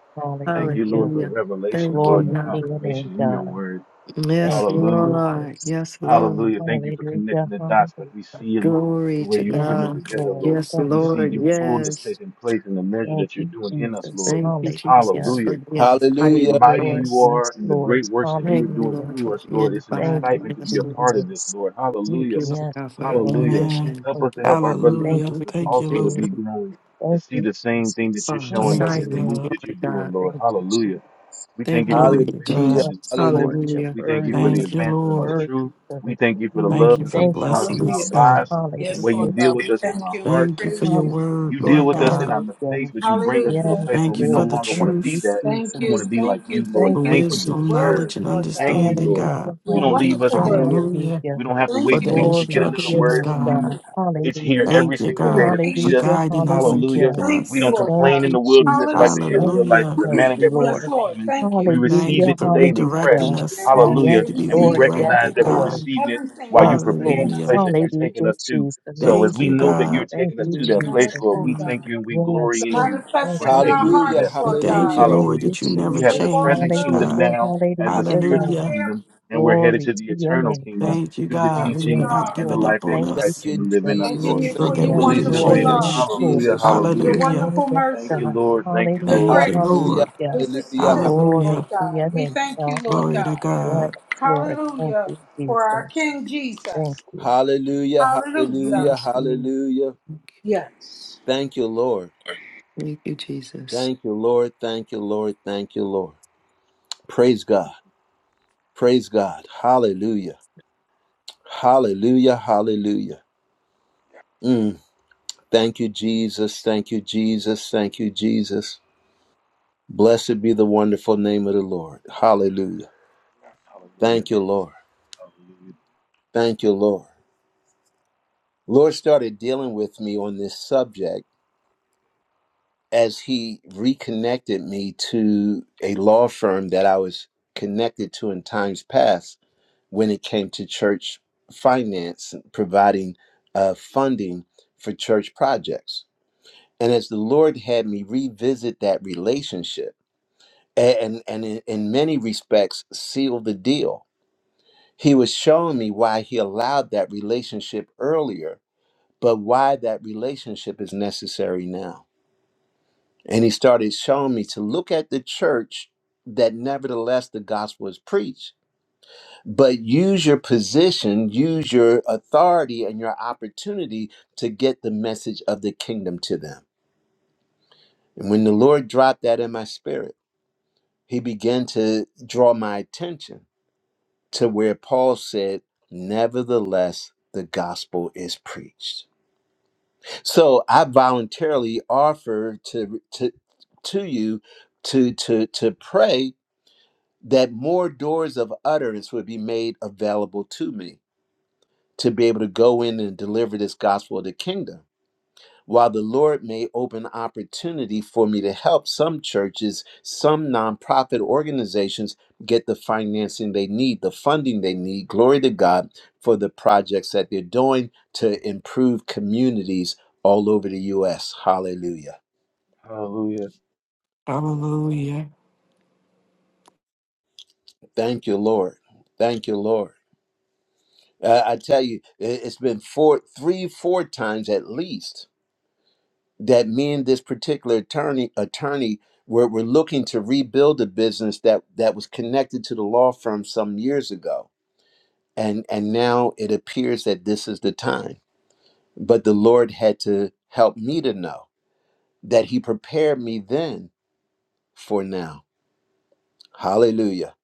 [SPEAKER 4] Thank you,
[SPEAKER 3] Hallelujah.
[SPEAKER 4] Lord, for the
[SPEAKER 5] Hallelujah.
[SPEAKER 4] revelation,
[SPEAKER 5] Thank
[SPEAKER 3] Glory
[SPEAKER 4] Lord,
[SPEAKER 5] you,
[SPEAKER 4] and the
[SPEAKER 3] to
[SPEAKER 5] God.
[SPEAKER 3] your name,
[SPEAKER 4] confirmation in your
[SPEAKER 3] God.
[SPEAKER 4] word.
[SPEAKER 5] Yes,
[SPEAKER 3] Thank you,
[SPEAKER 4] Hallelujah.
[SPEAKER 5] Lord.
[SPEAKER 3] Jesus.
[SPEAKER 5] Yes, Lord.
[SPEAKER 4] Hallelujah. Thank you for connecting
[SPEAKER 3] Hallelujah.
[SPEAKER 4] the dots like we
[SPEAKER 3] Hallelujah.
[SPEAKER 4] see them the
[SPEAKER 5] Glory
[SPEAKER 4] way
[SPEAKER 5] to
[SPEAKER 4] you're putting
[SPEAKER 3] Yes,
[SPEAKER 4] them
[SPEAKER 5] God.
[SPEAKER 4] together,
[SPEAKER 3] Lord.
[SPEAKER 4] Lord.
[SPEAKER 5] Yes,
[SPEAKER 4] Now
[SPEAKER 3] Thank
[SPEAKER 4] we
[SPEAKER 3] you,
[SPEAKER 4] see
[SPEAKER 5] Lord.
[SPEAKER 4] your fullness
[SPEAKER 3] Jesus.
[SPEAKER 5] Yes.
[SPEAKER 4] taking place in the measure
[SPEAKER 3] Thank
[SPEAKER 4] that you're
[SPEAKER 3] you,
[SPEAKER 4] doing in us,
[SPEAKER 3] Jesus.
[SPEAKER 4] Lord.
[SPEAKER 5] Thank you,
[SPEAKER 3] Hallelujah.
[SPEAKER 5] Jesus,
[SPEAKER 4] Hallelujah
[SPEAKER 5] for being the
[SPEAKER 3] Yes,
[SPEAKER 5] body
[SPEAKER 1] Hallelujah.
[SPEAKER 5] of
[SPEAKER 4] mighty
[SPEAKER 3] Lord.
[SPEAKER 4] you
[SPEAKER 5] Christ.
[SPEAKER 3] Yes,
[SPEAKER 4] are and the
[SPEAKER 3] Lord.
[SPEAKER 4] great works that you are
[SPEAKER 5] Thank you,
[SPEAKER 4] doing
[SPEAKER 3] Hallelujah.
[SPEAKER 5] Lord,
[SPEAKER 4] through
[SPEAKER 5] for
[SPEAKER 4] us, Lord.
[SPEAKER 5] being the
[SPEAKER 4] It's an
[SPEAKER 3] Thank
[SPEAKER 5] body.
[SPEAKER 3] you,
[SPEAKER 4] excitement to be
[SPEAKER 5] Yes,
[SPEAKER 4] a part
[SPEAKER 5] Lord.
[SPEAKER 4] of this,
[SPEAKER 3] Jesus.
[SPEAKER 4] Lord.
[SPEAKER 5] Thank
[SPEAKER 4] Hallelujah.
[SPEAKER 5] you, Lord
[SPEAKER 3] Yes,
[SPEAKER 5] God, for our
[SPEAKER 3] Lord.
[SPEAKER 4] Hallelujah.
[SPEAKER 8] Amen.
[SPEAKER 5] commission.
[SPEAKER 4] Help
[SPEAKER 3] Thank
[SPEAKER 4] us to
[SPEAKER 3] you.
[SPEAKER 4] help our
[SPEAKER 5] Thank
[SPEAKER 4] brothers
[SPEAKER 5] you,
[SPEAKER 4] and
[SPEAKER 3] Thank
[SPEAKER 5] Lord,
[SPEAKER 8] Hallelujah.
[SPEAKER 3] you,
[SPEAKER 5] for
[SPEAKER 4] sisters
[SPEAKER 8] Thank
[SPEAKER 5] what
[SPEAKER 8] you,
[SPEAKER 4] also to
[SPEAKER 5] you
[SPEAKER 8] Lord.
[SPEAKER 4] be
[SPEAKER 3] Jesus.
[SPEAKER 5] do
[SPEAKER 4] growing, to
[SPEAKER 3] Thank
[SPEAKER 4] see
[SPEAKER 3] you,
[SPEAKER 4] the same thing that
[SPEAKER 3] Jesus.
[SPEAKER 4] you're
[SPEAKER 5] for
[SPEAKER 4] showing
[SPEAKER 3] Hallelujah.
[SPEAKER 8] Thank
[SPEAKER 4] us
[SPEAKER 8] you,
[SPEAKER 4] in the
[SPEAKER 5] silence,
[SPEAKER 4] move
[SPEAKER 8] God.
[SPEAKER 4] that
[SPEAKER 5] Lord
[SPEAKER 4] you're doing,
[SPEAKER 5] God.
[SPEAKER 4] Lord.
[SPEAKER 3] Thank you,
[SPEAKER 4] Hallelujah.
[SPEAKER 3] Jesus.
[SPEAKER 4] We thank
[SPEAKER 5] Thank
[SPEAKER 4] you
[SPEAKER 5] you,
[SPEAKER 4] for the
[SPEAKER 8] Glory
[SPEAKER 5] Lord
[SPEAKER 8] to
[SPEAKER 4] advancement
[SPEAKER 1] Hallelujah.
[SPEAKER 4] of
[SPEAKER 8] God.
[SPEAKER 5] Jesus.
[SPEAKER 4] this
[SPEAKER 3] Yes,
[SPEAKER 1] Hallelujah.
[SPEAKER 3] Lord,
[SPEAKER 4] kingdom.
[SPEAKER 3] you're
[SPEAKER 5] Hallelujah.
[SPEAKER 4] We thank
[SPEAKER 3] worthy
[SPEAKER 4] you for the
[SPEAKER 8] Thank
[SPEAKER 3] and
[SPEAKER 8] you,
[SPEAKER 4] advancement of this
[SPEAKER 8] Lord.
[SPEAKER 3] worthy
[SPEAKER 4] truth.
[SPEAKER 3] of
[SPEAKER 4] We thank
[SPEAKER 3] it.
[SPEAKER 4] you for the
[SPEAKER 8] Thank
[SPEAKER 4] love
[SPEAKER 8] you
[SPEAKER 4] that
[SPEAKER 8] for
[SPEAKER 5] Mm,
[SPEAKER 4] you've
[SPEAKER 3] Thank you,
[SPEAKER 4] shown us
[SPEAKER 8] blessing
[SPEAKER 4] in
[SPEAKER 8] us,
[SPEAKER 4] our
[SPEAKER 12] Hallelujah.
[SPEAKER 3] Jesus.
[SPEAKER 8] God.
[SPEAKER 4] lives,
[SPEAKER 3] Hallelujah,
[SPEAKER 4] the
[SPEAKER 12] Yes,
[SPEAKER 4] way
[SPEAKER 12] Lord
[SPEAKER 4] you deal
[SPEAKER 12] God,
[SPEAKER 3] Jesus.
[SPEAKER 12] we
[SPEAKER 4] with us in
[SPEAKER 12] thank
[SPEAKER 4] our
[SPEAKER 12] you. We
[SPEAKER 4] hearts.
[SPEAKER 8] Thank you
[SPEAKER 12] praise
[SPEAKER 8] for your
[SPEAKER 12] you.
[SPEAKER 8] word,
[SPEAKER 4] You deal
[SPEAKER 3] Hallelujah,
[SPEAKER 8] Lord
[SPEAKER 4] with us in
[SPEAKER 8] God.
[SPEAKER 4] our
[SPEAKER 3] hallelujah.
[SPEAKER 4] mistakes, but you bring us to a
[SPEAKER 12] Hallelujah.
[SPEAKER 4] place
[SPEAKER 3] Yes,
[SPEAKER 4] where
[SPEAKER 8] Thank you
[SPEAKER 4] we no
[SPEAKER 8] for
[SPEAKER 3] Lord.
[SPEAKER 8] the
[SPEAKER 4] longer want
[SPEAKER 3] Thank
[SPEAKER 4] to be
[SPEAKER 3] you,
[SPEAKER 8] truth,
[SPEAKER 4] that.
[SPEAKER 12] Thank
[SPEAKER 4] We want
[SPEAKER 12] you.
[SPEAKER 4] to
[SPEAKER 3] Jesus.
[SPEAKER 4] be like
[SPEAKER 12] Thank you.
[SPEAKER 4] you, Lord.
[SPEAKER 3] Thank
[SPEAKER 8] for
[SPEAKER 12] Thank you
[SPEAKER 3] you,
[SPEAKER 4] Thank
[SPEAKER 12] for
[SPEAKER 4] you for
[SPEAKER 12] your
[SPEAKER 4] this
[SPEAKER 8] wisdom,
[SPEAKER 4] word.
[SPEAKER 3] Jesus.
[SPEAKER 8] knowledge,
[SPEAKER 12] word,
[SPEAKER 8] and
[SPEAKER 12] Lord God.
[SPEAKER 4] Thank you,
[SPEAKER 8] understanding,
[SPEAKER 4] Lord.
[SPEAKER 8] God.
[SPEAKER 3] Hallelujah,
[SPEAKER 4] You
[SPEAKER 12] Your
[SPEAKER 4] don't leave us
[SPEAKER 12] wonderful
[SPEAKER 3] hallelujah,
[SPEAKER 12] word.
[SPEAKER 4] hanging.
[SPEAKER 8] Hallelujah.
[SPEAKER 3] hallelujah.
[SPEAKER 4] We don't have to
[SPEAKER 8] For
[SPEAKER 4] wait
[SPEAKER 12] Thank you,
[SPEAKER 8] the
[SPEAKER 4] weeks
[SPEAKER 12] Lord
[SPEAKER 4] to
[SPEAKER 3] Glory
[SPEAKER 4] get
[SPEAKER 12] God.
[SPEAKER 3] to
[SPEAKER 4] another
[SPEAKER 3] your
[SPEAKER 8] instructions,
[SPEAKER 4] word
[SPEAKER 3] name,
[SPEAKER 4] from
[SPEAKER 8] God.
[SPEAKER 4] you.
[SPEAKER 3] God.
[SPEAKER 4] It's here
[SPEAKER 12] Thank
[SPEAKER 3] Hallelujah.
[SPEAKER 4] every
[SPEAKER 12] you
[SPEAKER 8] Thank you,
[SPEAKER 4] single
[SPEAKER 12] for your
[SPEAKER 4] day to
[SPEAKER 8] God, for
[SPEAKER 4] feed us.
[SPEAKER 12] patience.
[SPEAKER 3] Hallelujah,
[SPEAKER 8] guiding us and
[SPEAKER 4] Hallelujah.
[SPEAKER 3] hallelujah.
[SPEAKER 8] keeping
[SPEAKER 12] Thank
[SPEAKER 4] We
[SPEAKER 12] you,
[SPEAKER 4] don't
[SPEAKER 8] us.
[SPEAKER 12] Lord
[SPEAKER 3] Thank
[SPEAKER 4] complain in
[SPEAKER 12] God.
[SPEAKER 3] you,
[SPEAKER 4] the wilderness like
[SPEAKER 3] Jesus.
[SPEAKER 4] the
[SPEAKER 12] Hallelujah.
[SPEAKER 3] Thank you,
[SPEAKER 4] Israelites for
[SPEAKER 8] Hallelujah.
[SPEAKER 4] the
[SPEAKER 3] thank
[SPEAKER 4] manna
[SPEAKER 3] you,
[SPEAKER 4] that we're
[SPEAKER 12] Yes,
[SPEAKER 3] Lord.
[SPEAKER 12] Lord.
[SPEAKER 4] receiving.
[SPEAKER 12] Thank
[SPEAKER 4] We
[SPEAKER 12] you.
[SPEAKER 8] Thank
[SPEAKER 4] receive
[SPEAKER 8] you
[SPEAKER 3] Hallelujah,
[SPEAKER 4] it
[SPEAKER 8] for
[SPEAKER 4] daily, fresh.
[SPEAKER 8] redirecting
[SPEAKER 3] hallelujah.
[SPEAKER 8] us when
[SPEAKER 12] Yes,
[SPEAKER 8] we
[SPEAKER 3] Yes,
[SPEAKER 4] Hallelujah.
[SPEAKER 8] need
[SPEAKER 12] we
[SPEAKER 8] to be
[SPEAKER 4] And we
[SPEAKER 12] receive
[SPEAKER 3] Lord,
[SPEAKER 5] mm,
[SPEAKER 12] it,
[SPEAKER 3] yes,
[SPEAKER 12] Lord
[SPEAKER 4] recognize
[SPEAKER 8] redirected,
[SPEAKER 4] that we're
[SPEAKER 12] God.
[SPEAKER 8] God.
[SPEAKER 3] Lord,
[SPEAKER 5] mm, mm, mm,
[SPEAKER 4] receiving it
[SPEAKER 12] Everything that
[SPEAKER 4] while you're
[SPEAKER 3] yes,
[SPEAKER 12] you've
[SPEAKER 3] Lord.
[SPEAKER 4] preparing
[SPEAKER 12] given
[SPEAKER 4] the
[SPEAKER 12] us
[SPEAKER 8] Hallelujah.
[SPEAKER 4] place that
[SPEAKER 12] today,
[SPEAKER 4] you're taking
[SPEAKER 3] Hallelujah,
[SPEAKER 4] us to.
[SPEAKER 3] Jesus.
[SPEAKER 4] So as
[SPEAKER 8] Thank
[SPEAKER 4] we
[SPEAKER 8] you,
[SPEAKER 4] know that you're
[SPEAKER 8] God.
[SPEAKER 3] Thank
[SPEAKER 4] taking us
[SPEAKER 3] you,
[SPEAKER 4] to that
[SPEAKER 12] given us,
[SPEAKER 4] place,
[SPEAKER 3] Jesus.
[SPEAKER 4] Lord,
[SPEAKER 12] Lord
[SPEAKER 4] we
[SPEAKER 12] God.
[SPEAKER 4] thank you and we
[SPEAKER 3] Yes,
[SPEAKER 12] To
[SPEAKER 4] glory in
[SPEAKER 3] Lord.
[SPEAKER 4] you
[SPEAKER 3] Thank
[SPEAKER 12] manifest
[SPEAKER 4] for
[SPEAKER 12] it
[SPEAKER 3] you,
[SPEAKER 12] in our
[SPEAKER 4] taking us to
[SPEAKER 1] Hallelujah.
[SPEAKER 3] Jesus.
[SPEAKER 4] that
[SPEAKER 12] hearts,
[SPEAKER 8] We
[SPEAKER 4] place,
[SPEAKER 12] Lord
[SPEAKER 4] Lord.
[SPEAKER 8] thank
[SPEAKER 12] God.
[SPEAKER 8] you,
[SPEAKER 1] Hallelujah.
[SPEAKER 3] Thank
[SPEAKER 8] Lord,
[SPEAKER 4] Hallelujah.
[SPEAKER 3] you,
[SPEAKER 8] that you
[SPEAKER 12] That we
[SPEAKER 4] We
[SPEAKER 8] never
[SPEAKER 4] have
[SPEAKER 12] may
[SPEAKER 4] the
[SPEAKER 3] Jesus.
[SPEAKER 12] walk
[SPEAKER 4] present
[SPEAKER 8] change,
[SPEAKER 12] through it
[SPEAKER 4] kingdom
[SPEAKER 8] God.
[SPEAKER 3] Hallelujah,
[SPEAKER 12] with
[SPEAKER 4] now
[SPEAKER 12] it.
[SPEAKER 4] as the
[SPEAKER 12] Yes,
[SPEAKER 3] hallelujah,
[SPEAKER 4] spiritual
[SPEAKER 3] God.
[SPEAKER 8] Hallelujah.
[SPEAKER 12] I am.
[SPEAKER 4] kingdom, and we're headed
[SPEAKER 3] Glory
[SPEAKER 4] to the
[SPEAKER 3] to your
[SPEAKER 4] eternal
[SPEAKER 3] name, God.
[SPEAKER 4] kingdom
[SPEAKER 8] Thank you,
[SPEAKER 4] through the
[SPEAKER 12] Yes,
[SPEAKER 8] God, for
[SPEAKER 12] we
[SPEAKER 3] Yes,
[SPEAKER 4] teaching
[SPEAKER 5] mm.
[SPEAKER 8] not
[SPEAKER 12] are.
[SPEAKER 4] and the
[SPEAKER 3] Lord.
[SPEAKER 8] giving
[SPEAKER 4] life
[SPEAKER 8] up on
[SPEAKER 4] that
[SPEAKER 3] Thank you,
[SPEAKER 4] Christ
[SPEAKER 1] Thank
[SPEAKER 8] us
[SPEAKER 4] came
[SPEAKER 1] you,
[SPEAKER 4] to live in
[SPEAKER 3] Jesus.
[SPEAKER 5] Yes,
[SPEAKER 4] us,
[SPEAKER 5] Lord.
[SPEAKER 12] Thanking
[SPEAKER 4] Lord.
[SPEAKER 1] Jesus.
[SPEAKER 12] you
[SPEAKER 8] so
[SPEAKER 12] for
[SPEAKER 1] Thank you,
[SPEAKER 8] that
[SPEAKER 12] your
[SPEAKER 5] Mm,
[SPEAKER 8] we
[SPEAKER 3] Yes,
[SPEAKER 4] Fully
[SPEAKER 5] Thank
[SPEAKER 8] can
[SPEAKER 5] you
[SPEAKER 1] Jesus.
[SPEAKER 5] for
[SPEAKER 3] Lord.
[SPEAKER 12] wonderful
[SPEAKER 5] your
[SPEAKER 4] submitted.
[SPEAKER 1] Thank
[SPEAKER 3] Yes,
[SPEAKER 1] you,
[SPEAKER 12] love,
[SPEAKER 5] love.
[SPEAKER 8] change.
[SPEAKER 3] Lord.
[SPEAKER 5] Thank
[SPEAKER 4] Hallelujah.
[SPEAKER 5] you for
[SPEAKER 1] Jesus.
[SPEAKER 5] your
[SPEAKER 12] your
[SPEAKER 4] Hallelujah.
[SPEAKER 5] love.
[SPEAKER 8] Hallelujah.
[SPEAKER 3] Oh,
[SPEAKER 12] wonderful
[SPEAKER 3] yes,
[SPEAKER 4] Thank
[SPEAKER 12] mercy,
[SPEAKER 4] you,
[SPEAKER 3] God.
[SPEAKER 4] Lord. Thank you,
[SPEAKER 12] your
[SPEAKER 4] Lord.
[SPEAKER 3] Hallelujah,
[SPEAKER 8] Thank you,
[SPEAKER 12] grace,
[SPEAKER 1] Hallelujah.
[SPEAKER 8] Lord.
[SPEAKER 3] hallelujah.
[SPEAKER 12] which is
[SPEAKER 1] Hallelujah. ha-
[SPEAKER 12] sufficient, Lord
[SPEAKER 3] Glory
[SPEAKER 8] Hallelujah.
[SPEAKER 3] to
[SPEAKER 12] God.
[SPEAKER 3] your
[SPEAKER 12] We
[SPEAKER 3] name,
[SPEAKER 12] thank you,
[SPEAKER 3] God.
[SPEAKER 12] Lord
[SPEAKER 8] Glory to
[SPEAKER 12] God.
[SPEAKER 3] Yes,
[SPEAKER 8] God.
[SPEAKER 3] Lord. Thank
[SPEAKER 12] Hallelujah
[SPEAKER 3] you,
[SPEAKER 12] for our
[SPEAKER 3] Jesus.
[SPEAKER 12] King Jesus.
[SPEAKER 3] Thank you.
[SPEAKER 1] Hallelujah.
[SPEAKER 12] Hallelujah.
[SPEAKER 1] Hallelujah.
[SPEAKER 5] Yes, Lord.
[SPEAKER 1] Hallelujah.
[SPEAKER 12] Yes.
[SPEAKER 1] Thank you, Lord.
[SPEAKER 5] Thank you, Jesus.
[SPEAKER 1] Thank you, Lord. Thank you, Lord. Thank you, Lord. Praise God. Praise God. Hallelujah. Hallelujah. Hallelujah. Mm. Thank you, Jesus. Thank you, Jesus. Thank you, Jesus. Blessed be the wonderful name of the Lord. Hallelujah.
[SPEAKER 4] Hallelujah.
[SPEAKER 1] Thank you, Lord.
[SPEAKER 4] Hallelujah.
[SPEAKER 1] Thank you, Lord. Lord started dealing with me on this subject as he reconnected me to a law firm that I was connected to in times past when it came to church finance, providing uh, funding for church projects And as the Lord had me revisit that relationship and, and in, in many respects seal the deal, He was showing me why He allowed that relationship earlier, but why that relationship is necessary now. And He started showing me to look at the church that nevertheless the gospel is preached, but use your position, use your authority and your opportunity to get the message of the kingdom to them. And when the Lord dropped that in my spirit, he began to draw my attention to where Paul said, Nevertheless, the gospel is preached. So I voluntarily offer to to to you to to to pray that more doors of utterance would be made available to me to be able to go in and deliver this gospel of the kingdom While the Lord may open opportunity for me to help some churches, some nonprofit organizations get the financing they need, the funding they need, glory to God, for the projects that they're doing to improve communities all over the U.S. Hallelujah.
[SPEAKER 4] Hallelujah.
[SPEAKER 8] Hallelujah.
[SPEAKER 1] Thank you, Lord. Thank you, Lord. Uh, I tell you, it- it's been four, three, four times at least that me and this particular attorney attorney were, were looking to rebuild a business that that was connected to the law firm some years ago and and now it appears that this is the time but the lord had to help me to know that he prepared me then for now hallelujah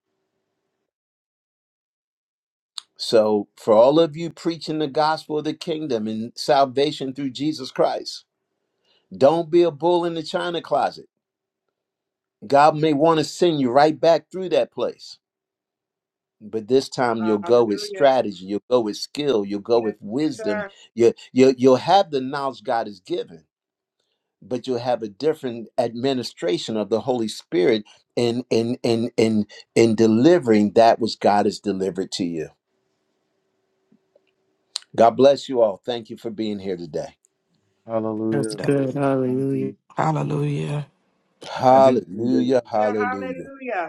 [SPEAKER 1] so for all of you preaching the gospel of the kingdom and salvation through jesus christ don't be a bull in the china closet god may want to send you right back through that place but this time you'll go with
[SPEAKER 7] Hallelujah.
[SPEAKER 1] strategy you'll go with skill you'll go with
[SPEAKER 7] Yes,
[SPEAKER 1] wisdom
[SPEAKER 7] sir.
[SPEAKER 1] you, you, you'll have the knowledge god has given but you'll have a different administration of the holy spirit in in in in in delivering that which god has delivered to you god bless you all thank you for being here today
[SPEAKER 5] That's
[SPEAKER 4] Hallelujah.
[SPEAKER 8] Th-
[SPEAKER 5] good.
[SPEAKER 4] Thank
[SPEAKER 5] Hallelujah.
[SPEAKER 4] you.
[SPEAKER 8] Hallelujah.
[SPEAKER 4] I do see that. uh,
[SPEAKER 1] hallelujah hallelujah
[SPEAKER 7] Hallelujah.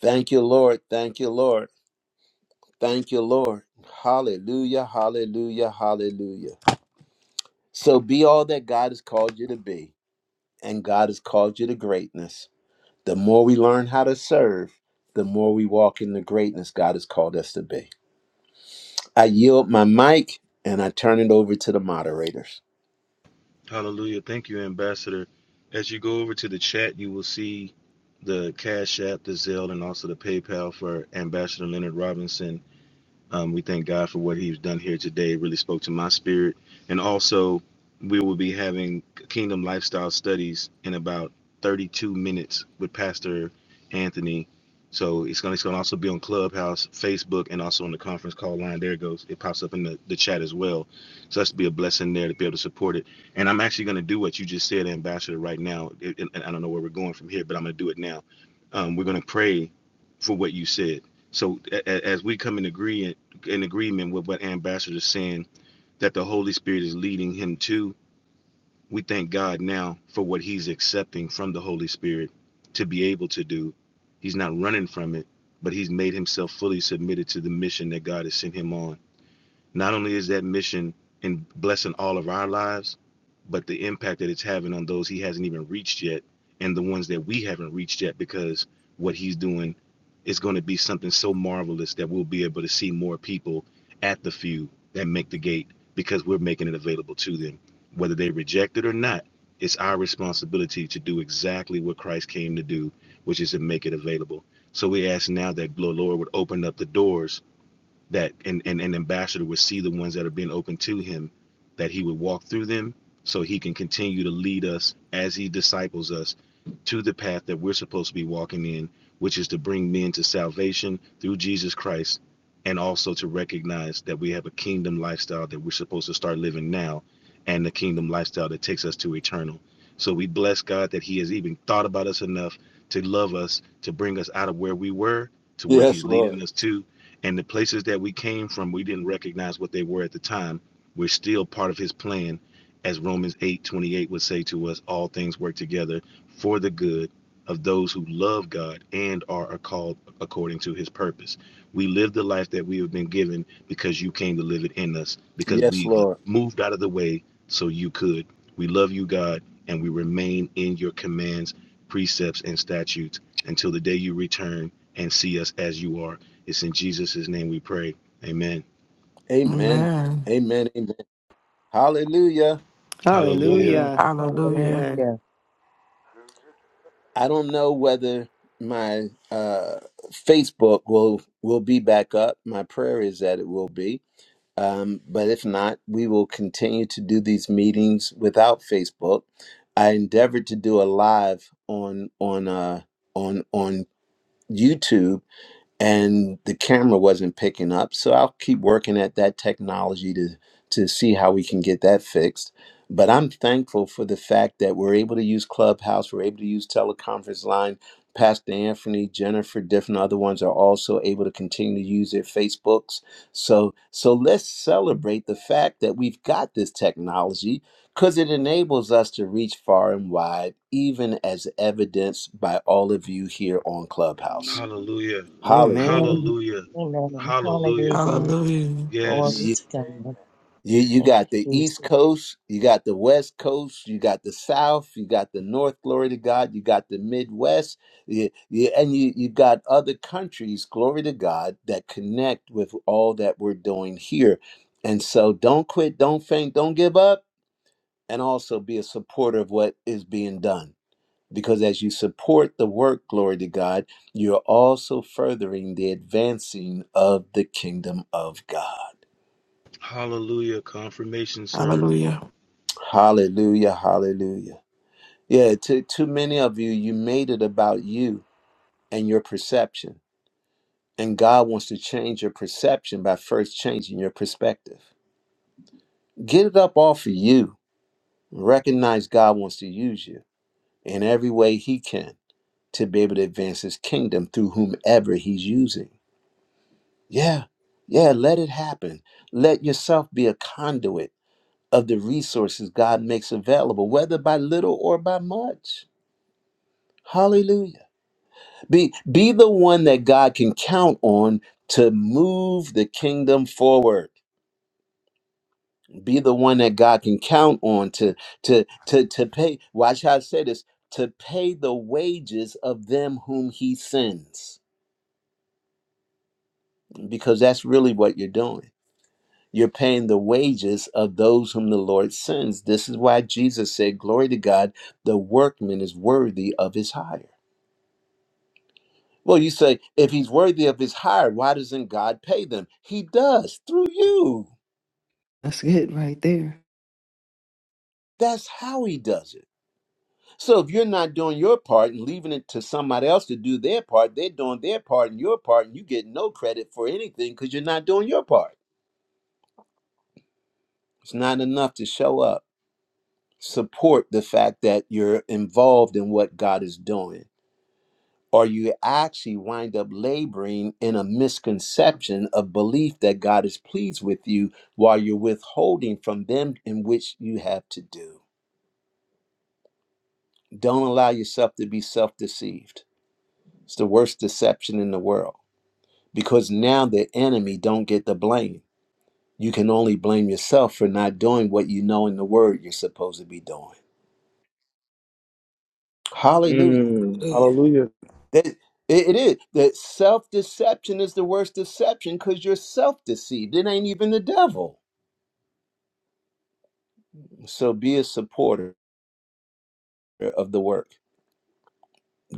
[SPEAKER 1] thank you lord thank you lord thank you lord hallelujah hallelujah hallelujah so be all that god has called you to be and God has called you to greatness. The more we learn how to serve, the more we walk in the greatness God has called us to be. I yield my mic and I turn it over to the moderators.
[SPEAKER 4] Hallelujah. Thank you, Ambassador. As you go over to the chat, you will see the Cash App, the Zelle, and also the PayPal for Ambassador Leonard Robinson. Um, we thank God for what He's done here today. It really spoke to my spirit. And also, we will be having Kingdom Lifestyle Studies in about 32 minutes with Pastor Anthony. So it's going, to, it's going to also be on Clubhouse, Facebook, and also on the conference call line. There it goes. It pops up in the, the chat as well. So that's to be a blessing there to be able to support it. And I'm actually going to do what you just said, Ambassador, right now. It, and I don't know where we're going from here, but I'm going to do it now. Um, we're going to pray for what you said. So a- a- as we come in agree in agreement with what Ambassador is saying that the Holy Spirit is leading him to. We thank God now for what he's accepting from the Holy Spirit to be able to do. He's not running from it, but he's made himself fully submitted to the mission that God has sent him on not only is that mission in blessing all of our lives, but the impact that it's having on those he hasn't even reached yet and the ones that we haven't reached yet because what he's doing is going to be something so marvelous that we'll be able to see more people at the few that make the gate because we're making it available to them whether they reject it or not it's our responsibility to do exactly what christ came to do which is to make it available so we ask now that the lord would open up the doors that an, an, an ambassador would see the ones that are being open to him, that he would walk through them so he can continue to lead us as he disciples us to the path that we're supposed to be walking in, which is to bring men to salvation through Jesus Christ and also to recognize that we have a kingdom lifestyle that we're supposed to start living now and the kingdom lifestyle that takes us to eternal. So we bless God that he has even thought about us enough to love us, to bring us out of where we were to where
[SPEAKER 1] Yes,
[SPEAKER 4] he's
[SPEAKER 1] Lord.
[SPEAKER 4] leading us to and the places that we came from, we didn't recognize what they were at the time. We're still part of his plan, as Romans 8:28 would say to us all things work together for the good of those who love God and are called according to his purpose. We live the life that we have been given because you came to live it in us, because
[SPEAKER 1] Yes,
[SPEAKER 4] we've uh,
[SPEAKER 1] Lord.
[SPEAKER 4] moved out of the way so you could. We love you, God, and we remain in your commands, precepts, and statutes until the day you return and see us as you are. It's in Jesus' name we pray. Amen.
[SPEAKER 1] Amen.
[SPEAKER 8] Amen.
[SPEAKER 1] Amen. Amen. Hallelujah.
[SPEAKER 4] Hallelujah.
[SPEAKER 3] Amen.
[SPEAKER 5] Hallelujah.
[SPEAKER 8] Hallelujah.
[SPEAKER 5] Amen.
[SPEAKER 3] Hallelujah.
[SPEAKER 1] I don't know whether my uh, Facebook will will be back up. My prayer is that it will be. Um, but if not, we will continue to do these meetings without Facebook. I endeavored to do a live on on uh, on on YouTube and the camera wasn't picking up. So I'll keep working at that technology to to see how we can get that fixed. But I'm thankful for the fact that we're able to use Clubhouse, we're able to use teleconference line. Pastor Anthony, Jennifer, different other ones are also able to continue to use their Facebooks. So so let's celebrate the fact that we've got this technology because it enables us to reach far and wide, even as evidenced by all of you here on Clubhouse.
[SPEAKER 4] Hallelujah.
[SPEAKER 1] Hallelujah.
[SPEAKER 5] Amen.
[SPEAKER 4] Hallelujah.
[SPEAKER 3] Amen.
[SPEAKER 4] Hallelujah.
[SPEAKER 3] Hallelujah.
[SPEAKER 8] Hallelujah.
[SPEAKER 3] Glory
[SPEAKER 4] Yes.
[SPEAKER 1] you,
[SPEAKER 3] to God.
[SPEAKER 1] you you
[SPEAKER 3] Thank you,
[SPEAKER 1] got the east
[SPEAKER 3] Jesus.
[SPEAKER 1] coast you got the west coast you got the south you got the north glory to god you got the midwest you, you, and you, you got other countries glory to god that connect with all that we're doing here and so don't quit don't faint don't give up and also be a supporter of what is being done because as you support the work glory to god you're also furthering the advancing of the kingdom of god
[SPEAKER 4] Hallelujah. Confirmation, sir.
[SPEAKER 8] Hallelujah.
[SPEAKER 1] Hallelujah. Hallelujah. Yeah, too, too many of you, you made it about you and your perception. And God wants to change your perception by first changing your perspective. Get it up off of you. Recognize God wants to use you in every way He can to be able to advance His kingdom through whomever He's using. Yeah, yeah, let it happen. Let yourself be a conduit of the resources God makes available, whether by little or by much. Hallelujah. Be be the one that God can count on to move the kingdom forward. Be the one that God can count on to to to to pay. Watch how I say this: to pay the wages of them whom He sends, because that's really what you're doing. You're paying the wages of those whom the Lord sends. This is why Jesus said, "Glory to God, the workman is worthy of his hire." Well, you say, if he's worthy of his hire, why doesn't God pay them? He does through you.
[SPEAKER 5] That's it right there.
[SPEAKER 1] That's how he does it. So if you're not doing your part and leaving it to somebody else to do their part, they're doing their part and your part, and you get no credit for anything because you're not doing your part. It's not enough to show up. Support the fact that you're involved in what God is doing, or you actually wind up laboring in a misconception of belief that God is pleased with you while you're withholding from them in which you have to do. Don't allow yourself to be self deceived It's the worst deception in the world because now the enemy don't get the blame. You can only blame yourself for not doing what you know in the word you're supposed to be doing. Hallelujah.
[SPEAKER 4] Mm, hallelujah.
[SPEAKER 1] That it it is that self deception is the worst deception because you're self deceived. It ain't even the devil. So be a supporter of the work.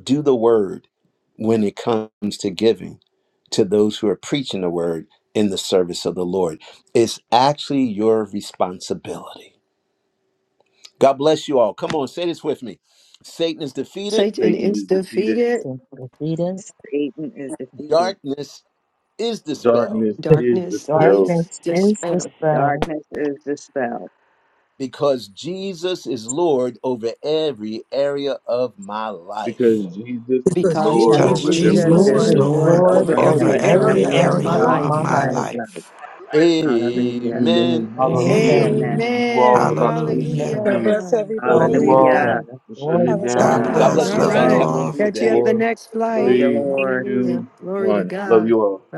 [SPEAKER 1] Do the word when it comes to giving to those who are preaching the word in the service of the Lord. It's actually your responsibility. God bless you all. Come on, say this with me. Satan is defeated,
[SPEAKER 5] Satan
[SPEAKER 4] Satan
[SPEAKER 5] is
[SPEAKER 4] is defeated.
[SPEAKER 5] defeated.
[SPEAKER 3] Since the heat of
[SPEAKER 11] Satan is defeated.
[SPEAKER 1] darkness is dispelled
[SPEAKER 4] Darkness is
[SPEAKER 5] Darkness
[SPEAKER 4] dispelled
[SPEAKER 5] is
[SPEAKER 3] darkness is
[SPEAKER 5] dispelled
[SPEAKER 3] dispelled,
[SPEAKER 11] Darkness is dispelled
[SPEAKER 1] because Jesus is Lord over every area of my
[SPEAKER 4] because
[SPEAKER 1] life.
[SPEAKER 4] Jesus is
[SPEAKER 12] because
[SPEAKER 5] because
[SPEAKER 4] Lord
[SPEAKER 11] because
[SPEAKER 3] and
[SPEAKER 8] Because
[SPEAKER 12] Jesus
[SPEAKER 4] over
[SPEAKER 5] Jesus is
[SPEAKER 12] is
[SPEAKER 11] Jesus
[SPEAKER 4] every
[SPEAKER 8] Jesus
[SPEAKER 3] Jesus
[SPEAKER 11] is
[SPEAKER 8] is
[SPEAKER 12] Lord
[SPEAKER 5] Lord
[SPEAKER 4] area
[SPEAKER 3] is
[SPEAKER 4] of
[SPEAKER 11] Lord
[SPEAKER 8] Lord
[SPEAKER 4] my
[SPEAKER 3] Lord
[SPEAKER 5] over
[SPEAKER 12] over
[SPEAKER 11] over
[SPEAKER 4] life.
[SPEAKER 8] over
[SPEAKER 3] over
[SPEAKER 5] every
[SPEAKER 12] every
[SPEAKER 11] every
[SPEAKER 3] every
[SPEAKER 8] every
[SPEAKER 5] area
[SPEAKER 12] area
[SPEAKER 5] of
[SPEAKER 11] area
[SPEAKER 12] of my
[SPEAKER 3] area
[SPEAKER 5] my
[SPEAKER 8] area
[SPEAKER 11] of
[SPEAKER 3] of
[SPEAKER 8] of
[SPEAKER 5] life.
[SPEAKER 3] my
[SPEAKER 8] my
[SPEAKER 12] life.
[SPEAKER 11] my
[SPEAKER 3] life.
[SPEAKER 11] life.
[SPEAKER 8] life.
[SPEAKER 2] it.
[SPEAKER 11] Hallelujah.
[SPEAKER 1] Amen.
[SPEAKER 4] Amen.
[SPEAKER 12] Amen.
[SPEAKER 4] Hallelujah.
[SPEAKER 3] Amen.
[SPEAKER 4] We'll
[SPEAKER 8] Amen.
[SPEAKER 4] see
[SPEAKER 11] Amen.
[SPEAKER 4] you all in
[SPEAKER 5] Amen.
[SPEAKER 4] about 26
[SPEAKER 8] Hallelujah.
[SPEAKER 3] Amen.
[SPEAKER 12] God
[SPEAKER 4] minutes.
[SPEAKER 12] bless
[SPEAKER 5] Hallelujah.
[SPEAKER 4] Love
[SPEAKER 1] God
[SPEAKER 4] you
[SPEAKER 5] Glory
[SPEAKER 12] everybody.
[SPEAKER 5] to
[SPEAKER 4] all.
[SPEAKER 11] Hallelujah.
[SPEAKER 5] God.
[SPEAKER 3] Hallelujah.
[SPEAKER 4] We're shutting
[SPEAKER 12] Have
[SPEAKER 4] it
[SPEAKER 3] Glory
[SPEAKER 12] a
[SPEAKER 3] to God.
[SPEAKER 8] God
[SPEAKER 4] down
[SPEAKER 12] wonderful
[SPEAKER 5] Ah, all
[SPEAKER 4] now.
[SPEAKER 8] bless.
[SPEAKER 1] bless
[SPEAKER 4] In
[SPEAKER 1] you,
[SPEAKER 8] Love
[SPEAKER 1] saints.
[SPEAKER 12] Sunday.
[SPEAKER 8] you
[SPEAKER 1] Have
[SPEAKER 5] right.
[SPEAKER 1] a
[SPEAKER 4] Five,
[SPEAKER 8] all.
[SPEAKER 1] wonderful
[SPEAKER 11] Thank
[SPEAKER 5] Catch you
[SPEAKER 1] day.
[SPEAKER 5] at
[SPEAKER 11] you,
[SPEAKER 5] the
[SPEAKER 4] four,
[SPEAKER 5] next
[SPEAKER 12] bye
[SPEAKER 11] Thank
[SPEAKER 5] flight.
[SPEAKER 11] you,
[SPEAKER 4] three,
[SPEAKER 11] Lord.
[SPEAKER 5] Hallelujah.
[SPEAKER 4] two,
[SPEAKER 5] Glory to
[SPEAKER 4] one.
[SPEAKER 5] God.
[SPEAKER 4] Love you all.